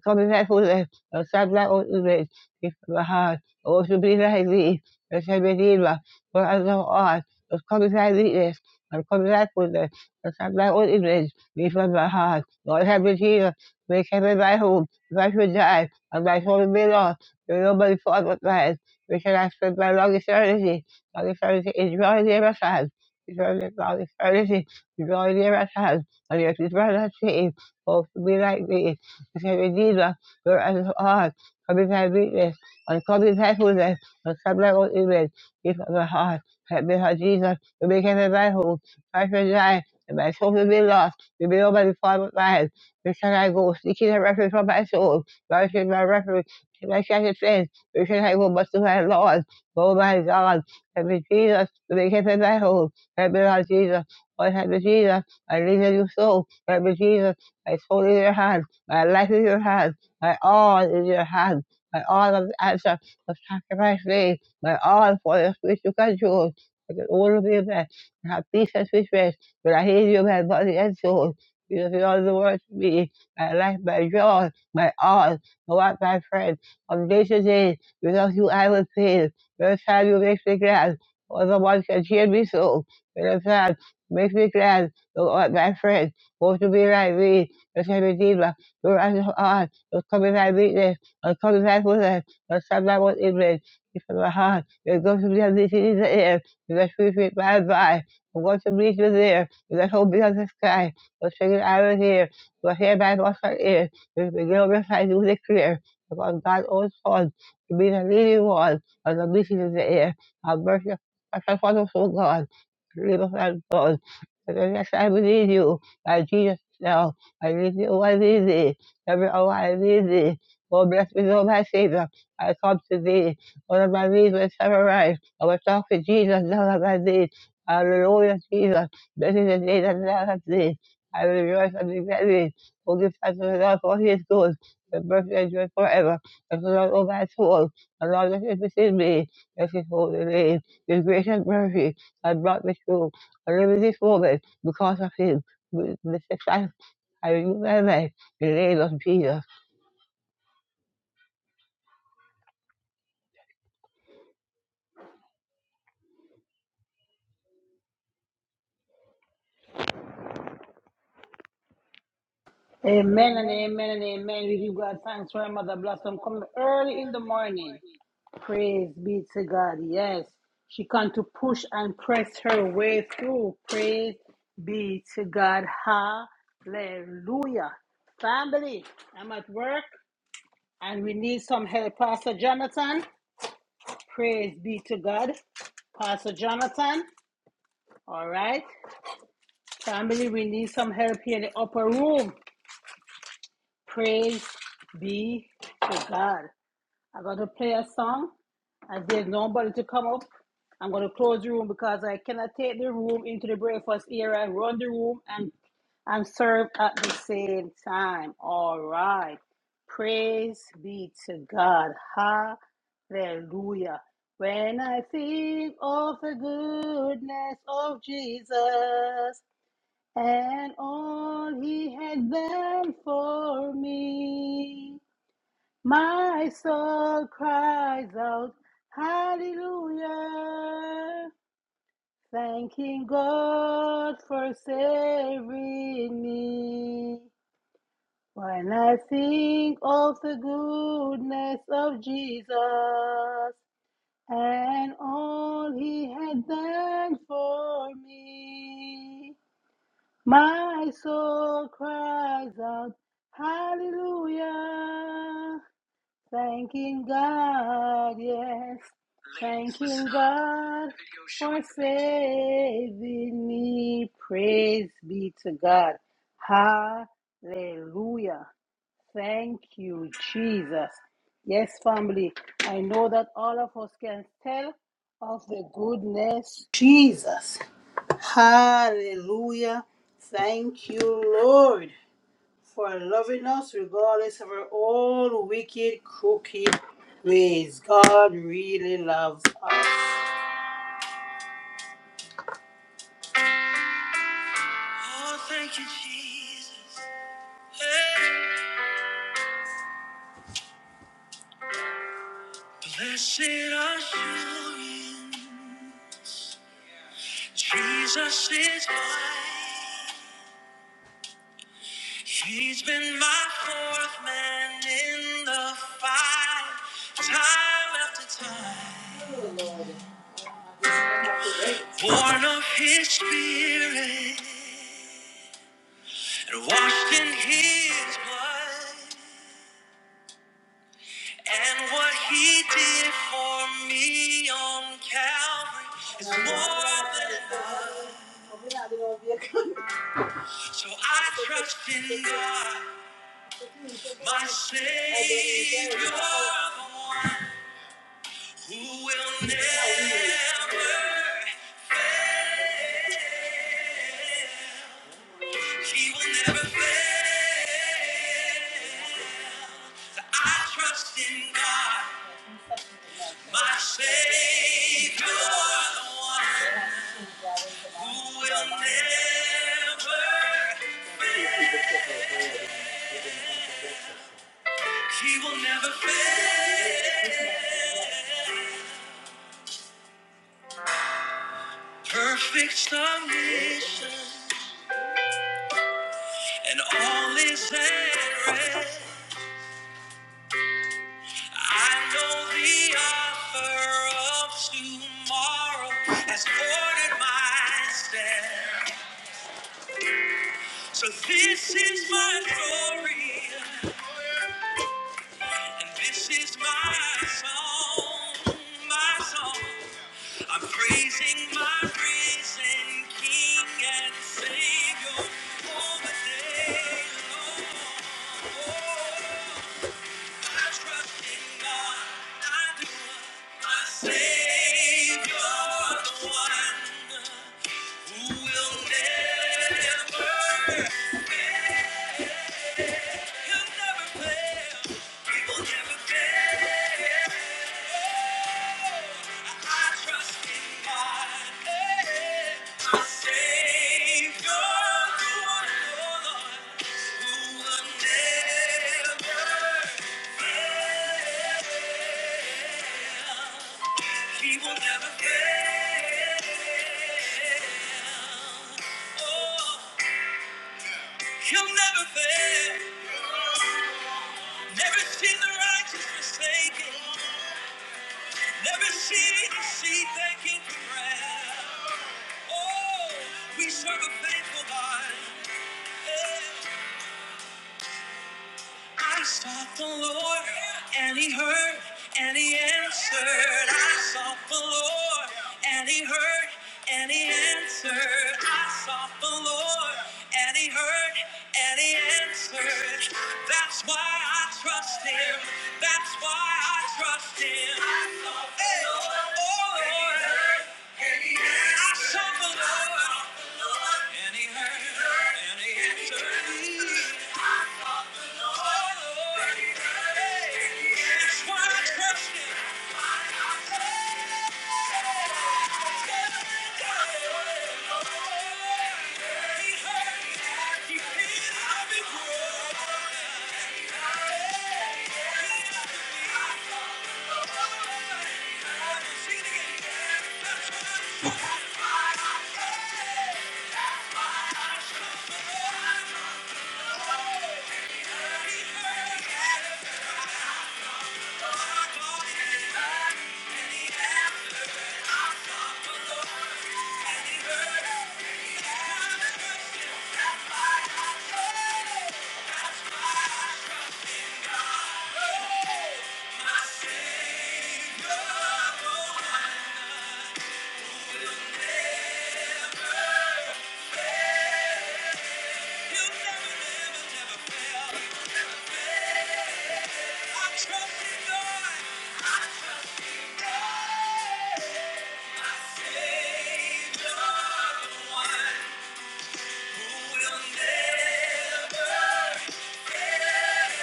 Come back for the Sabla ultimate, if Baha, or to be like thee, the Sabedeva, for as thou art, of come back weakness, and come back with the Sabla ultimate, if Baha, Lord Sabedeva, make heaven my home, if I should die, and my soul be lost, nobody thought but mine, where shall I spend my long eternity, long eternity is drawing near at hand, eternity, is drawing near and yet is rather saved, both to be like thee. Señor, ayuda, yo heart, copy my weakness, and copy my fullness, and stop my own image, give up my heart, help me, Lord Jesus, to become a man who, Christ will die, and my soul will be lost, to be over the form of mine. Where shall I go? Seeking a refuge from my soul, God is my refuge, in my shattered faith, where shall I go but to my Lord? Oh my God, help me, Jesus, to become a man who, help me, Lord Jesus, Lord, help me, Jesus, I need a new soul, help me, Jesus, my soul is your hand. My life is your hand. My all is your hand. My all of the answer of sacrifice made. My all for the which you control. I can all of you man. I have peace and sweet rest. But I hate you my body and soul. You have all the world to me. My life, my joy, my all. My what, my friend. From day to day, without you I would fail. Your time you make me glad. All the one can cheer me so. When time makes me glad. the Lord, my friend, go to be like me right me. Your eyes are on. Your coming back weakness. Your coming back with us. Your son back with England. You from my heart. Your go to be on the air. You let free feet by and by. I'm going to meet you there. You let hope be on the sky. Your singing arrows here. Your hair by off her ear. You will glorify you with a clear. Upon God's own son. To be the leading one of the meeting in the air. Our mercy. our shall follow so God. Leave us and God. Yes, I believe you. By Jesus now. I need you. I need thee. Every hour I need thee. Oh, bless me, Lord, my Savior. I come to thee. One of my knees will ever I will talk to Jesus now of my knees. Hallelujah, Jesus. Blessed is the day that thou hast thee. I will rejoice and be glad in it. Oh, give thanks to the Lord for his good. The mercy endures forever. Bless the Lord, O my soul. The Lord that is within me. Bless his holy name. His grace and mercy have brought me through. I live in this moment because of him. With The success I remember in the name of Jesus. Amen and amen and amen. We give God thanks for our mother blossom coming early in the morning. Praise be to God. Yes, she can to push and press her way through. Praise be to God. Hallelujah. Family, I'm at work and we need some help. Pastor Jonathan, praise be to God. Pastor Jonathan, all right. Family, we need some help here in the upper room. Praise be to God. I'm going to play a song. and there's nobody to come up, I'm going to close the room because I cannot take the room into the breakfast area and run the room and, and serve at the same time. All right. Praise be to God. Hallelujah. When I think of the goodness of Jesus, and all he has done for me. My soul cries out, Hallelujah, thanking God for saving me. When I think of the goodness of Jesus and all he had done for me. My soul cries out, Hallelujah, thanking God, yes, thanking God for saving me. Praise be to God. Hallelujah. Thank you, Jesus. Yes, family, I know that all of us can tell of the goodness of Jesus. Hallelujah. Thank you, Lord, for loving us regardless of our own wicked, crooked ways. God really loves us. Oh, thank you, Jesus. Hey. Blessed assurance. Jesus is mine. He's been my fourth man in the fight, time after time. born of his spirit and washed in his blood. And what he did for me on Calvary is more than enough. So I trust in God, my Savior, the one who will never, he will never fail. I trust in God. My Savior, the one who will never fail. He will never fail. Perfect submission, and all is at rest. I know the author of tomorrow has ordered my steps. So this is my story. And this is my song, my song. I'm praising my risen King and Savior all the day long. Oh, I trust in God, I do. My Savior, the one who will never fail. He will never fail. Oh, he'll never fail. Never seen the righteous forsaken. Never seen the seed thanking for bread. Oh, we serve a faithful God. Yeah. I sought the Lord and he heard and he answered. I sought the Lord and he heard and he answered. I sought the Lord and he heard and he answered. That's why I trust him. That's why I trust him. I sought the Hey, Lord, oh Lord. and he heard, and he answered. I sought the answered. Lord I sought the Lord, and he heard and he answered. Thank you. Trust in God. Yeah. Savior, the one who will never fail.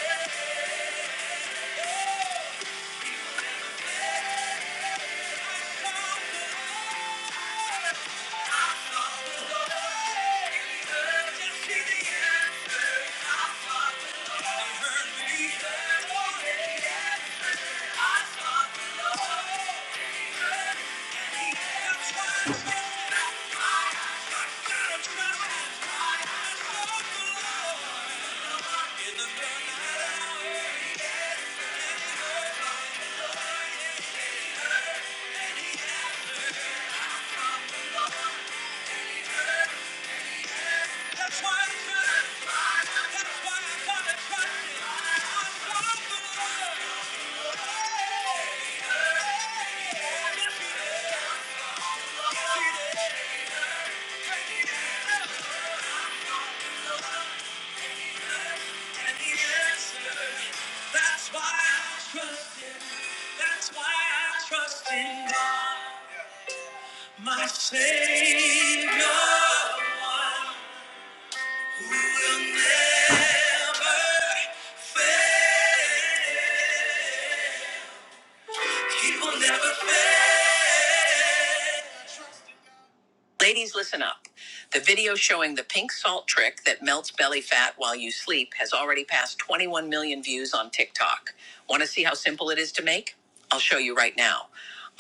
In the night hour. That's why I gotta That's why I gotta trust it. I'm gonna believe. And the answer, that's why I trust Him. That's why I trust in God, my Savior. Who will never fail. He will never fail. Ladies, listen up. The video showing the pink salt trick that melts belly fat while you sleep has already passed 21 million views on TikTok. Want to see how simple it is to make? I'll show you right now.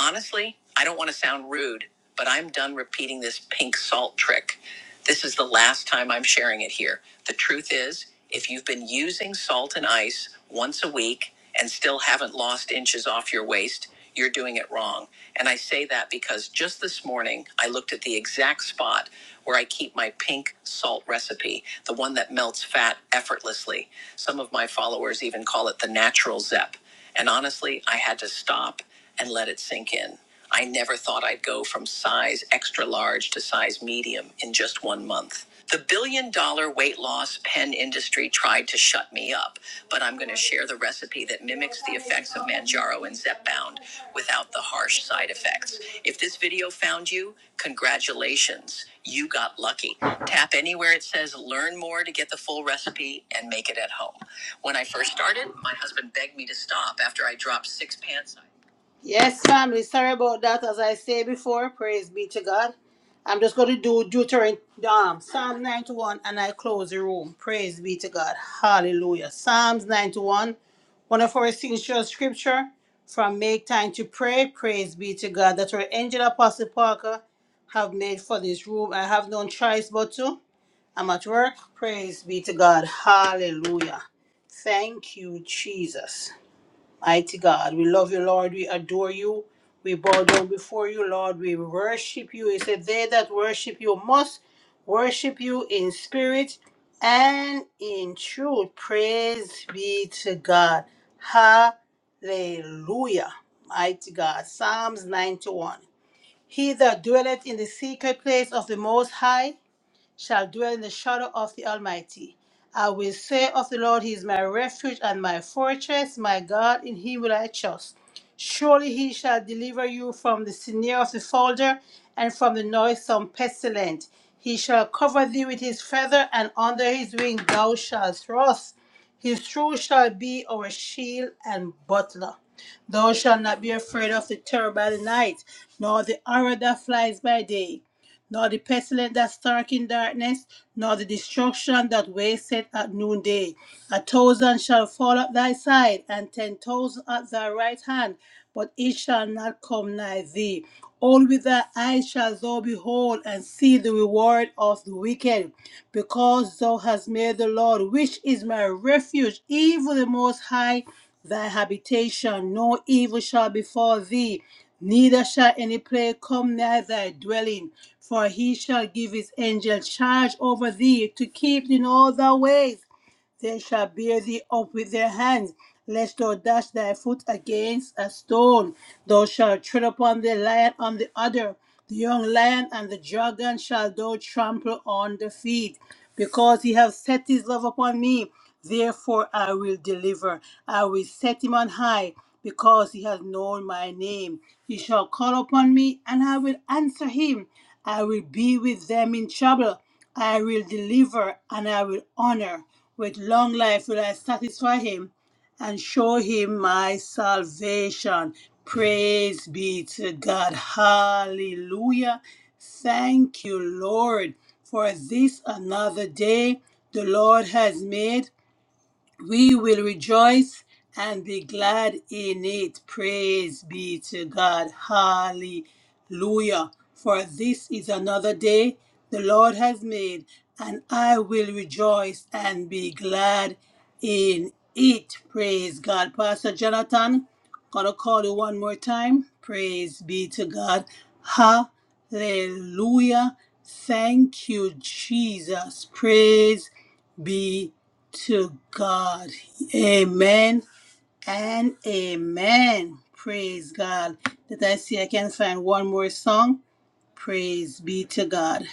Honestly, I don't want to sound rude, but I'm done repeating this pink salt trick. This is the last time I'm sharing it here. The truth is, if you've been using salt and ice once a week and still haven't lost inches off your waist, you're doing it wrong. And I say that because just this morning I looked at the exact spot where I keep my pink salt recipe, the one that melts fat effortlessly. Some of my followers even call it the natural Zep. And honestly, I had to stop and let it sink in. I never thought I'd go from size extra large to size medium in just one month. The billion dollar weight loss pen industry tried to shut me up, but I'm going to share the recipe that mimics the effects of Manjaro and Zepbound without the harsh side effects. If this video found you, congratulations. You got lucky. Tap anywhere it says learn more to get the full recipe and make it at home. When I first started, my husband begged me to stop after I dropped six pants. Yes, family. Sorry about that. As I say before, praise be to God. I'm just going to do Deuteronomy, um, Psalm 91, and I close the room. Praise be to God. Hallelujah. Psalms 91, one of our signature scripture from Make Time to Pray. Praise be to God. That our angel Apostle Parker have made for this room. I have no choice but to. I'm at work. Praise be to God. Hallelujah. Thank you, Jesus. Mighty God, we love you, Lord. We adore you. We bow down before you, Lord. We worship you. He said, They that worship you must worship you in spirit and in truth. Praise be to God. Hallelujah. Mighty God. Psalms 91. He that dwelleth in the secret place of the Most High shall dwell in the shadow of the Almighty. I will say of the Lord, He is my refuge and my fortress, my God, in Him will I trust. Surely He shall deliver you from the snare of the folder and from the noisome pestilence. He shall cover thee with His feather, and under His wing thou shalt trust. His truth shall be our shield and butler. Thou shalt not be afraid of the terror by the night, nor the arrow that flies by day nor the pestilence that stark in darkness, nor the destruction that wasteth at noonday. A thousand shall fall at thy side, and ten thousand at thy right hand, but it shall not come nigh thee. All with thy eyes shall thou behold, and see the reward of the wicked, because thou hast made the Lord, which is my refuge, even the Most High, thy habitation. No evil shall befall thee neither shall any plague come nigh thy dwelling, for he shall give his angel charge over thee to keep thee in all thy ways. They shall bear thee up with their hands, lest thou dash thy foot against a stone. Thou shalt tread upon the lion on the other, the young lion and the dragon shall thou trample on the feet. Because he hath set his love upon me, therefore I will deliver. I will set him on high, because he hath known my name. He shall call upon me, and I will answer him. I will be with them in trouble. I will deliver and I will honor. With long life will I satisfy him and show him my salvation. Praise be to God. Hallelujah. Thank you, Lord, for this another day the Lord has made. We will rejoice and be glad in it. Praise be to God. Hallelujah. For this is another day the Lord has made, and I will rejoice and be glad in it. Praise God. Pastor Jonathan, gonna call you one more time. Praise be to God. Hallelujah. Thank you, Jesus. Praise be to God. Amen and amen. Praise God. Did I see I can find one more song. Praise be to God.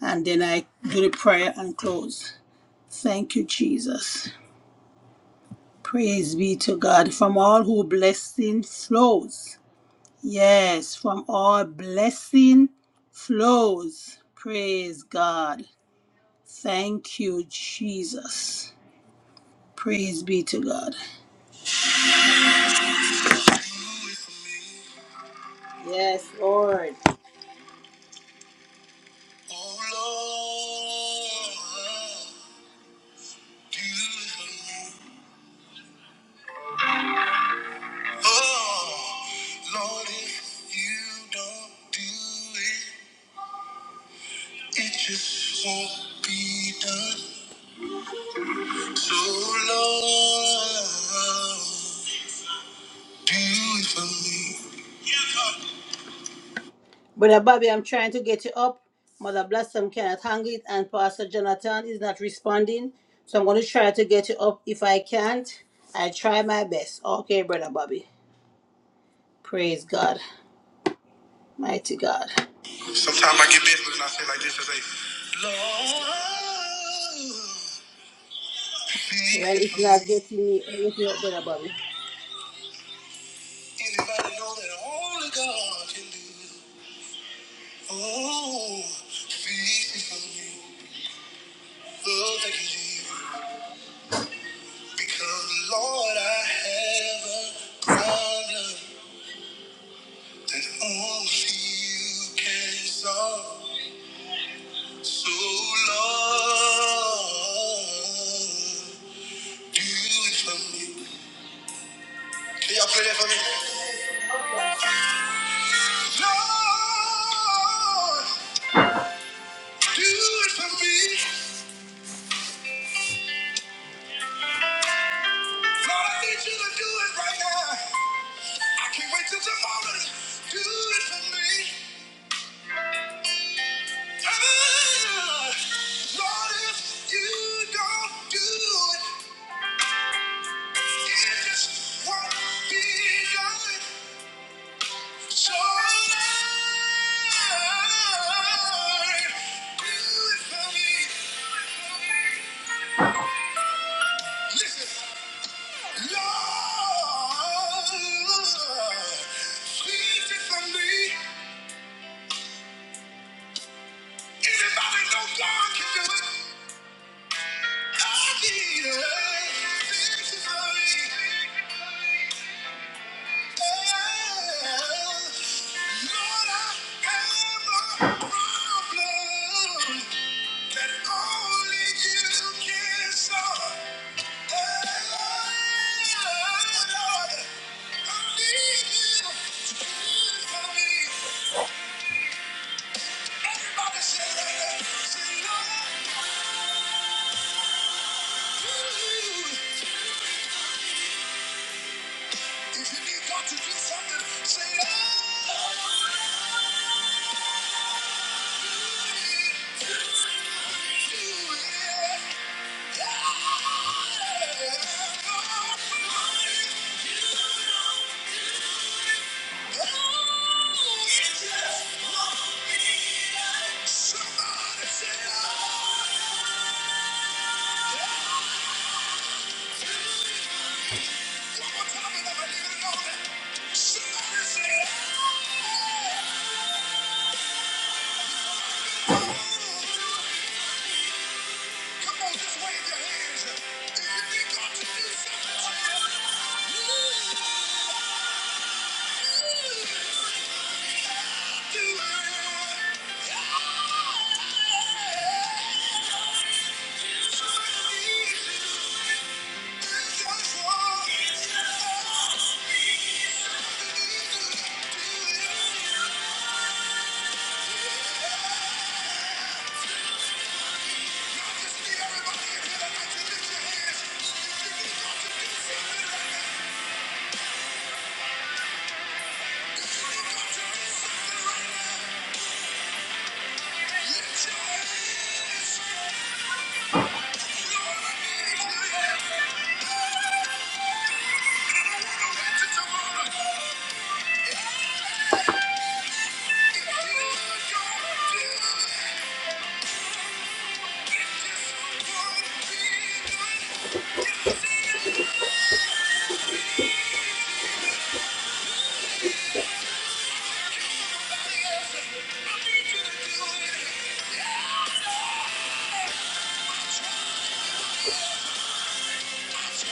And then I do the prayer and close. Thank you, Jesus. Praise be to God. From all who blessing flows. Yes, from all blessing flows. Praise God. Thank you, Jesus. Praise be to God. Yes, Lord. Oh, Lord, do you oh, Lord, if you don't do it, it just won't be done. So, Lord, do it for me. Brother Bobby, I'm trying to get you up. Mother Blossom cannot hang it, and Pastor Jonathan is not responding. So I'm going to try to get you up. If I can't, I try my best. Okay, Brother Bobby. Praise God. Mighty God. Sometimes I get business and I say like this, I say, Lord. Well, it's not getting me anything up, Brother Bobby. Anybody know that only God can do? Oh, fix it for me. Oh, thank you, Jesus. Because, Lord, I have a problem that only you can solve. So, Lord. Beautiful. Can y'all play that for me? Lord, do it for me. Lord, I need you to do it right now. I can't wait till tomorrow. Do it for me. Ah, Lord, if you don't do it, it just won't be done. So Lord, do it for me. Listen, Lord, please for me. Anybody know God can do it? I need it. Fix it for me. If you need God to do something, say, oh. Thank you. Yeah! do it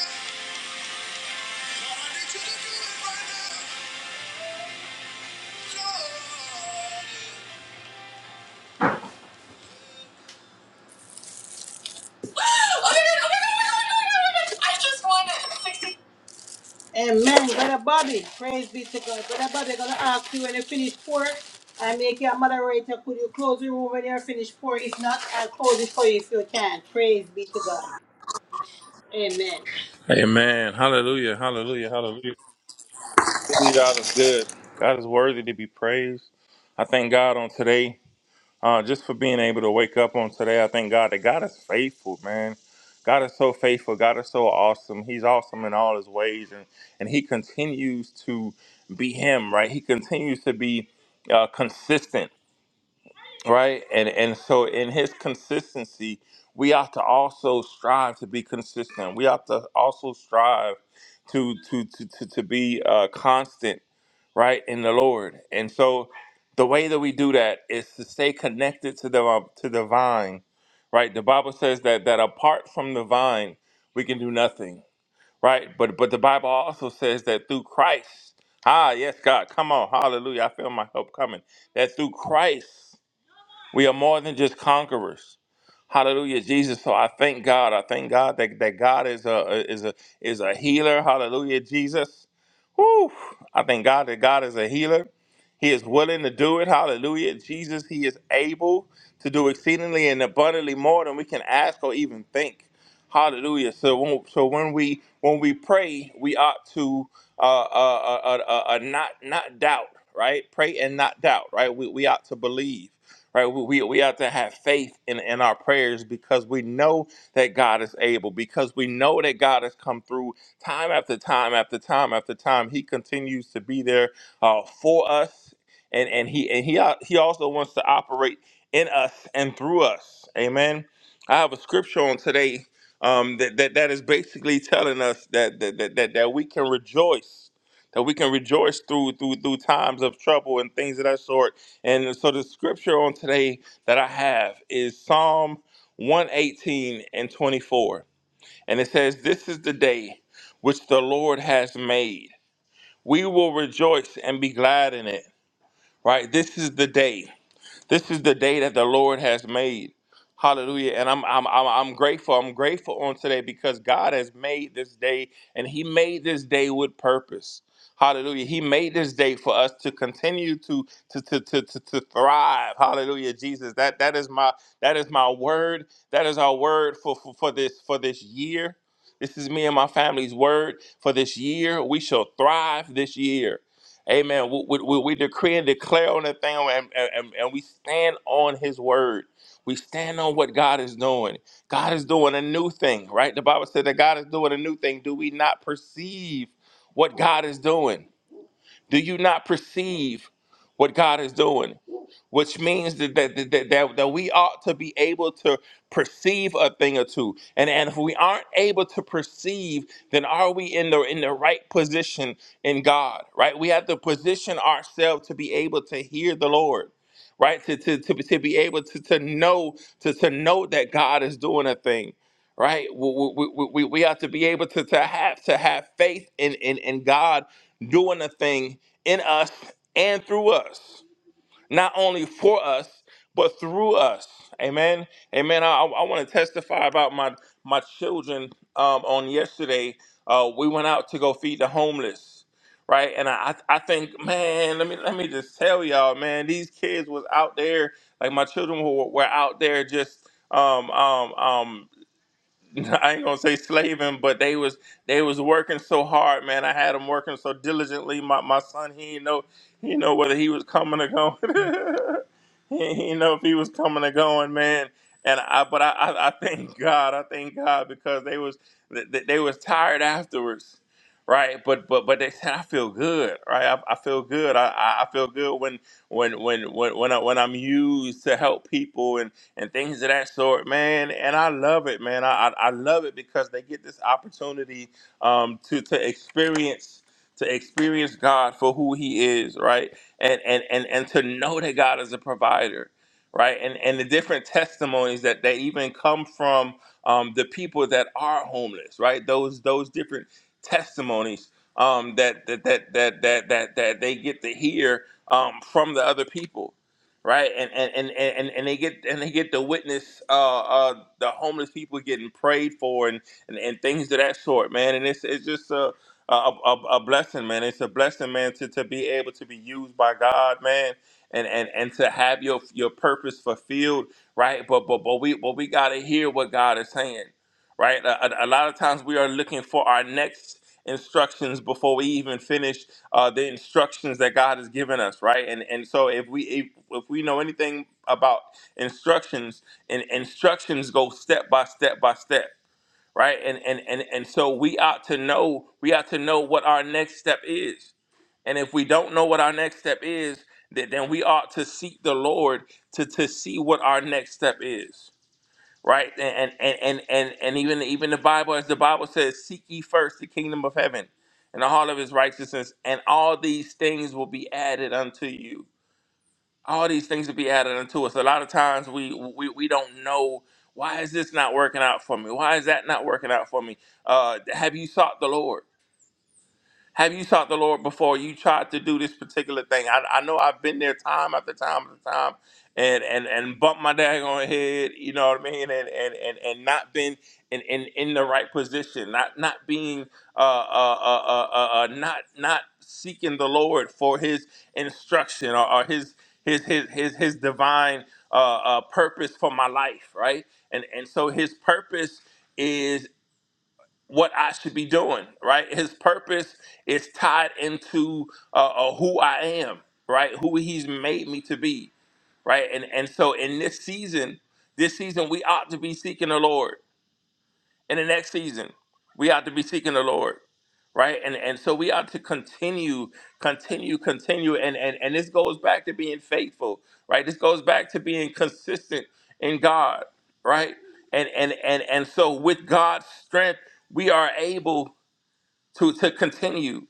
Yeah. Amen. Brother Bobby, praise be to God. Brother Bobby, I'm going to ask you when you finish pour. I make you a moderator. Could you close the room when you're finished pour? If not, I'll close it for you if you can. Praise be to God. Amen. Amen. Hallelujah. Hallelujah. Hallelujah. Truly, God is good. God is worthy to be praised. I thank God on today, uh, just for being able to wake up on today. I thank God that God is faithful, man. God is so faithful. God is so awesome. He's awesome in all his ways, and and He continues to be Him, right? He continues to be uh, consistent right and and so in his consistency we ought to also strive to be consistent we ought to also strive to to to to, to be uh constant right in the lord and so the way that we do that is to stay connected to the um, to the vine right the bible says that that apart from the vine we can do nothing right but but the bible also says that through christ ah yes god come on hallelujah i feel my help coming that through christ we are more than just conquerors. Hallelujah, Jesus. So I thank God. I thank God that, that God is a is a is a healer. Hallelujah, Jesus. Whew. I thank God that God is a healer. He is willing to do it. Hallelujah. Jesus, He is able to do exceedingly and abundantly more than we can ask or even think. Hallelujah. So when, so when we when we pray, we ought to uh, uh, uh, uh, uh, uh, not not doubt, right? Pray and not doubt, right? We, we ought to believe, right? We, we, we ought to have faith in, in our prayers because we know that God is able, because we know that God has come through time after time after time after time. He continues to be there uh, for us and and he and he uh, he also wants to operate in us and through us amen i have a scripture on today um that that, that is basically telling us that that, that that that we can rejoice that we can rejoice through through through times of trouble and things of that sort and so the scripture on today that i have is psalm 118 and 24 and it says this is the day which the lord has made we will rejoice and be glad in it right? This is the day. This is the day that the Lord has made. Hallelujah. And I'm I'm I'm, I'm grateful. I'm grateful on today because God has made this day and he made this day with purpose. Hallelujah. He made this day for us to continue to to to to, to, to thrive. Hallelujah, Jesus. That that is my that is my word. That is our word for, for, for this for this year. This is me and my family's word for this year. We shall thrive this year. Amen. We, we, we we decree and declare on that thing, and, and, and and we stand on His word. We stand on what God is doing. God is doing a new thing, right? The Bible said that God is doing a new thing. Do we not perceive what God is doing? Do you not perceive what God is doing? Which means that that, that, that, that that we ought to be able to perceive a thing or two. And, and if we aren't able to perceive, then are we in the in the right position in God? Right? We have to position ourselves to be able to hear the Lord. Right? To, to, to, be- to be able to, to know to, to know that God is doing a thing right? We, we, we, we we have to be able to, to have to have faith in, in, in God doing a thing in us and through us, not only for us but through us. Amen. Amen. I, I want to testify about my my children. Um, on yesterday, uh, we went out to go feed the homeless, right? And I I I think, man, let me let me just tell y'all, man, these kids was out there. Like my children were, were out there just um um um [LAUGHS] I ain't gonna say slaving, but they was they was working so hard, man. I had them working so diligently. My my son, he didn't know he didn't know whether he was coming or going. [LAUGHS] he he didn't know if he was coming or going, man. And I, but I, I, I thank God, I thank God because they was they, they was tired afterwards, right? But but but they said I feel good, right? I, I feel good. I, I I feel good when when when when when, I, when I'm used to help people and and things of that sort, man. And I love it, man. I I, I love it because they get this opportunity um, to to experience to experience God for who He is, right? And and and and to know that God is a provider, right? And and the different testimonies that they even come from um, the people that are homeless, right? Those those different testimonies um, that, that that that that that that they get to hear um, from the other people right? And and and and, and they get and they get to witness uh, uh, the homeless people getting prayed for and, and and things of that sort, man. And it's it's just a a, a, a blessing, man. It's a blessing, man, to, to be able to be used by God, man. And, and, and to have your your purpose fulfilled, right? But but but we but we gotta hear what God is saying right? A, a- lot of times we are looking for our next instructions before we even finish uh, the instructions that God has given us, right? And and so if we if, if we know anything about instructions, and instructions go step by step by step, right? And and and and so we ought to know we ought to know what our next step is. And if we don't know what our next step is, then then we ought to seek the Lord to to see what our next step is right? And and and and and even even the Bible, as the Bible says, seek ye first the kingdom of heaven and the heart of His righteousness, and all these things will be added unto you. All these things will be added unto us. A lot of times we we we don't know why is this not working out for me? Why is that not working out for me? Uh, have you sought the Lord? Have you sought the Lord before you tried to do this particular thing? I, I know I've been there time after time after time and and and bumped my daggone head, you know what I mean, and and and, and not been in, in in the right position, not not being uh uh uh uh, uh uh, not not seeking the Lord for his instruction or, or his his his his his divine uh, uh purpose for my life, right? And and so his purpose what I should be doing, right? His purpose is tied into uh, uh, who I am, right? Who he's made me to be, right? And and so in this season, this season we ought to be seeking the Lord. In the next season, we ought to be seeking the Lord, right? And and so we ought to continue, continue, continue, and and and this goes back to being faithful, right? This goes back to being consistent in God, right? And and and and so with God's strength, we are able to to continue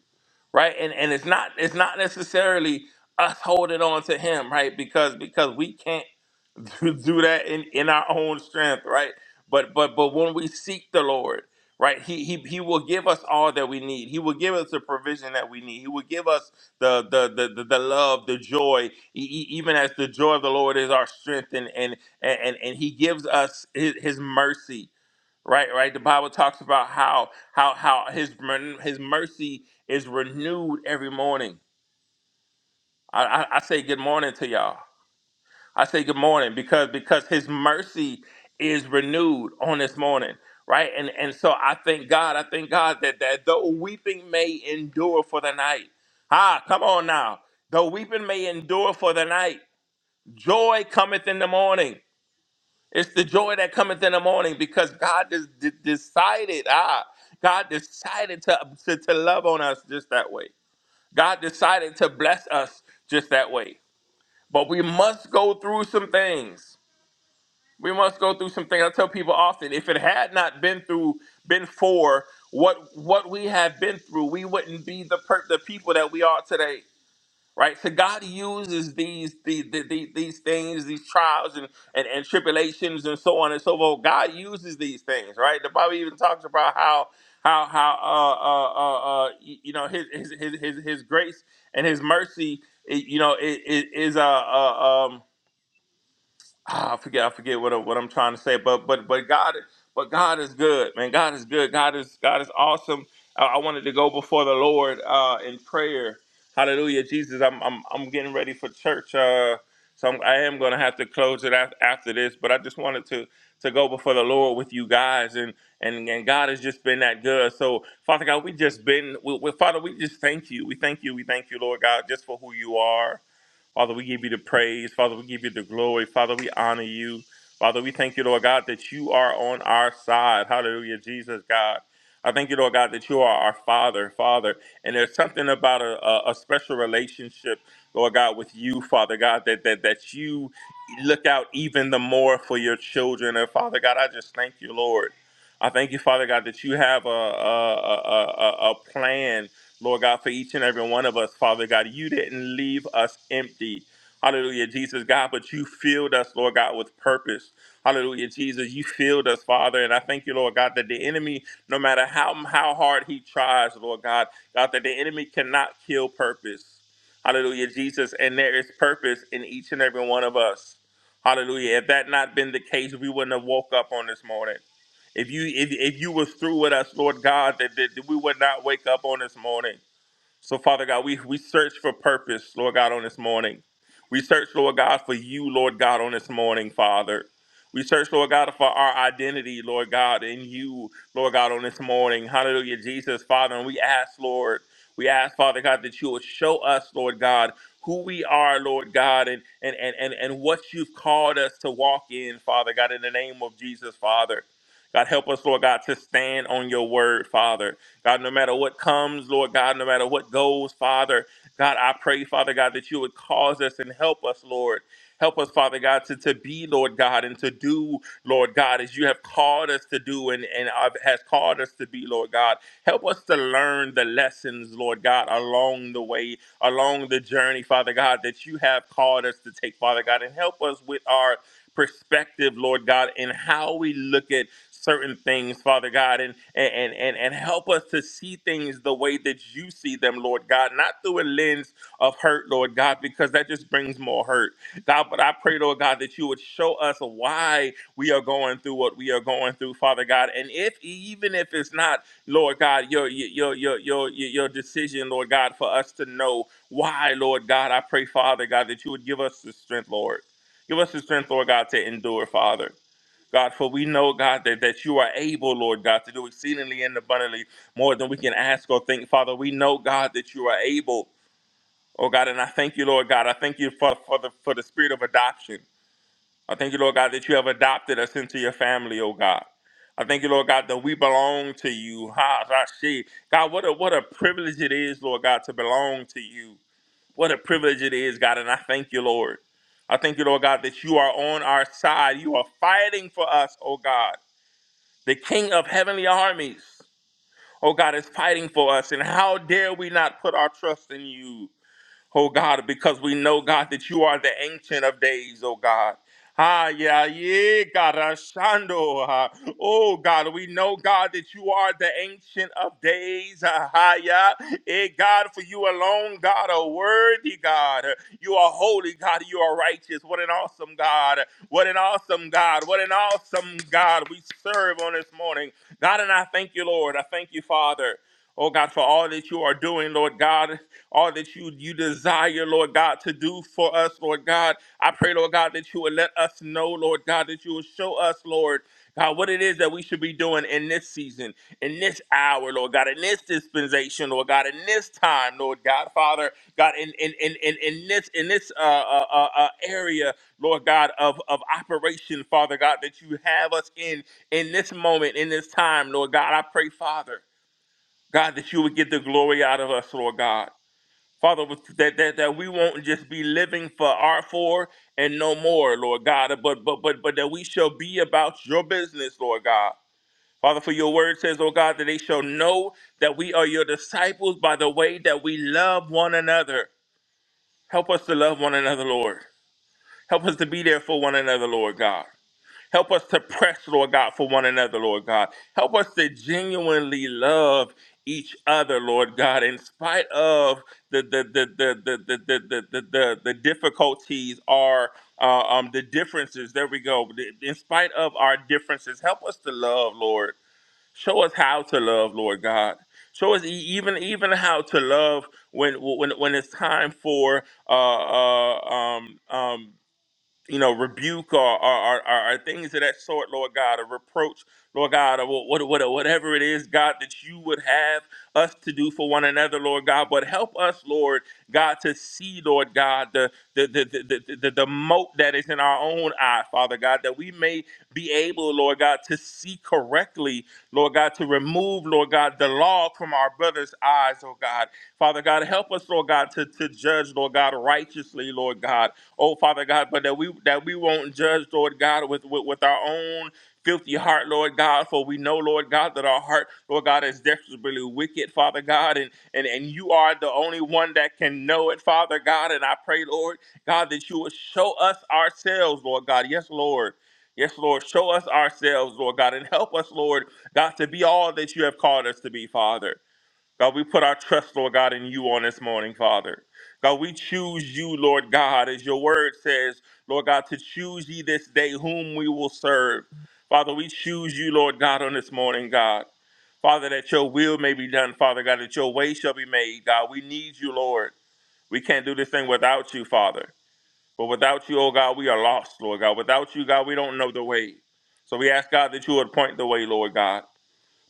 right and and it's not it's not necessarily us holding on to him right because because we can't [LAUGHS] do, do that in in our own strength right but but but when we seek the lord right he, he he will give us all that we need he will give us the provision that we need he will give us the the the, the, the love the joy E- e- even as the joy of the lord is our strength and and and and and he gives us his, his mercy right right the bible talks about how how how his mer- his mercy is renewed every morning I, I i say good morning to y'all i say good morning because because his mercy is renewed on this morning right and and so i thank god i thank god that that though weeping may endure for the night ah come on now though weeping may endure for the night joy cometh in the morning It's the joy that cometh in the morning because God des- de- decided, ah, God decided to, to, to love on us just that way. God decided to bless us just that way. But we must go through some things. We must go through some things. I tell people often, if it had not been through, been for what what we have been through, we wouldn't be the per- the people that we are today right? So God uses these these these, these things, these trials and, and and tribulations and so on and so forth. God uses these things, right? The Bible even talks about how how how uh uh uh, uh y- you know his his his his, his grace and his mercy, i- you know, i- i- is uh, uh um. Ah, I forget I forget what I- what I'm trying to say, but but but God but God is good, man. God is good. God is God is awesome. I, I wanted to go before the Lord uh, in prayer. Hallelujah, Jesus. I'm I'm I'm getting ready for church. Uh, so I'm, I am going to have to close it af- after this, but I just wanted to to go before the Lord with you guys, and and and God has just been that good. So Father God, we just been, we, we, Father, we just thank you. We thank you. We thank you, Lord God, just for who you are. Father, we give you the praise. Father, we give you the glory. Father, we honor you. Father, we thank you, Lord God, that you are on our side. Hallelujah, Jesus, God. I thank you, Lord God, that you are our Father, Father. And there's something about a, a, a special relationship, Lord God, with you, Father God, that, that that you look out even the more for your children. And Father God, I just thank you, Lord. I thank you, Father God, that you have a, a, a, a, a plan Lord God, for each and every one of us, Father God. You didn't leave us empty. Hallelujah, Jesus, God, but you filled us, Lord God, with purpose. Hallelujah, Jesus, you filled us, Father, and I thank you, Lord God, that the enemy, no matter how how hard he tries, Lord God, God, that the enemy cannot kill purpose. Hallelujah, Jesus, and there is purpose in each and every one of us. Hallelujah. If that not been the case, we wouldn't have woke up on this morning. If you if, if you was through with us, Lord God, that, that we would not wake up on this morning. So, Father God, we, we search for purpose, Lord God, on this morning. We search, Lord God, for you, Lord God, on this morning, Father. We search, Lord God, for our identity, Lord God, in you, Lord God, on this morning. Hallelujah, Jesus, Father. And we ask, Lord, we ask, Father God, that you would show us, Lord God, who we are, Lord God, and, and, and, and, and what you've called us to walk in, Father God, in the name of Jesus, Father. God, help us, Lord God, to stand on your word, Father. God, no matter what comes, Lord God, no matter what goes, Father, God, I pray, Father God, that you would cause us and help us, Lord. Help us, Father God, to, to be, Lord God, and to do, Lord God, as you have called us to do and, and uh, has called us to be, Lord God. Help us to learn the lessons, Lord God, along the way, along the journey, Father God, that you have called us to take, Father God, and help us with our perspective, Lord God, and how we look at certain things, Father God, and and and and help us to see things the way that you see them, Lord God, not through a lens of hurt, Lord God, because that just brings more hurt. God, but I pray, Lord God, that you would show us why we are going through what we are going through, Father God. And if even if it's not, Lord God, your your your your your your decision, Lord God, for us to know why, Lord God, I pray, Father God, that you would give us the strength, Lord. Give us the strength, Lord God, to endure, Father. God, for we know, God, that, that you are able, Lord God, to do exceedingly and abundantly more than we can ask or think. Father, we know, God, that you are able. Oh God, and I thank you, Lord God. I thank you for, for the for the spirit of adoption. I thank you, Lord God, that you have adopted us into your family, oh God. I thank you, Lord God, that we belong to you. Ha, Rashi. God, what a what a privilege it is, Lord God, to belong to you. What a privilege it is, God, and I thank you, Lord. I thank you, Lord God, that you are on our side. You are fighting for us, oh God. The King of heavenly armies, oh God, is fighting for us. And how dare we not put our trust in you? oh God, because we know, God, that you are the ancient of days, oh God. Ah, yeah, yeah, God, Ashando. ah. Oh, God, we know, God, that you are the ancient of days. Ah, ah, yeah. Eh, God, for you alone, God, are worthy, God. You are holy, God. You are righteous. What an awesome God. What an awesome God. What an awesome God we serve on this morning. God, and I thank you, Lord. I thank you, Father. Oh, God, for all that you are doing, Lord God all that you you desire, Lord God, to do for us, Lord God. I pray, Lord God, that you would let us know, Lord God, that you will show us, Lord God, what it is that we should be doing in this season, in this hour, Lord God, in this dispensation, Lord God, in this time, Lord God, Father, God, in in in in, in this in this uh, uh, uh, uh, area, Lord God, of of operation, Father God, that you have us in in this moment, in this time, Lord God. I pray, Father, God, that you would get the glory out of us, Lord God. Father, that, that that we won't just be living for our for and no more, Lord God, but but but but that we shall be about your business, Lord God. Father, for your word says, oh God, that they shall know that we are your disciples by the way that we love one another. Help us to love one another, Lord. Help us to be there for one another, Lord God. Help us to [LAUGHS] press, Lord God, for one another, Lord God. Help us to genuinely love each other, Lord God, in spite of the the the the the the the the, the, the, difficulties are uh, um the differences. There we go. In spite of our differences, help us to love, Lord. Show us how to love, Lord God. Show us e- even even how to love when when when it's time for uh, uh um um you know, rebuke or, or, or, or things of that sort, Lord God, or reproach, Lord God, or what, what, whatever it is, God, that you would have us to do for one another, Lord God. But help us, Lord God, to see, Lord God, the, the, the, the, the, the, the mote that is in our own eye, Father God, that we may be able, Lord God, to see correctly, Lord God, to remove, Lord God, the log from our brother's eyes, oh God. Father God, help us, Lord God, to, to judge, Lord God, righteously, Lord God oh Father God, but that we that we won't judge, Lord God, with with, with our own filthy heart, Lord God, for we know, Lord God, that our heart, Lord God, is desperately wicked, Father God, and and, and you are the only one that can know it, Father God. And I pray, Lord God, that you will show us ourselves, Lord God. Yes, Lord. Yes, Lord, show us ourselves, Lord God, and help us, Lord God, to be all that you have called us to be, Father. God, we put our trust, Lord God, in you on this morning, Father. God, we choose you, Lord God, as your word says, Lord God, to choose ye this day whom we will serve. Father, we choose you, Lord God, on this morning, God. Father, that your will may be done, Father God, that your way shall be made, God. We need you, Lord. We can't do this thing without you, Father. But without you, oh God, we are lost, Lord God. Without you, God, we don't know the way. So we ask, God, that you would point the way, Lord God.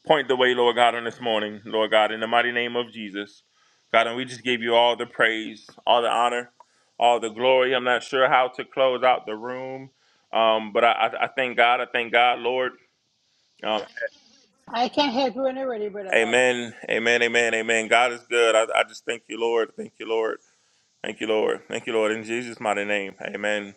Point the way, Lord God, on this morning, Lord God, in the mighty name of Jesus. God, and we just give you all the praise, all the honor, all the glory. I'm not sure how to close out the room, um, but I, I, I thank God. I thank God, Lord. Um, I can help you when you're ready, Brother Bobby. amen, amen, amen, amen. God is good. I, I just thank you, Lord. Thank you, Lord. Thank you, Lord. Thank you, Lord. In Jesus' mighty name, amen.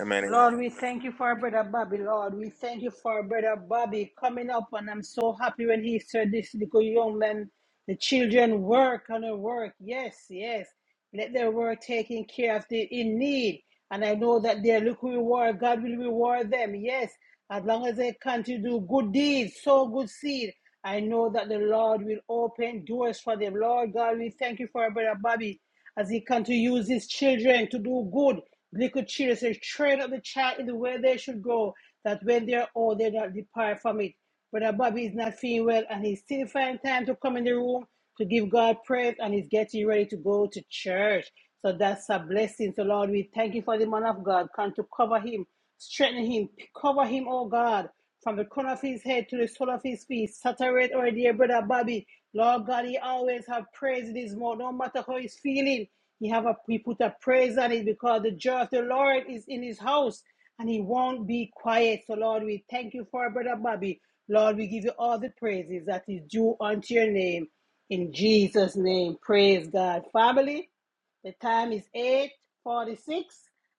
Amen. Amen. Lord, we thank you for Brother Bobby. Lord, we thank you for Brother Bobby coming up. And I'm so happy when he said this little young man, the children work and they work. Yes, yes. Let their work taking care of the in need. And I know that their little reward, God will reward them. Yes, as long as they continue to do good deeds, sow good seed. I know that the Lord will open doors for them. Lord God, we thank you for Brother Bobby as he continues to use his children to do good. Little children says, train up the child in the way they should go, that when they are old, they do not depart from it. Brother Bobby is not feeling well, and he's still finding time to come in the room to give God praise, and he's getting ready to go to church. So that's a blessing. So, Lord, we thank you for the man of God. Come to cover him Strengthen him. Cover him, oh God, from the corner of his head to the sole of his feet. Saturate our dear brother Bobby. Lord God, he always have praise in his mouth. No matter how he's feeling, he have a he put a praise on it because the joy of the Lord is in his house and he won't be quiet. So Lord, we thank you for our brother Bobby. Lord, we give you all the praises that is due unto your name. In Jesus' name, praise God. Family. The time is 8.46.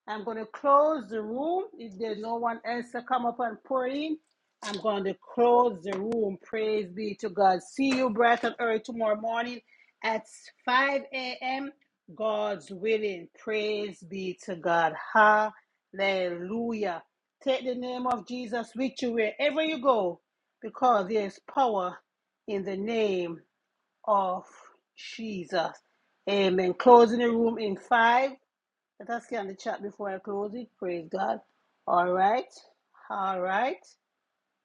I'm going to close the room. If there's no one else to come up and pour in, I'm going to close the room. Praise be to God. See you bright and early tomorrow morning at 5 a.m. God's willing. Praise be to God. Hallelujah. Take the name of Jesus with you wherever you go because there is power in the name of Jesus. Amen. Closing the room in five. Let us scan the chat before I close it. Praise God. All right. All right.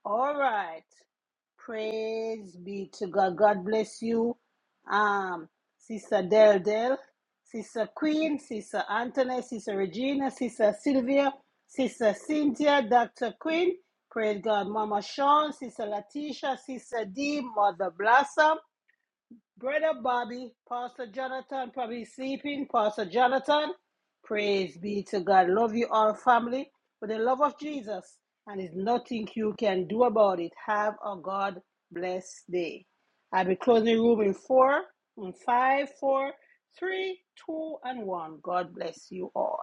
All right. Praise be to God. God bless you. Um, Sister Del Del, Sister Queen, Sister Anthony, Sister Regina, Sister Sylvia, Sister Cynthia, Dr. Queen. Praise God. Mama Sean, Sister Latisha, Sister D, Mother Blossom. Brother Bobby, Pastor Jonathan probably sleeping. Pastor Jonathan, praise be to God. Love you all, family, with the love of Jesus. And there's nothing you can do about it. Have a God bless day. I'll be closing the room in four, in five, four, three, two, and one. God bless you all.